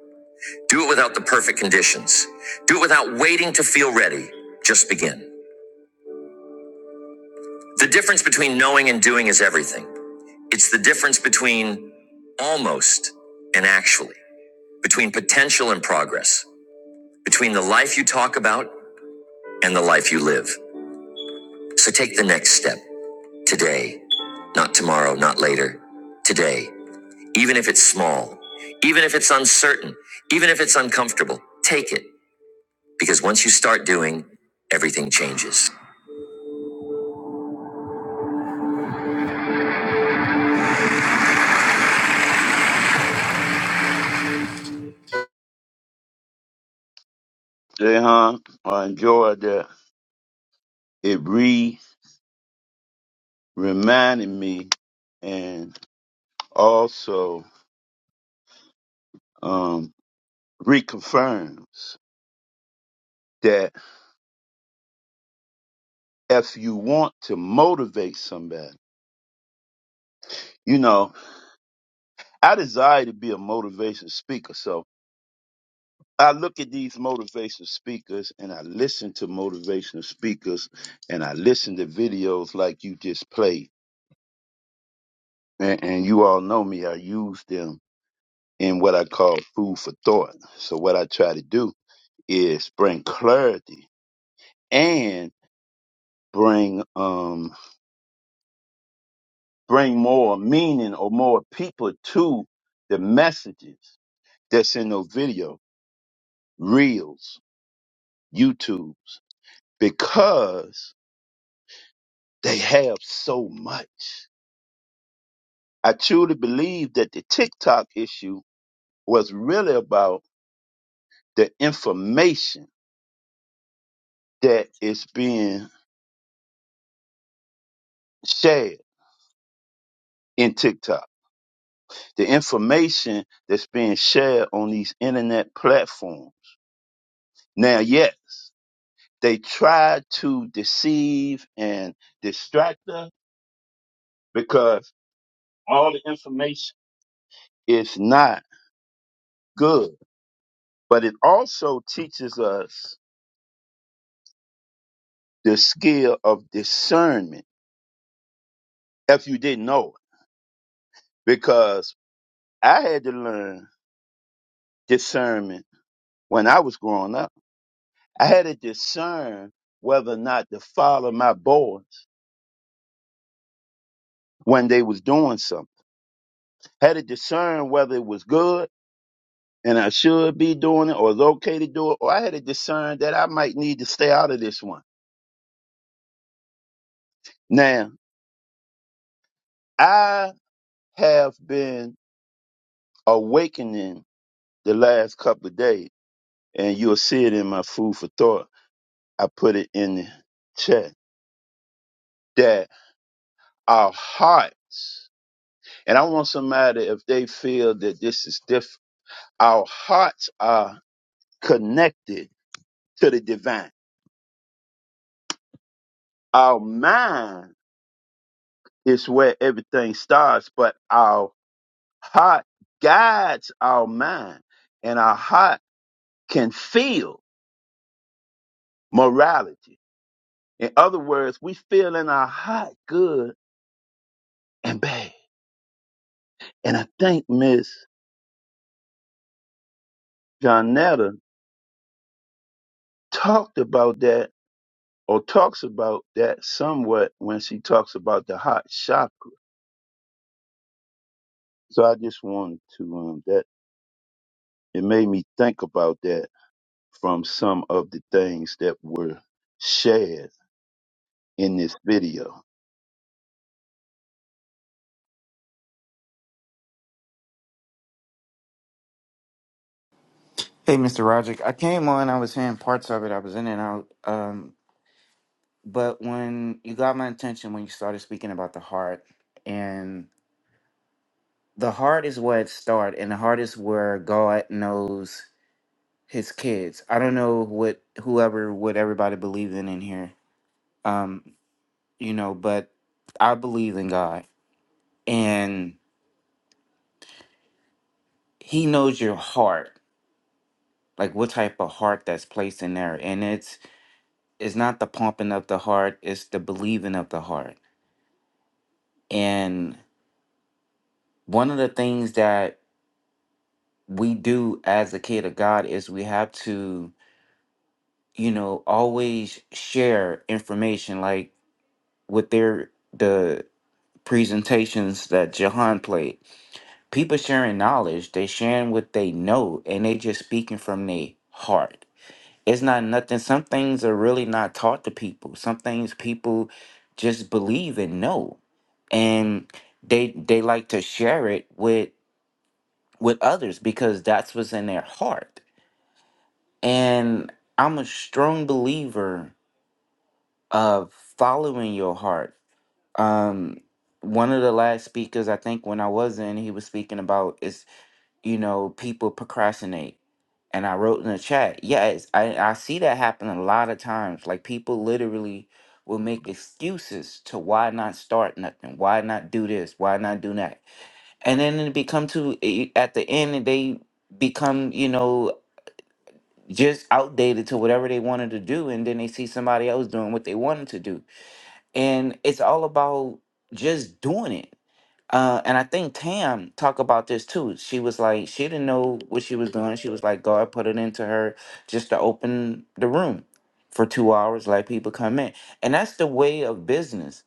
S1: Do it without the perfect conditions. Do it without waiting to feel ready. Just begin. The difference between knowing and doing is everything. It's the difference between almost and actually, between potential and progress, between the life you talk about and the life you live. So take the next step today, not tomorrow, not later, today, even if it's small, even if it's uncertain, even if it's uncomfortable, take it because once you start doing, everything changes.
S5: Jehan, I enjoyed that. It re reminded me and also um, reconfirms that if you want to motivate somebody, you know, I desire to be a motivational speaker. So I look at these motivational speakers and I listen to motivational speakers and I listen to videos like you just played and, and you all know me, I use them in what I call food for thought. So what I try to do is bring clarity and bring um bring more meaning or more people to the messages that's in those video reels, YouTubes, because they have so much. I truly believe that the TikTok issue was really about the information that is being shared in TikTok. The information that's being shared on these internet platforms. Now, yes, they try to deceive and distract us because all the information is not good, but it also teaches us the skill of discernment if you didn't know it, because I had to learn discernment when I was growing up. I had to discern whether or not to follow my boys when they was doing something. Had to discern whether it was good and I should be doing it or it's okay to do it, or I had to discern that I might need to stay out of this one. Now, I have been awakening the last couple of days, and you'll see it in my food for thought. I put it in the chat that our hearts, and I want somebody if they feel that this is different, our hearts are connected to the divine. Our mind It's where everything starts, but our heart guides our mind, and our heart can feel morality. In other words, we feel in our heart good and bad. And I think Miss Jonetta talked about that or talks about that somewhat when she talks about the heart chakra. So I just wanted to um that it made me think about that from some of the things that were shared in this video.
S6: Hey, Mr. Roderick. I came on, I was hearing parts of it, I was in and out. Um, but when you got my attention when you started speaking about the heart, and the heart is where it starts, and the heart is where God knows his kids. I don't know what whoever what everybody believes in in here. Um, you know, but I believe in God and he knows your heart. Like what type of heart that's placed in there. And it's it's not the pumping of the heart, it's the believing of the heart And one of the things that we do as a kid of God is we have to, you know, always share information like with their the presentations that Jahan played. People sharing knowledge, they sharing what they know and they just speaking from their heart. It's not nothing. Some things are really not taught to people. Some things people just believe and know. And they they like to share it with with others because that's what's in their heart. And I'm a strong believer of following your heart. Um, one of the last speakers, I think, when I was in, he was speaking about is you know people procrastinate, and I wrote in the chat, yes, I I see that happen a lot of times. Like people literally will make excuses to why not start nothing, why not do this, why not do that, and then it become to eh, at the end they become you know just outdated to whatever they wanted to do and then they see somebody else doing what they wanted to do and it's all about just doing it uh, and i think tam talked about this too she was like she didn't know what she was doing she was like god put it into her just to open the room for two hours let people come in and that's the way of business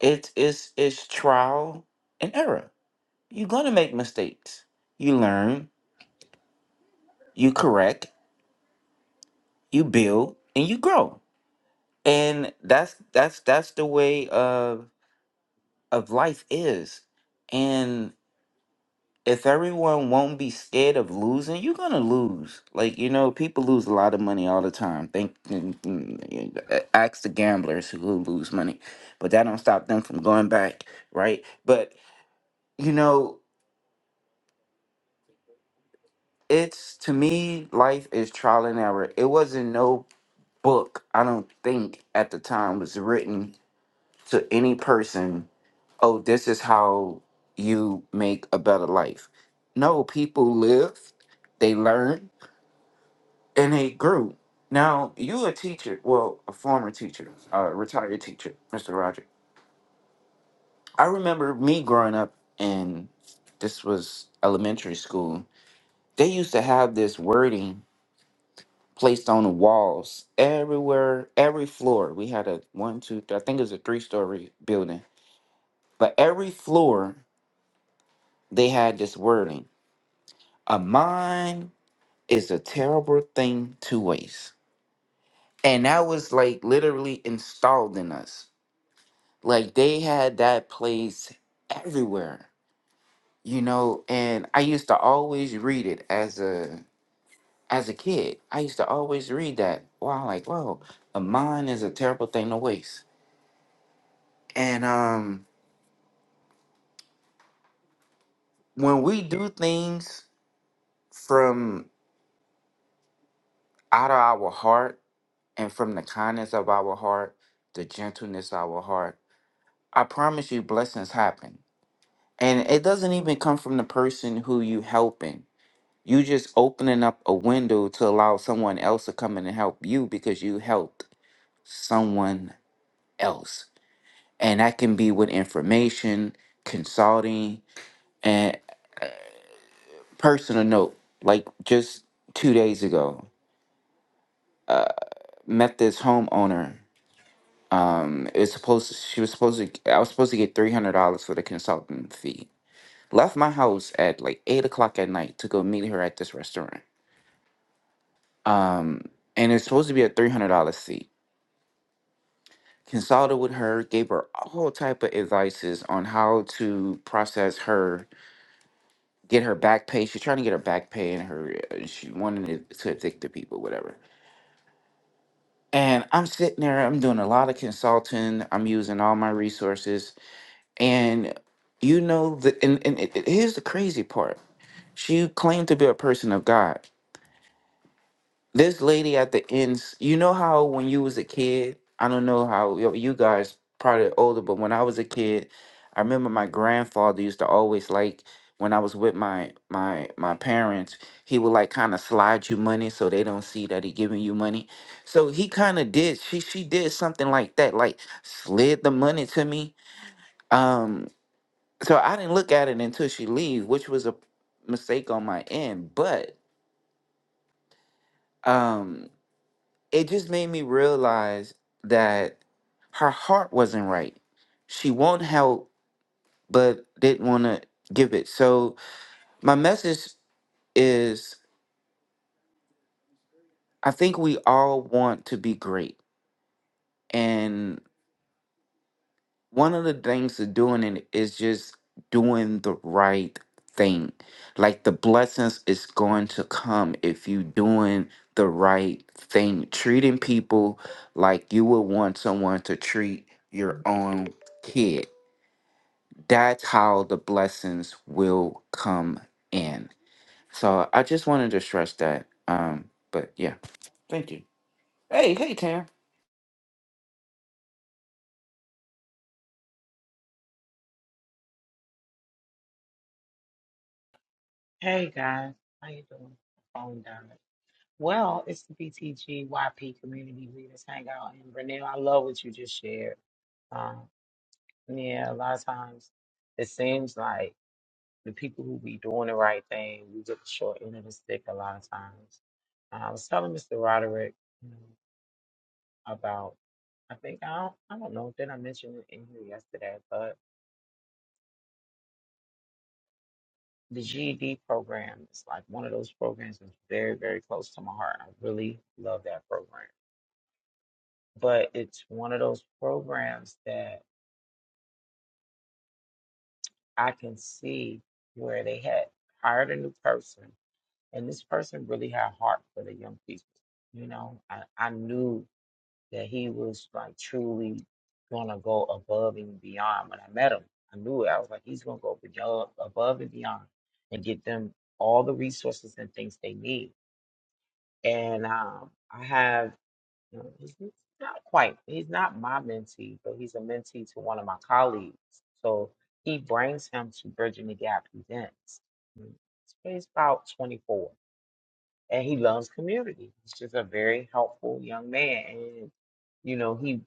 S6: it's it's it's trial and error you're gonna make mistakes you learn you correct you build and you grow and that's that's that's the way of of life is and if everyone won't be scared of losing you're gonna lose like you know people lose a lot of money all the time think mm, mm, uh, ask the gamblers who lose money but that don't stop them from going back right but you know it's to me life is trial and error it wasn't no book i don't think at the time was written to any person oh, this is how you make a better life. No, people lived, they learned, and they grew. Now, you a teacher, well, a former teacher, a retired teacher, Mr. Roger. I remember me growing up and this was elementary school. They used to have this wording placed on the walls everywhere, every floor. We had a one, two, three, I think it was a three story building, but every floor they had this wording. A mind is a terrible thing to waste. And that was like literally installed in us. Like they had that place everywhere, you know, and I used to always read it as a as a kid. I used to always read that. Wow, like, whoa, a mind is a terrible thing to waste. And um when we do things from out of our heart and from the kindness of our heart, the gentleness of our heart, I promise you blessings happen And it doesn't even come from the person who you helping. You just opening up a window to allow someone else to come in and help you because you helped someone else. And that can be with information, consulting, and personal note. Like just two days ago, met this homeowner. Um, it was supposed to, she was supposed to I was supposed to get three hundred dollars for the consultant fee. Left my house at like eight o'clock at night to go meet her at this restaurant um, and it's supposed to be a three hundred dollar seat. Consulted with her, gave her all type of advices on how to process her, get her back pay. She's trying to get her back pay, and her uh, she wanted to addict to people, whatever. And I'm sitting there, I'm doing a lot of consulting, I'm using all my resources, and you know the and, and it, it- here's the crazy part. She claimed to be a person of God This lady at the end, s- you know how when you was a kid, I don't know how y- you guys probably older, but when I was a kid, I remember my grandfather used to always like when I was with my my my parents, he would like kind of slide you money so they don't see that he giving you money. So he kind of did she she did something like that, like slid the money to me. Um, so I didn't look at it until she leave, which was a mistake on my end, but. um it just made me realize that her heart wasn't right. She won't help, but didn't want to give it. So, my message is I think we all want to be great. And one of the things to doing it is just doing the right thing. Like the blessings is going to come if you doing the right thing, treating people like you would want someone to treat your own kid that's how the blessings will come in. So I just wanted to stress that. Um, but yeah, thank you. Hey, hey, Tam.
S2: Hey guys, how you doing? Phone down. Well, it's the BTGYP Community Leaders Hangout, and Renee, I love what you just shared. Um, yeah, a lot of times it seems like the people who be doing the right thing, we get the short end of the stick a lot of times. Uh, I was telling Mr. Roderick, about I think I don't I don't know did I mention it in here yesterday, but the GED program is like one of those programs that's very very close to my heart. I really love that program, but it's one of those programs that I can see where they had hired a new person, and this person really had heart for the young people. You know, I, I knew that he was like truly gonna go above and beyond. When I met him, I knew it. I was like, he's gonna go beyond, above and beyond, and get them all the resources and things they need. And um, I have, you know, he's he's not quite, he's not my mentee, but he's a mentee to one of my colleagues. So he brings him to Bridging the Gap events. He's about 24, and he loves community. He's just a very helpful young man, and you know he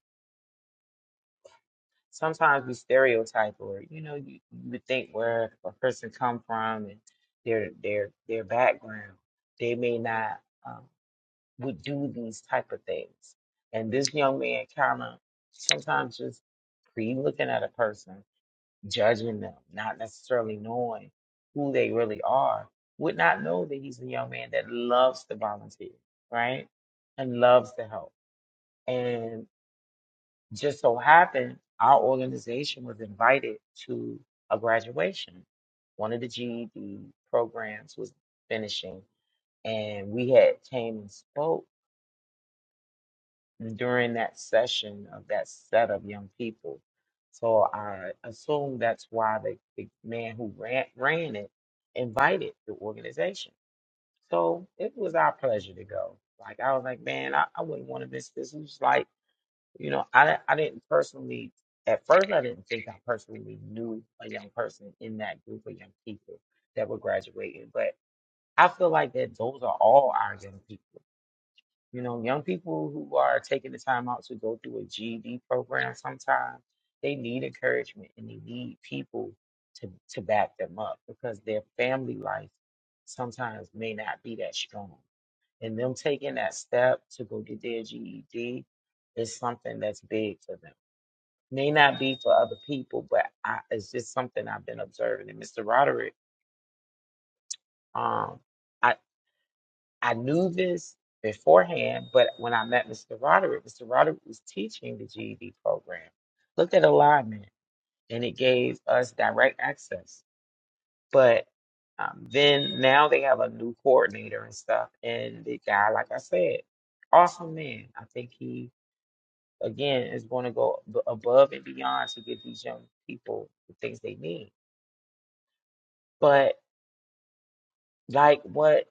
S2: sometimes we stereotype or you know you, you would think where a person come from and their their their background they may not um, would do these type of things and this young man kinda sometimes just pre looking at a person judging them not necessarily knowing who they really are would not know that he's a young man that loves to volunteer right and loves to help just so happened, our organization was invited to a graduation. One of the GED programs was finishing, and we had came and spoke during that session of that set of young people. So I assume that's why the, the man who ran, ran it invited the organization. So it was our pleasure to go. Like I was like, man, I, I wouldn't want to miss this. It was like you know, I di- I didn't personally at first I didn't think I personally knew a young person in that group of young people that were graduating, but I feel like that those are all our young people. You know, young people who are taking the time out to go through a GED program sometimes they need encouragement and they need people to to back them up because their family life sometimes may not be that strong. And them taking that step to go get their GED is something that's big for them may not be for other people, but I, it's just something I've been observing. And Mr. Roderick, um, I I knew this beforehand, but when I met Mr. Roderick, Mr. Roderick was teaching the GED program. Looked at alignment, and it gave us direct access. But um, then now they have a new coordinator and stuff, and the guy, like I said, awesome man. I think he again is going to go ab- above and beyond to give these young people the things they need. But like what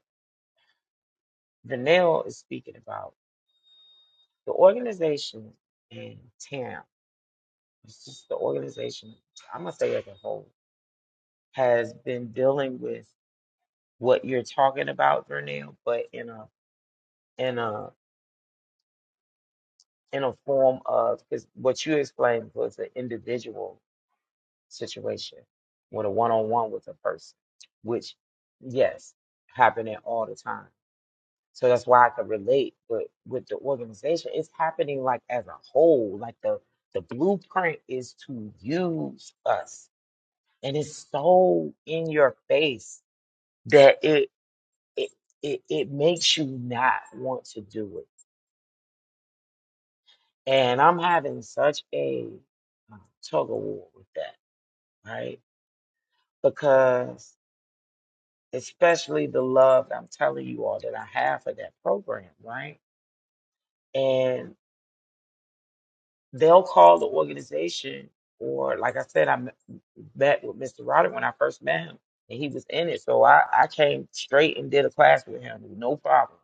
S2: Vanel is speaking about, the organization in TAM, it's just the organization, I'm going to say as a whole, has been dealing with what you're talking about, Vernell, but in a in a in a form of because what you explained was an individual situation with a one-on-one with a person, which yes, happening all the time. So that's why I could relate with with the organization. It's happening like as a whole. Like the the blueprint is to use us, and it's so in your face that it it it, it makes you not want to do it. And I'm having such a uh, tug of war with that, right? Because especially the love that I'm telling you all that I have for that program, right? they'll call the organization or like I said, I m- met with Mr. Roderick when I first met him and he was in it. So I, I came straight and did a class with him, no problem.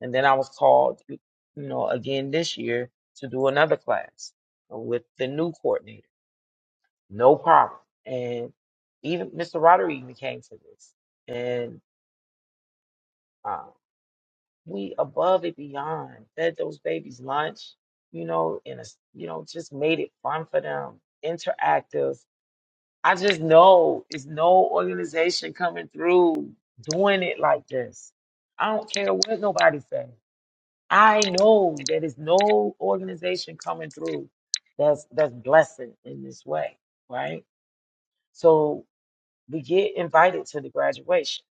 S2: And then I was called, you know, again this year to do another class with the new coordinator, no problem. And even Mr. Roderick even came to this and uh, we above and beyond fed those babies lunch, you know, and, a s- you know, just made it fun for them, interactive I just know it's no organization coming through doing it like this. I don't care what nobody says. I know that it's no organization coming through that's that's blessing in this way, right? So we get invited to the graduation.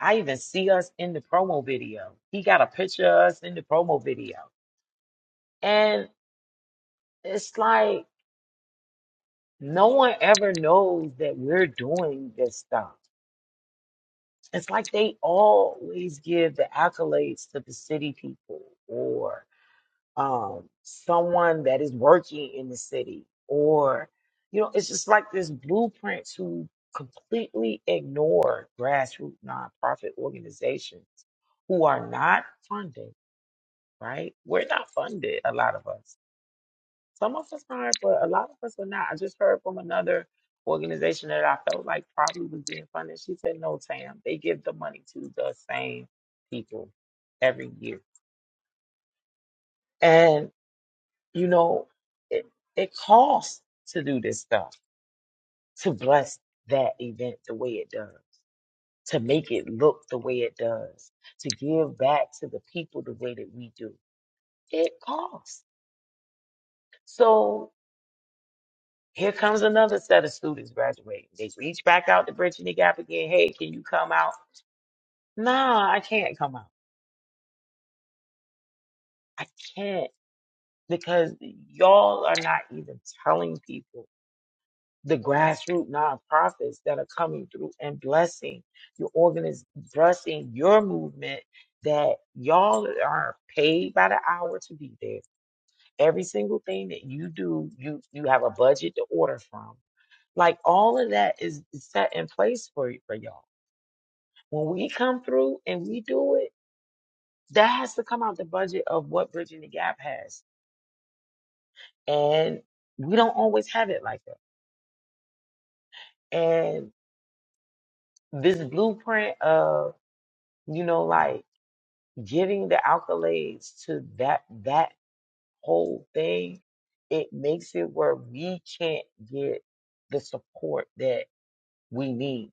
S2: I even see us in the promo video. He got a picture of us in the promo video. And it's like no one ever knows that we're doing this stuff. It's like they always give the accolades to the city people or um, someone that is working in the city, or, you know, it's just like this blueprint to completely ignore grassroots nonprofit organizations who are not funded, right? We're not funded, a lot of us. Some of us are, but a lot of us are not. I just heard from another organization that I felt like probably was being funded. She said, no, Tam, they give the money to the same people every year. And, you know, it, it costs to do this stuff, to bless that event the way it does, to make it look the way it does, to give back to the people the way that we do. It costs. So Here comes another set of students graduating. They reach back out to Brittany Gap again. Hey, can you come out? Nah, I can't come out. I can't because y'all are not even telling people the grassroots nonprofits that are coming through and blessing your organiz blessing your movement that y'all are paid by the hour to be there. Every single thing that you do, you you have a budget to order from. Like all of that is is set in place for for y'all When we come through and we do it, that has to come out the budget of what Bridging the Gap has. And we don't always have it like that. And this blueprint of, you know, like giving the accolades to that that whole thing, it makes it where we can't get the support that we need.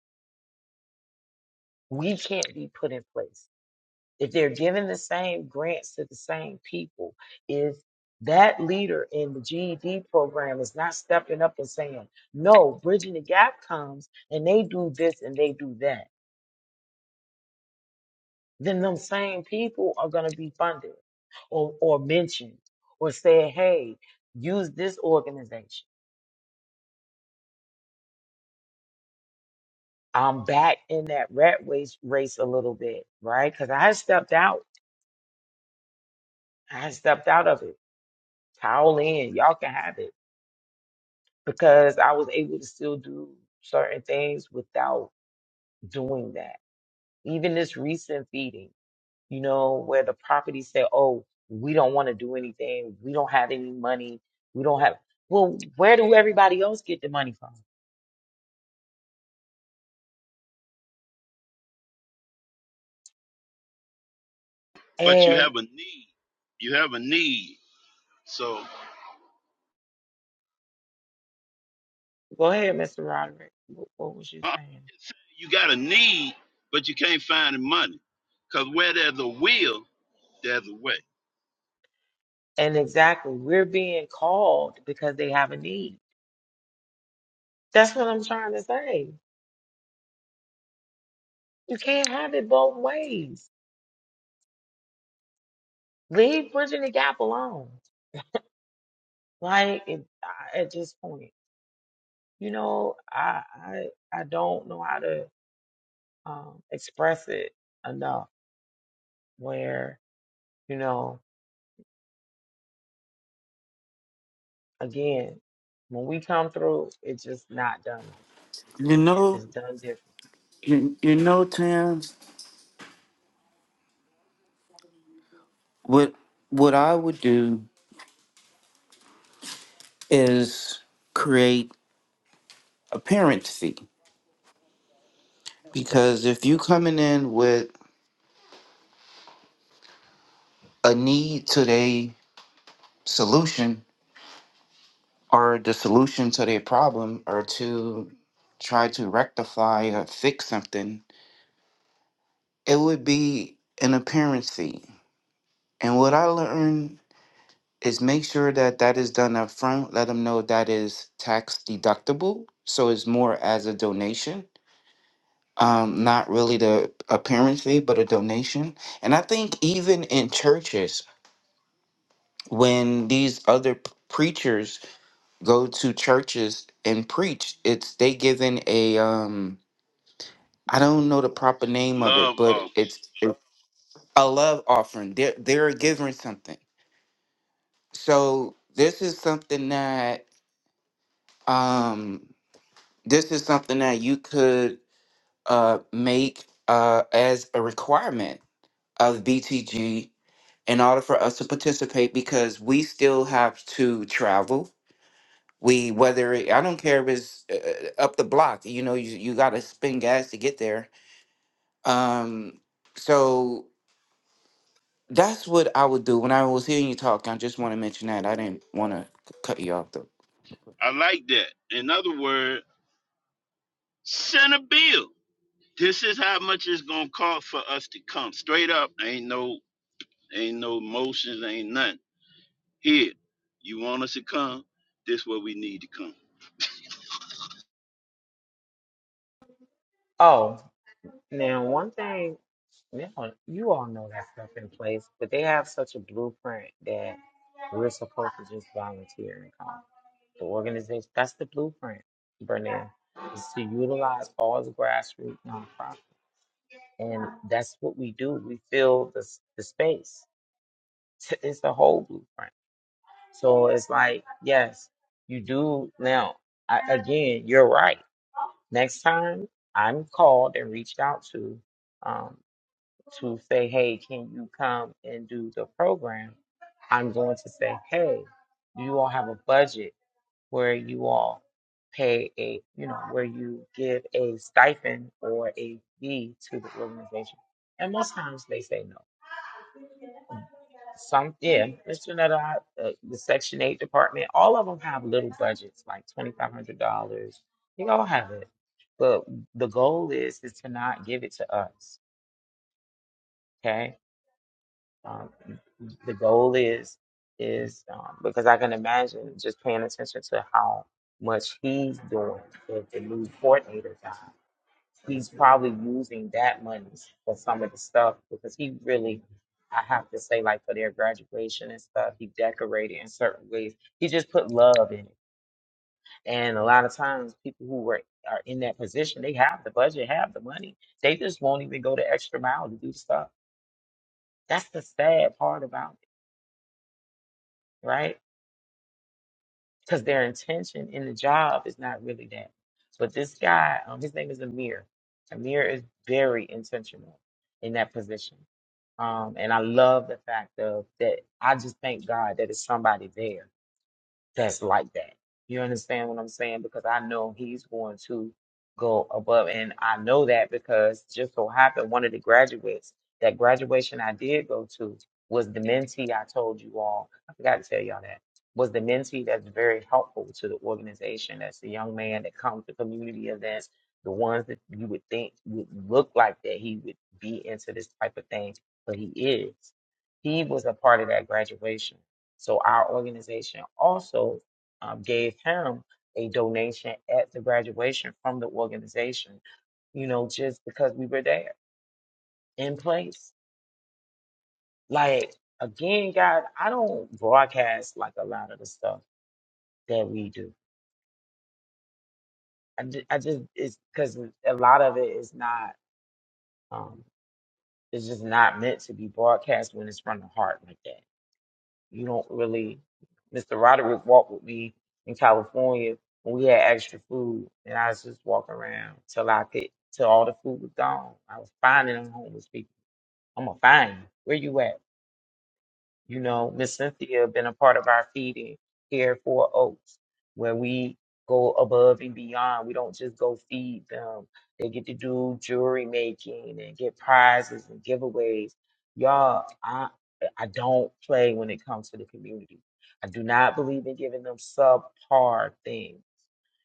S2: We can't be put in place. if they're giving the same grants to the same people, if that leader in the GED program is not stepping up and saying, no, Bridging the Gap comes and they do this and they do that, then them same people are going to be funded or, or mentioned or said, hey, use this organization. I'm back in that rat race, race a little bit, right? Because I stepped out. I stepped out of it. Towel in. Y'all can have it because I was able to still do certain things without doing that. Even this recent feeding, you know, where the property said, "Oh, we don't want to do anything. We don't have any money. We don't have." Well, where do everybody else get the money from?
S5: but you
S2: And
S5: have a need. You have a need. So
S2: go ahead, Mr. Roderick. What, what was you
S5: huh?
S2: saying?
S5: you got a need, but you can't find the money. Because where there's a will, there's a way.
S2: And exactly, we're being called because they have a need. That's what I'm trying to say. You can't have it both ways. Leave bridging the gap alone. Like it, I, at this point, you know, I I I don't know how to um, express it enough. Where you know, again, when we come through, it's just not done like
S6: You
S2: that.
S6: know,
S2: It's done different.
S6: you, you know, Tam. What what I would do is create a parent fee because if you coming in with a need to their solution or the solution to their problem or to try to rectify or fix something it would be an appearance fee. And what I learned is make sure that that is done up front. Let them know that is tax deductible. So it's more as a donation, um, not really the appearance fee, but a donation. And I think even in churches, when these other p- preachers go to churches and preach, it's they given a um, I don't know the proper name of
S5: Love
S6: it, but
S5: of.
S6: it's, it's a love offering. They're they're giving something So this is something that um this is something that you could uh make uh as a requirement of BTG in order for us to participate because we still have to travel. We whether it, I don't care if it's uh, uh, up the block, you know, you you got to spend gas to get there. Um so that's what I would do when I was hearing you talk. I just want to mention that. I didn't want to cut you off though.
S5: I like that. In other words, send a bill. This is how much it's gonna cost for us to come. Straight up. Ain't no ain't no motions, ain't nothing. Here, you want us to come? This where we need to come.
S2: Oh, now one thing, now you all know that stuff in place, but they have such a blueprint that we're supposed to just volunteer and come. The organization, that's the blueprint, Bernard, is to utilize all the grassroots nonprofits. and that's what we do. We fill the s- the space. It's the whole blueprint. So it's like, yes, you do now. I, again, you're right. Next time I'm called and reached out to, um, to say, hey, can you come and do the program? I'm going to say, hey, you all have a budget where you all pay a, you know, where you give a stipend or a fee to the organization. And most times they say no. Some, yeah, Mr. Nutter, uh, the Section 8 department, all of them have little budgets, like $2,500. They all have it. But the goal is is to not give it to us, okay? Um, the goal is is um, because I can imagine just paying attention to how much he's doing with the new coordinator guy. he's probably using that money for some of the stuff because he really I have to say like for their graduation and stuff, he decorated in certain ways. He just put love in it. And a lot of times people who were are in that position, they have the budget, have the money. They just won't even go the extra mile to do stuff. That's the sad part about it, right? because their intention in the job is not really that. But this guy, um, his name is Amir. Amir is very intentional in that position, um, and I love the fact of that. I just thank God that it's somebody there that's like that. You understand what I'm saying? Because I know he's going to go above, and I know that because just so happened one of the graduates that graduation I did go to was the mentee I told you all. I forgot to tell y'all that was the mentee that's very helpful to the organization. That's the young man that comes to community events, the ones that you would think would look like that he would be into this type of thing, but he is. He was a part of that graduation. So our organization also um, gave him a donation at the graduation from the organization, you know, just because we were there in place. Like, again, God, I don't broadcast like a lot of the stuff that we do. I, ju- I just, it's because a lot of it is not, um, it's just not meant to be broadcast when it's from the heart like that. you don't really Mr. Roderick walked with me in California when we had extra food and I was just walking around till I could till all the food was gone. I was finding them homeless people. I'm gonna find you. Where you at? You know, Miss Cynthia been a part of our feeding here for Oaks, where we go above and beyond. We don't just go feed them. They get to do jewelry making and get prizes and giveaways. Y'all, I I don't play when it comes to the community. I do not believe in giving them subpar things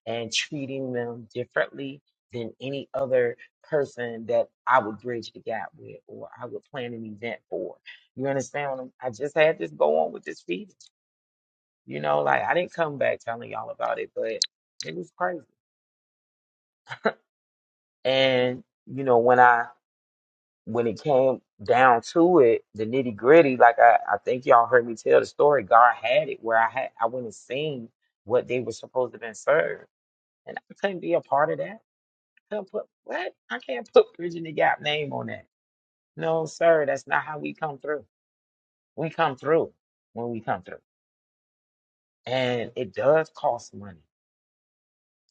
S2: and treating them differently than any other person that I would bridge the gap with or I would plan an event for. You understand what I'm, I just had this go on with this fetus. You know, like I didn't come back telling y'all about it, but it was crazy. And, you know, when I when it came down to it, the nitty gritty, like I, I think y'all heard me tell the story, God had it where I had I went and seen what they were supposed to have been served. And I couldn't be a part of that. Can't put what? I can't put Bridging the Gap name on that. No, sir, that's not how we come through. We come through when we come through, and it does cost money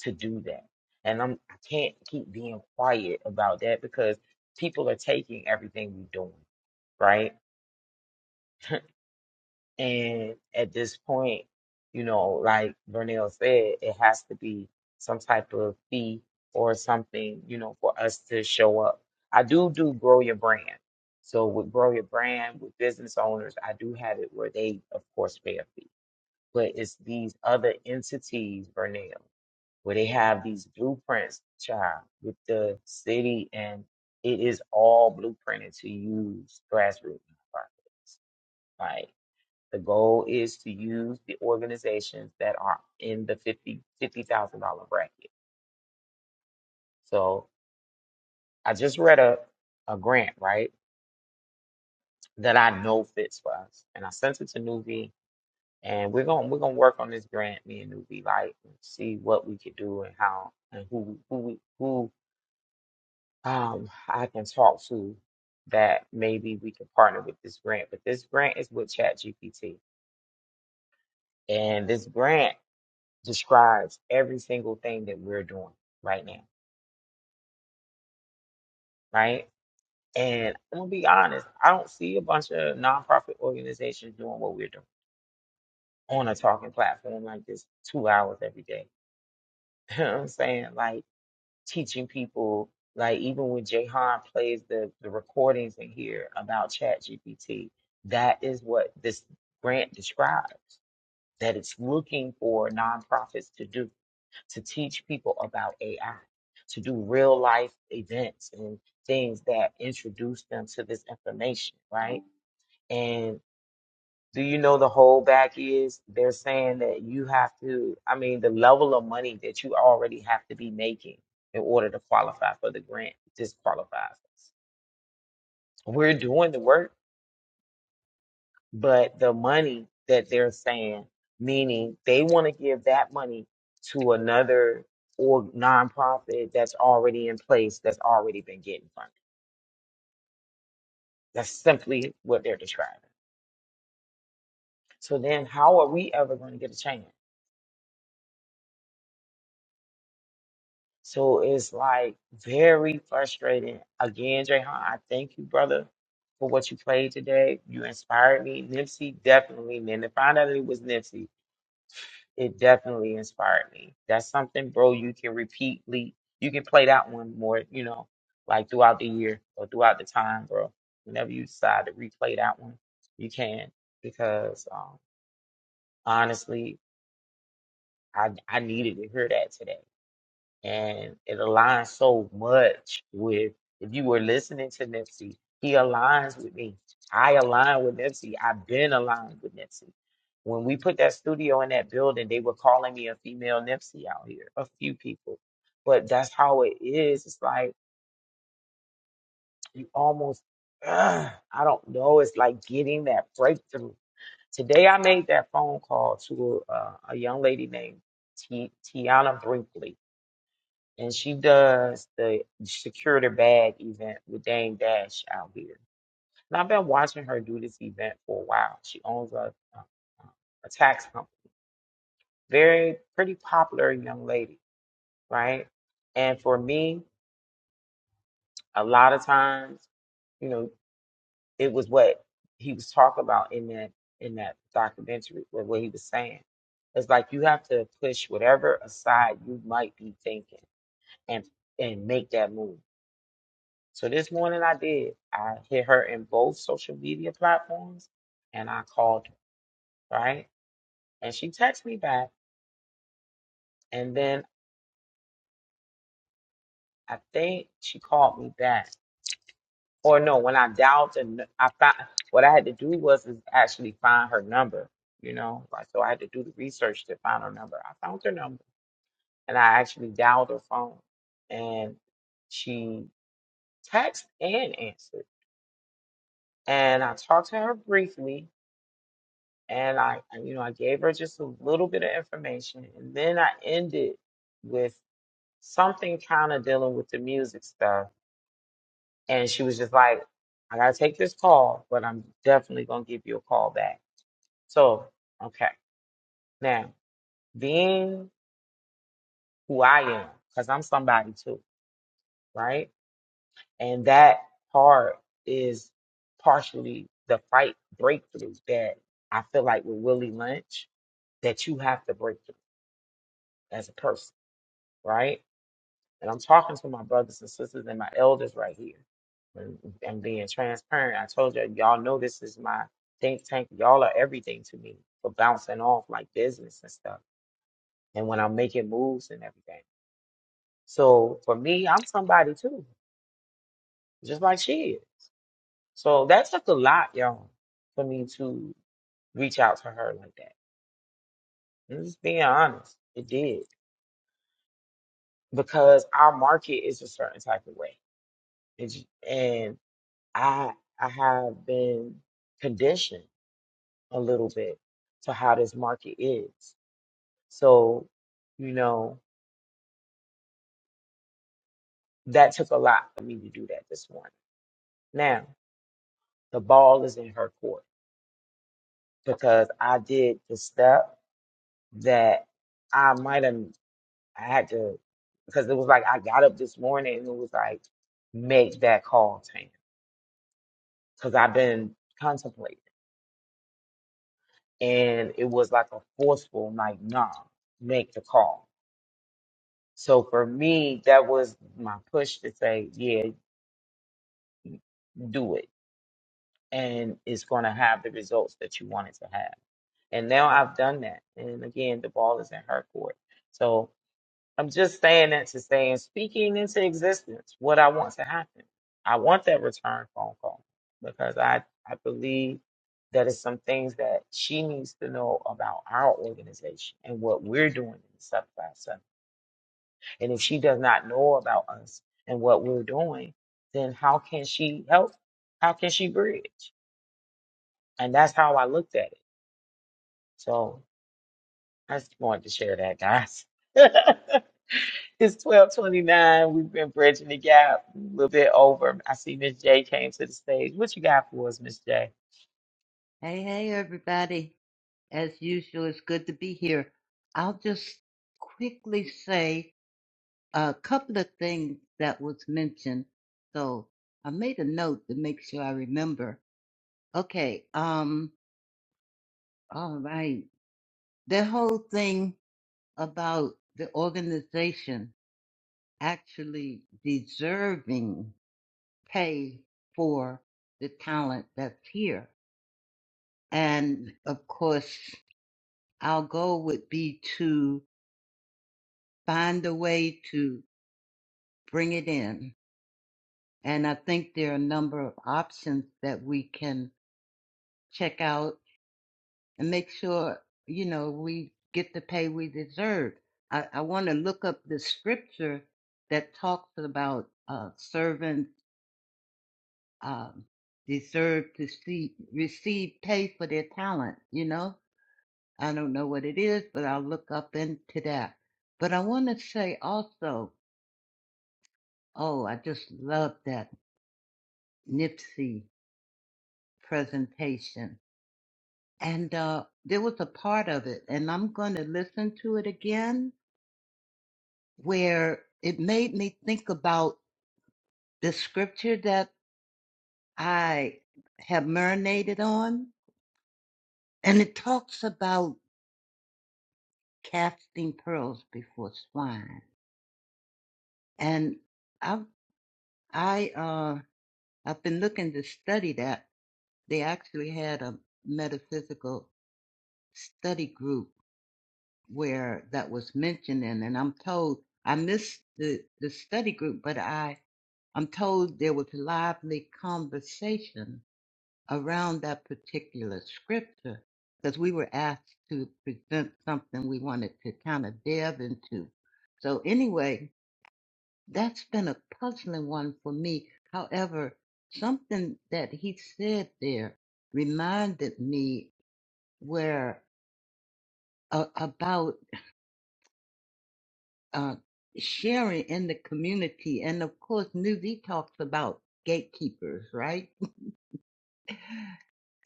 S2: to do that. And I'm I can't keep being quiet about that because people are taking everything we're doing, right? And at this point, you know, like Vernell said, it has to be some type of fee or something, you know, for us to show up. I do do grow your brand. So with grow your brand with business owners, I do have it where they, of course, pay a fee. But it's these other entities, Vernell, where they have these blueprints, child, with the city, and it is all blueprinted to use grassroots nonprofits. Like, the goal is to use the organizations that are in the fifty fifty dollars bracket. So I just read a, a grant, right, that I know fits for us. And I sent it to Nuvi, and we're going to we're going to work on this grant, me and Nuvi, like and see what we could do and how and who who we- who um I can talk to that maybe we can partner with this grant. But this grant is with ChatGPT. And this grant describes every single thing that we're doing right now. right? And I'm gonna be honest, I don't see a bunch of nonprofit organizations doing what we're doing on a talking platform like this two hours every day. You know what I'm saying? Like teaching people, like even when Jahan plays the, the recordings in here about Chat GPT, that is what this grant describes, that it's looking for nonprofits to do. to teach people about AI, to do real life events and things that introduce them to this information, right? And do you know the whole back is they're saying that you have to, I mean, the level of money that you already have to be making in order to qualify for the grant disqualifies us. We're doing the work but the money that they're saying, meaning they want to give that money to another or nonprofit that's already in place, that's already been getting funded. That's simply what they're describing. So then, how are we ever going to get a change? So it's like very frustrating. Again, Jayhan, I thank you, brother, for what you played today. You inspired me. Nipsey definitely, man. To find out it was Nipsey, It definitely inspired me. That's something, bro, you can repeatedly, you can play that one more, you know, like throughout the year or throughout the time, bro. Whenever you decide to replay that one, you can because um, honestly, I I needed to hear that today and it aligns so much with if you were listening to Nipsey, he aligns with me. I align with Nipsey. I've been aligned with Nipsey. When we put that studio in that building, they were calling me a female Nipsey out here, a few people. But that's how it is. It's like you almost, ugh, I don't know. It's like getting that breakthrough. Today, I made that phone call to a, uh, a young lady named T- Tiana Brinkley and she does the secure the bag event with Dame Dash out here. And I've been watching her do this event for a while. She owns a, a, a tax company, very pretty popular young lady, right? And for me, a lot of times, you know, it was what he was talking about in that in that documentary, or what he was saying. It's like you have to push whatever aside you might be thinking and and make that move. So this morning I did. I hit her in both social media platforms and I called her, right? And she texted me back. And then I think she called me back. Or no, when I dialed and I found what I had to do was is actually find her number, you know? Like so I had to do the research to find her number. I found her number and I actually dialed her phone and she texted and answered. And I talked to her briefly and I, I- you know, I gave her just a little bit of information, and then I ended with something kind of dealing with the music stuff, and she was just like, "I gotta take this call, but I'm definitely gonna give you a call back." So, okay, now being who I am, because I'm somebody too, right? And that part is partially the fight breakthrough that I feel like with Willie Lynch that you have to break through as a person, right? And I'm talking to my brothers and sisters and my elders right here. And, and being transparent, I told you, y'all know this is my think tank. Y'all are everything to me for bouncing off like business and stuff. And when I'm making moves and everything. So for me, I'm somebody too, just like she is. So that took a lot, y'all, for me to reach out to her like that. I'm just being honest. It did because our market is a certain type of way. It's- And I I have been conditioned a little bit to how this market is. So, you know, that took a lot for me to do that this morning. Now, the ball is in her court because I did the step that I might have I had to because it was like I got up this morning and it was like make that call, Tam, because I've been contemplating and it was like a forceful like nah, make the call So for me, that was my push to say, yeah, do it. And it's going to have the results that you want it to have. And now I've done that. And again, the ball is in her court. So I'm just saying that to say and speaking into existence what I want to happen. I want that return phone call because I, I believe that it's some things that she needs to know about our organization and what we're doing in the sub And if she does not know about us and what we're doing, then how can she help? How can she bridge? And that's how I looked at it. So I just wanted to share that, guys. it's twelve twenty nine. We've been bridging the gap a little bit over. I see Miss J came to the stage. What you got for us, Miss J?
S7: Hey, hey, everybody. As usual, it's good to be here. I'll just quickly say a couple of things that was mentioned. So I made a note to make sure I remember. Okay, um, all right. The whole thing about the organization actually deserving pay for the talent that's here. And of course, our goal would be to find a way to bring it in. And I think there are a number of options that we can check out and make sure, you know, we get the pay we deserve. I, I want to look up the scripture that talks about uh, servants um, deserve to see, receive pay for their talent, you know? I don't know what it is, but I'll look up into that. But I want to say also, oh, I just love that Nipsey. presentation. And uh, there was a part of it, and I'm going to listen to it again, where it made me think about the scripture that I have marinated on. And it talks about casting pearls before swine. And I, I, uh, I've been looking to study that. They actually had a metaphysical study group where that was mentioned in, and I'm told I missed the, the study group, but I I'm told there was lively conversation around that particular scripture because we were asked to present something we wanted to kind of delve into. So anyway, that's been a puzzling one for me. However, something that he said there reminded me where uh, about. uh, sharing in the community. And of course, Newsy talks about gatekeepers, right?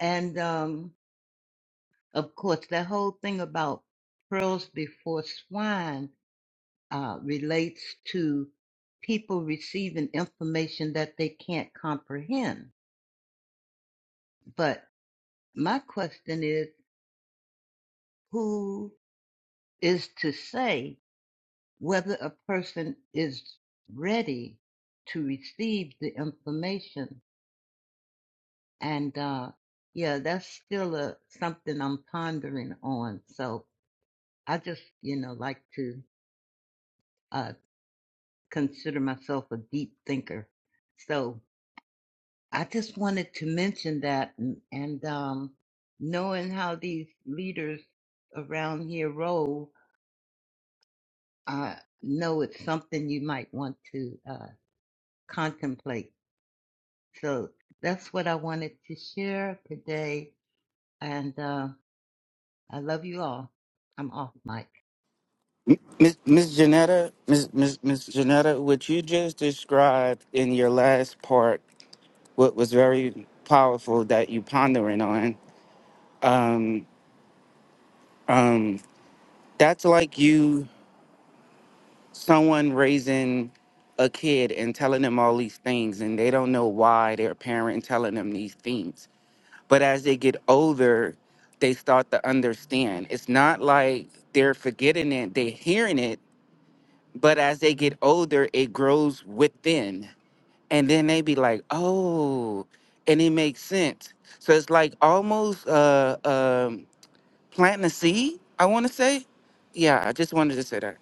S7: And um, of course, the whole thing about pearls before swine uh, relates to people receiving information that they can't comprehend. But my question is who is to say whether a person is ready to receive the information And uh, yeah, that's still a, something I'm pondering on. So I just, you know, like to uh, consider myself a deep thinker. So I just wanted to mention that and, and um, knowing how these leaders around here roll, I know it's something you might want to uh, contemplate. So that's what I wanted to share today. And uh, I love you all. I'm off mic.
S6: Miss Miss Janetta, Miss Miss Miss Janetta, what you just described in your last part, what was very powerful that you pondering on, um, um, that's like you someone raising a kid and telling them all these things and they don't know why their parent telling them these things. But as they get older, they start to understand. It's not like they're forgetting it, they're hearing it, but as they get older, it grows within and then they be like, "Oh," and it makes sense. So it's like almost uh, um, planting a seed. I want to say, yeah. I just wanted to say that.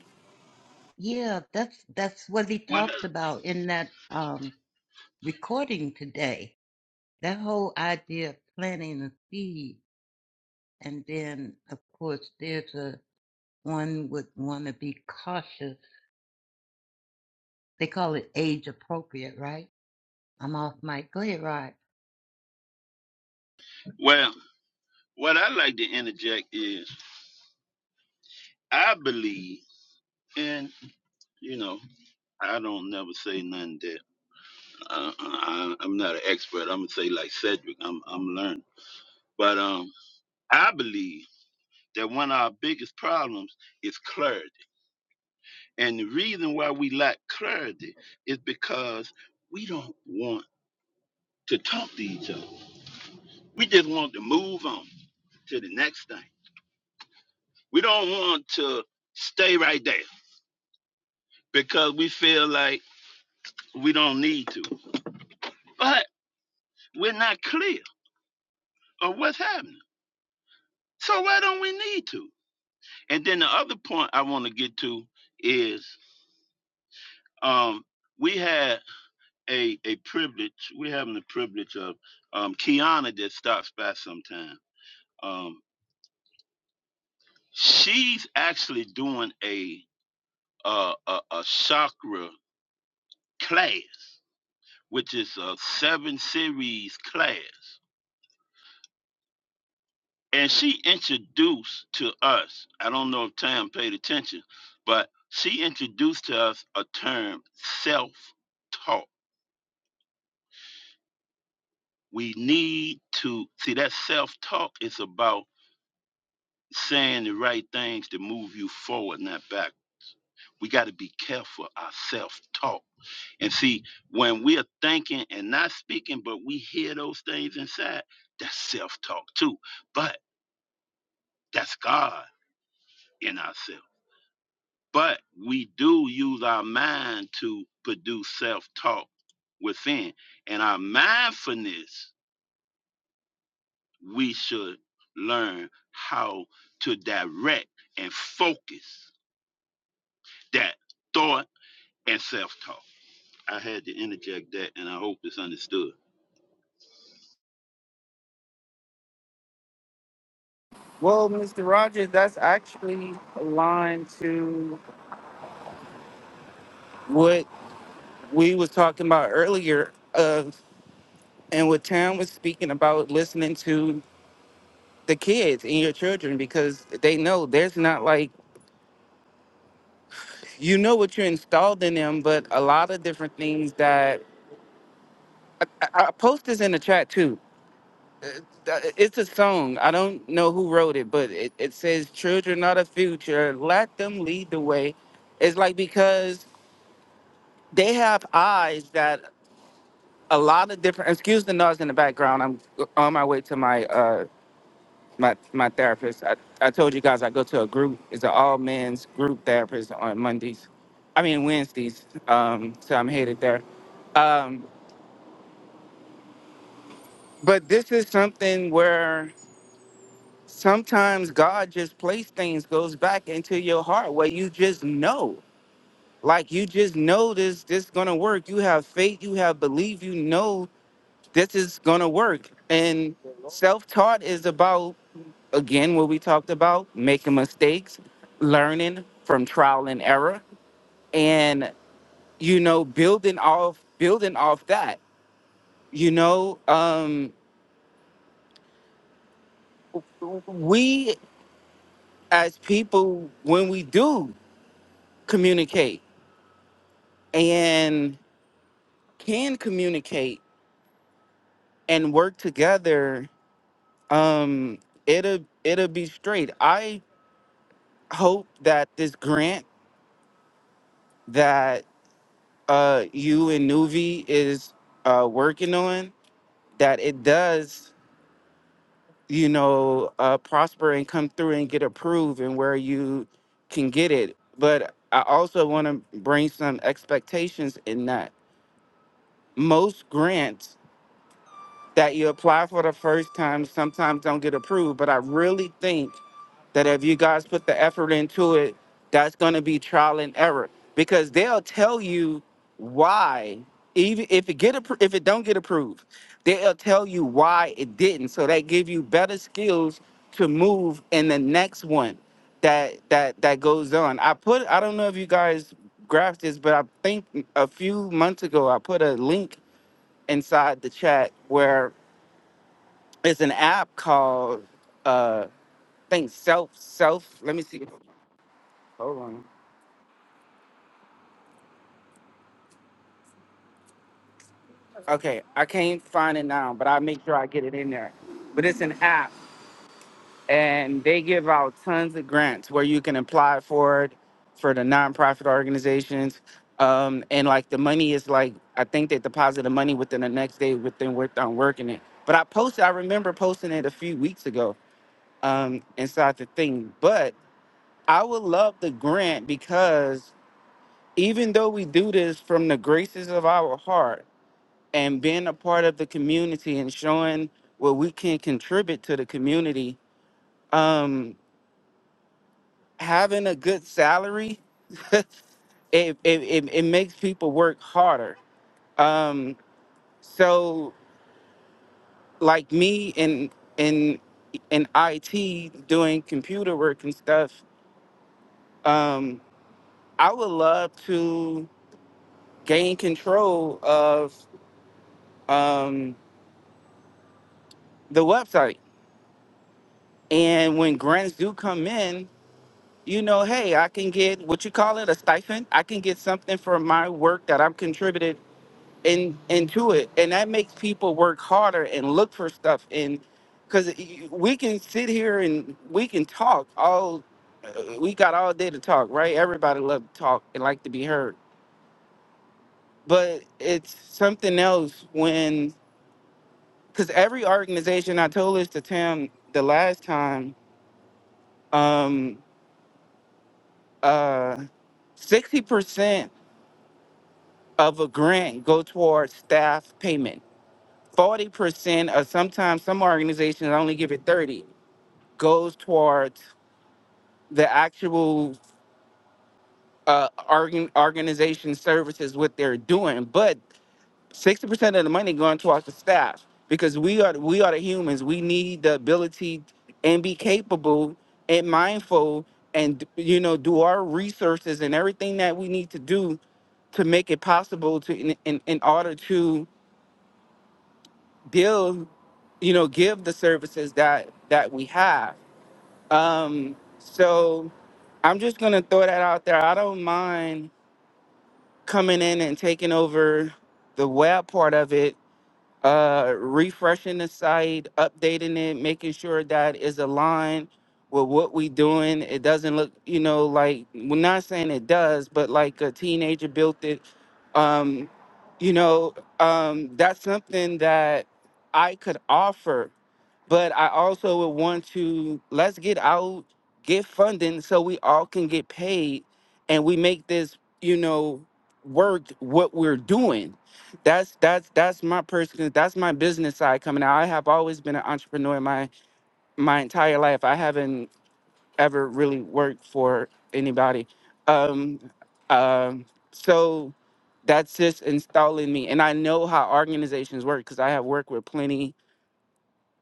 S7: Yeah, that's that's what he
S5: Well,
S7: talked about in that um recording today. That whole idea of planting a seed, and then of course there's a one would want to be cautious. They call it age appropriate, right? I'm off mic. Go ahead, Rod.
S5: well, what I like to interject is I believe And you know, I don't never say nothing that uh, uh, I, I'm not an expert. I'm gonna say like Cedric, I'm I'm learning. But um, I believe that one of our biggest problems is clarity, and the reason why we lack clarity is because we don't want to talk to each other. We just want to move on to the next thing. We don't want to stay right there because we feel like we don't need to. But we're not clear of what's happening. So why don't we need to? And then the other point I want to get to is um, we had a a privilege. We're having the privilege of um, Kiana that stops by sometime. Um, she's actually doing a a, a a chakra class, which is a seven series class. and she introduced to us i don't know if tam paid attention but she introduced to us a term self-talk we need to see that self-talk is about saying the right things to move you forward not back we got to be careful of our self-talk and see when we're thinking and not speaking but we hear those things inside that's self-talk too but that's god in ourselves But we do use our mind to produce self talk within. And our mindfulness, we should learn how to direct and focus that thought and self talk. I had to interject that, and I hope it's understood.
S6: Well, Mr. Rogers, that's actually aligned to what we was talking about earlier, uh, and what Tam was speaking about listening to the kids and your children because they know there's not like you know what you installed in them, but a lot of different things that I, I I post this in the chat too that- it's a song. I don't know who wrote it, but it, it says, Children are the future, let them lead the way. It's like because they have eyes that a lot of different, excuse the noise in the background. I'm on my way to my uh, my, my therapist. I, I told you guys I go to a group, it's an all men's group therapist on Mondays, I mean, Wednesdays. Um, so I'm headed there. Um, but this is something where sometimes God just place things goes back into your heart where you just know. Like you just know this this gonna work. You have faith, you have belief, you know this is gonna work. And self-taught is about again what we talked about, making mistakes, learning from trial and error, and you know, building off building off that. You know, um we as people when we do communicate. and can communicate and work together, um, it'll it'll be straight. I hope that this grant that uh, you and Nuvi is uh, working on that it does, you know, uh, prosper and come through and get approved and where you can get it. But I also want to bring some expectations in that most grants that you apply for the first time sometimes don't get approved. But I really think that if you guys put the effort into it, that's going to be trial and error because they'll tell you why. Even if it get appro- if it don't get approved, they'll tell you why it didn't. So they give you better skills to move in the next one that that that goes on. I put I don't know if you guys graphed this, but I think a few months ago I put a link inside the chat where. It's an app called uh think self self. Let me see. Hold on. Okay, I can't find it now, but I'll make sure I get it in there. But it's an app and they give out tons of grants where you can apply for it for the nonprofit organizations. Um, and like the money is like I think they deposit the money within the next day within work on working it. But I posted I remember posting it a few weeks ago um inside the thing. But I would love the grant because even though we do this from the graces of our heart and being a part of the community and showing what we can contribute to the community, um, having a good salary, it, it, it, it makes people work harder. Um, so like me in, in, in IT doing computer work and stuff, um, I would love to gain control of, um, the website And when grants do come in, you know, hey, I can get what you call it a stipend. I can get something for my work that I've contributed in into it, and that makes people work harder and look for stuff. And because we can sit here and we can talk all, uh, we got all day to talk, right? Everybody love to talk and like to be heard, but it's something else when because every organization I told this to Tim the last time. um, uh, 60% of a grant go towards staff payment. 40% or sometimes some organizations only give it 30 goes towards the actual uh, organ- organization services what they're doing but 60% of the money going towards the staff because we are we are the humans we need the ability and be capable and mindful and you know do our resources and everything that we need to do to make it possible to in, in, in order to deal you know give the services that that we have um so i'm just gonna throw that out there i don't mind coming in and taking over the web part of it uh refreshing the site updating it making sure that is aligned with what we doing it doesn't look you know like we're not saying it does but like a teenager built it um you know um that's something that i could offer but I also would want to let's get out, get funding so we all can get paid and we make this, you know, work what we're doing. That's that's that's my personal that's my business side coming out. I have always been an entrepreneur my my entire life. I haven't ever really worked for anybody. Um um so that's just installing me and I know how organizations work cuz I have worked with plenty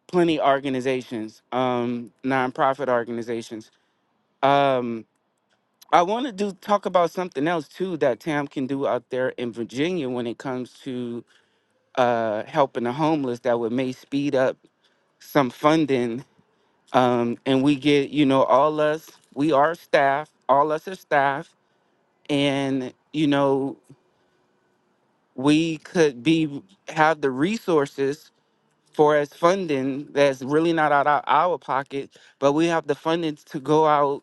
S6: plenty organizations, um, nonprofit organizations. Um, I want to do talk about something else too that Tam can do out there in Virginia when it comes to uh, helping the homeless. That would may speed up some funding, um, and we get you know all us we are staff, all us are staff, and you know we could be have the resources for as funding that's really not out of our pocket, but we have the funding to go out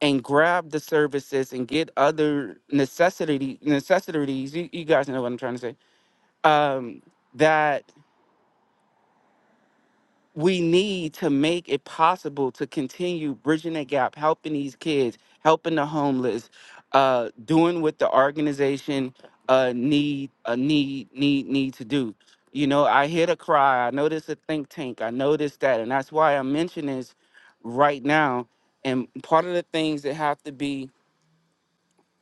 S6: and grab the services and get other necessity necessities you, you guys know what i'm trying to say um that we need to make it possible to continue bridging the gap helping these kids helping the homeless uh doing what the organization uh need uh, need need need to do you know i hear the cry i notice a think tank i notice that and that's why i'm mentioning this right now and part of the things that have to be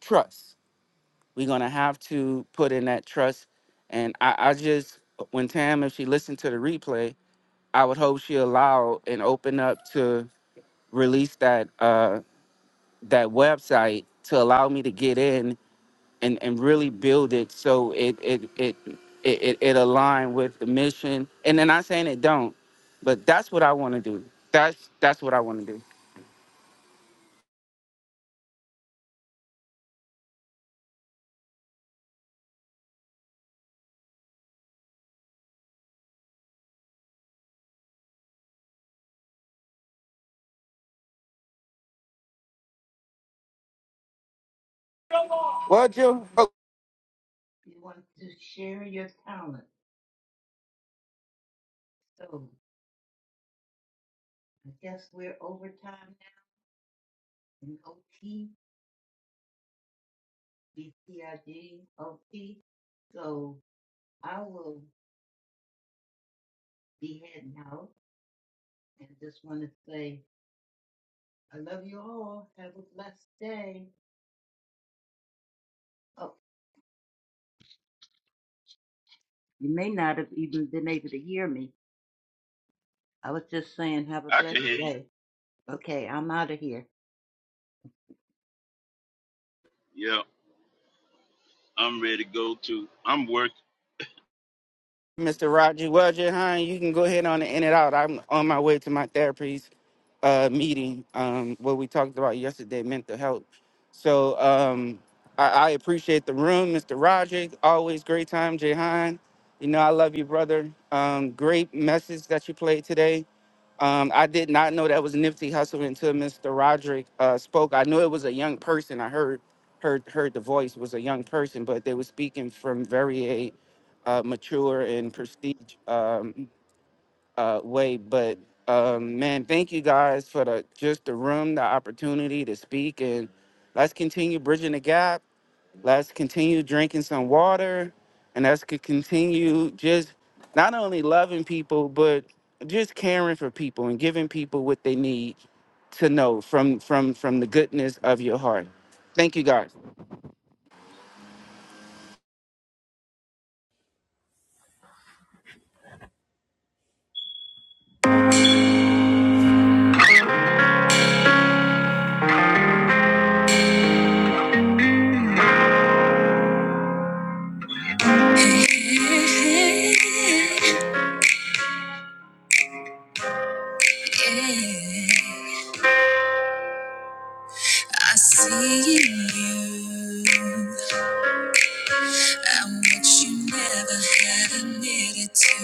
S6: trust We're gonna have to put in that trust. And I, I just when Tam, if she listened to the replay, I would hope she allow and open up to release that uh that website to allow me to get in and, and really build it so it it it it, it, it align with the mission. And then not saying it don't, but that's what I wanna do. That's that's what I wanna do. What you?
S7: You want to share your talent. So I guess we're over time now in OT, So I will be heading out and just want to say I love you all. Have a blessed day. Oh, you may not have even been able to hear me. I was just saying, have a
S5: I
S7: blessed
S5: can hear you.
S7: day. Okay, I'm out of here.
S5: Yeah, I'm ready to go to. I'm working.
S6: Mr. Roger. Well, Jahan, you can go ahead on and end it out. I'm on my way to my therapy's uh, meeting, um, what we talked about yesterday, mental health. So um, I, I appreciate the room, Mr. Roger. Always great time, Jahan. You know, I love you, brother. Um, great message that you played today. Um, I did not know that was Nipsey Hussle until Mr. Roderick uh, spoke. I knew it was a young person. I heard heard heard the voice was a young person, but they were speaking from very a uh, mature and prestige um, uh, way. But um, man, thank you guys for the just the room, the opportunity to speak, and let's continue bridging the gap Let's continue drinking some water and let's co- continue just not only loving people, but just caring for people and giving people what they need to know from from from the goodness of your heart. Thank you, guys.
S1: I see you. I'm what you never had admitted to.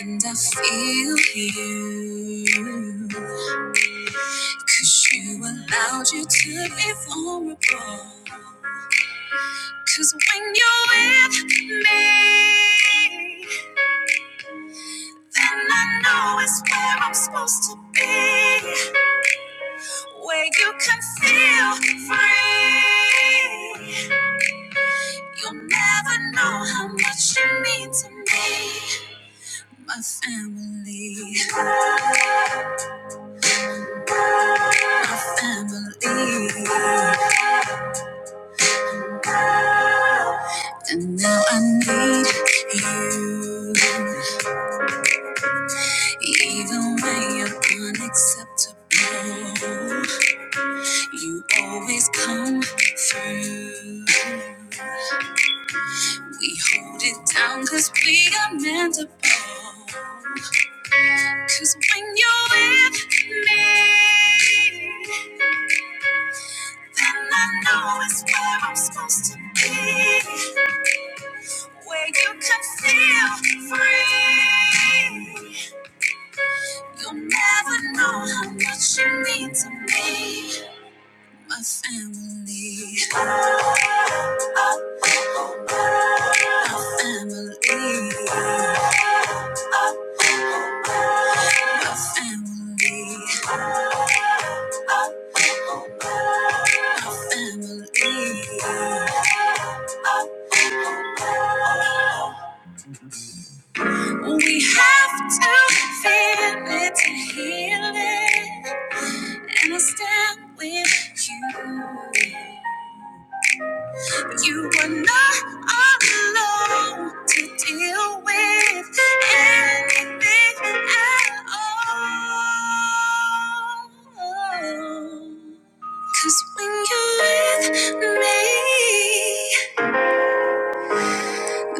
S1: And I feel you. Cause you allowed you to be vulnerable. Cause when you're with me, then I know it's where I'm supposed to be. Where you can feel free. You'll never know how much you mean to me, my family. I believe, and now I need you. Even when you're unacceptable, you always come through. We hold it down 'cause we are meant to bond. 'Cause when you're with me, then I know it's where I'm supposed to be. where you can feel free. You'll never know how much you mean to me, my family, my family, my family, family. With me at all. Cause when you're with me,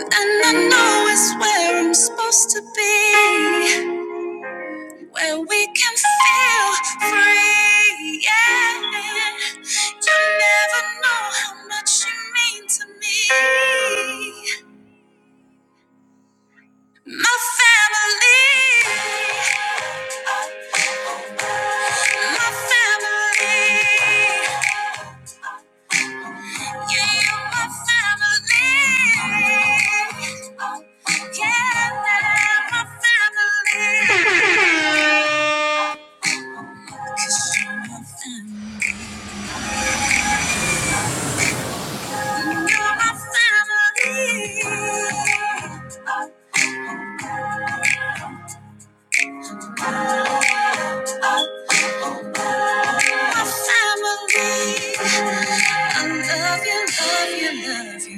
S1: and I know it's where I'm supposed to be, where we can feel free. Yeah, you never know how much you mean to me. My family, my family. I love you, love you, love you.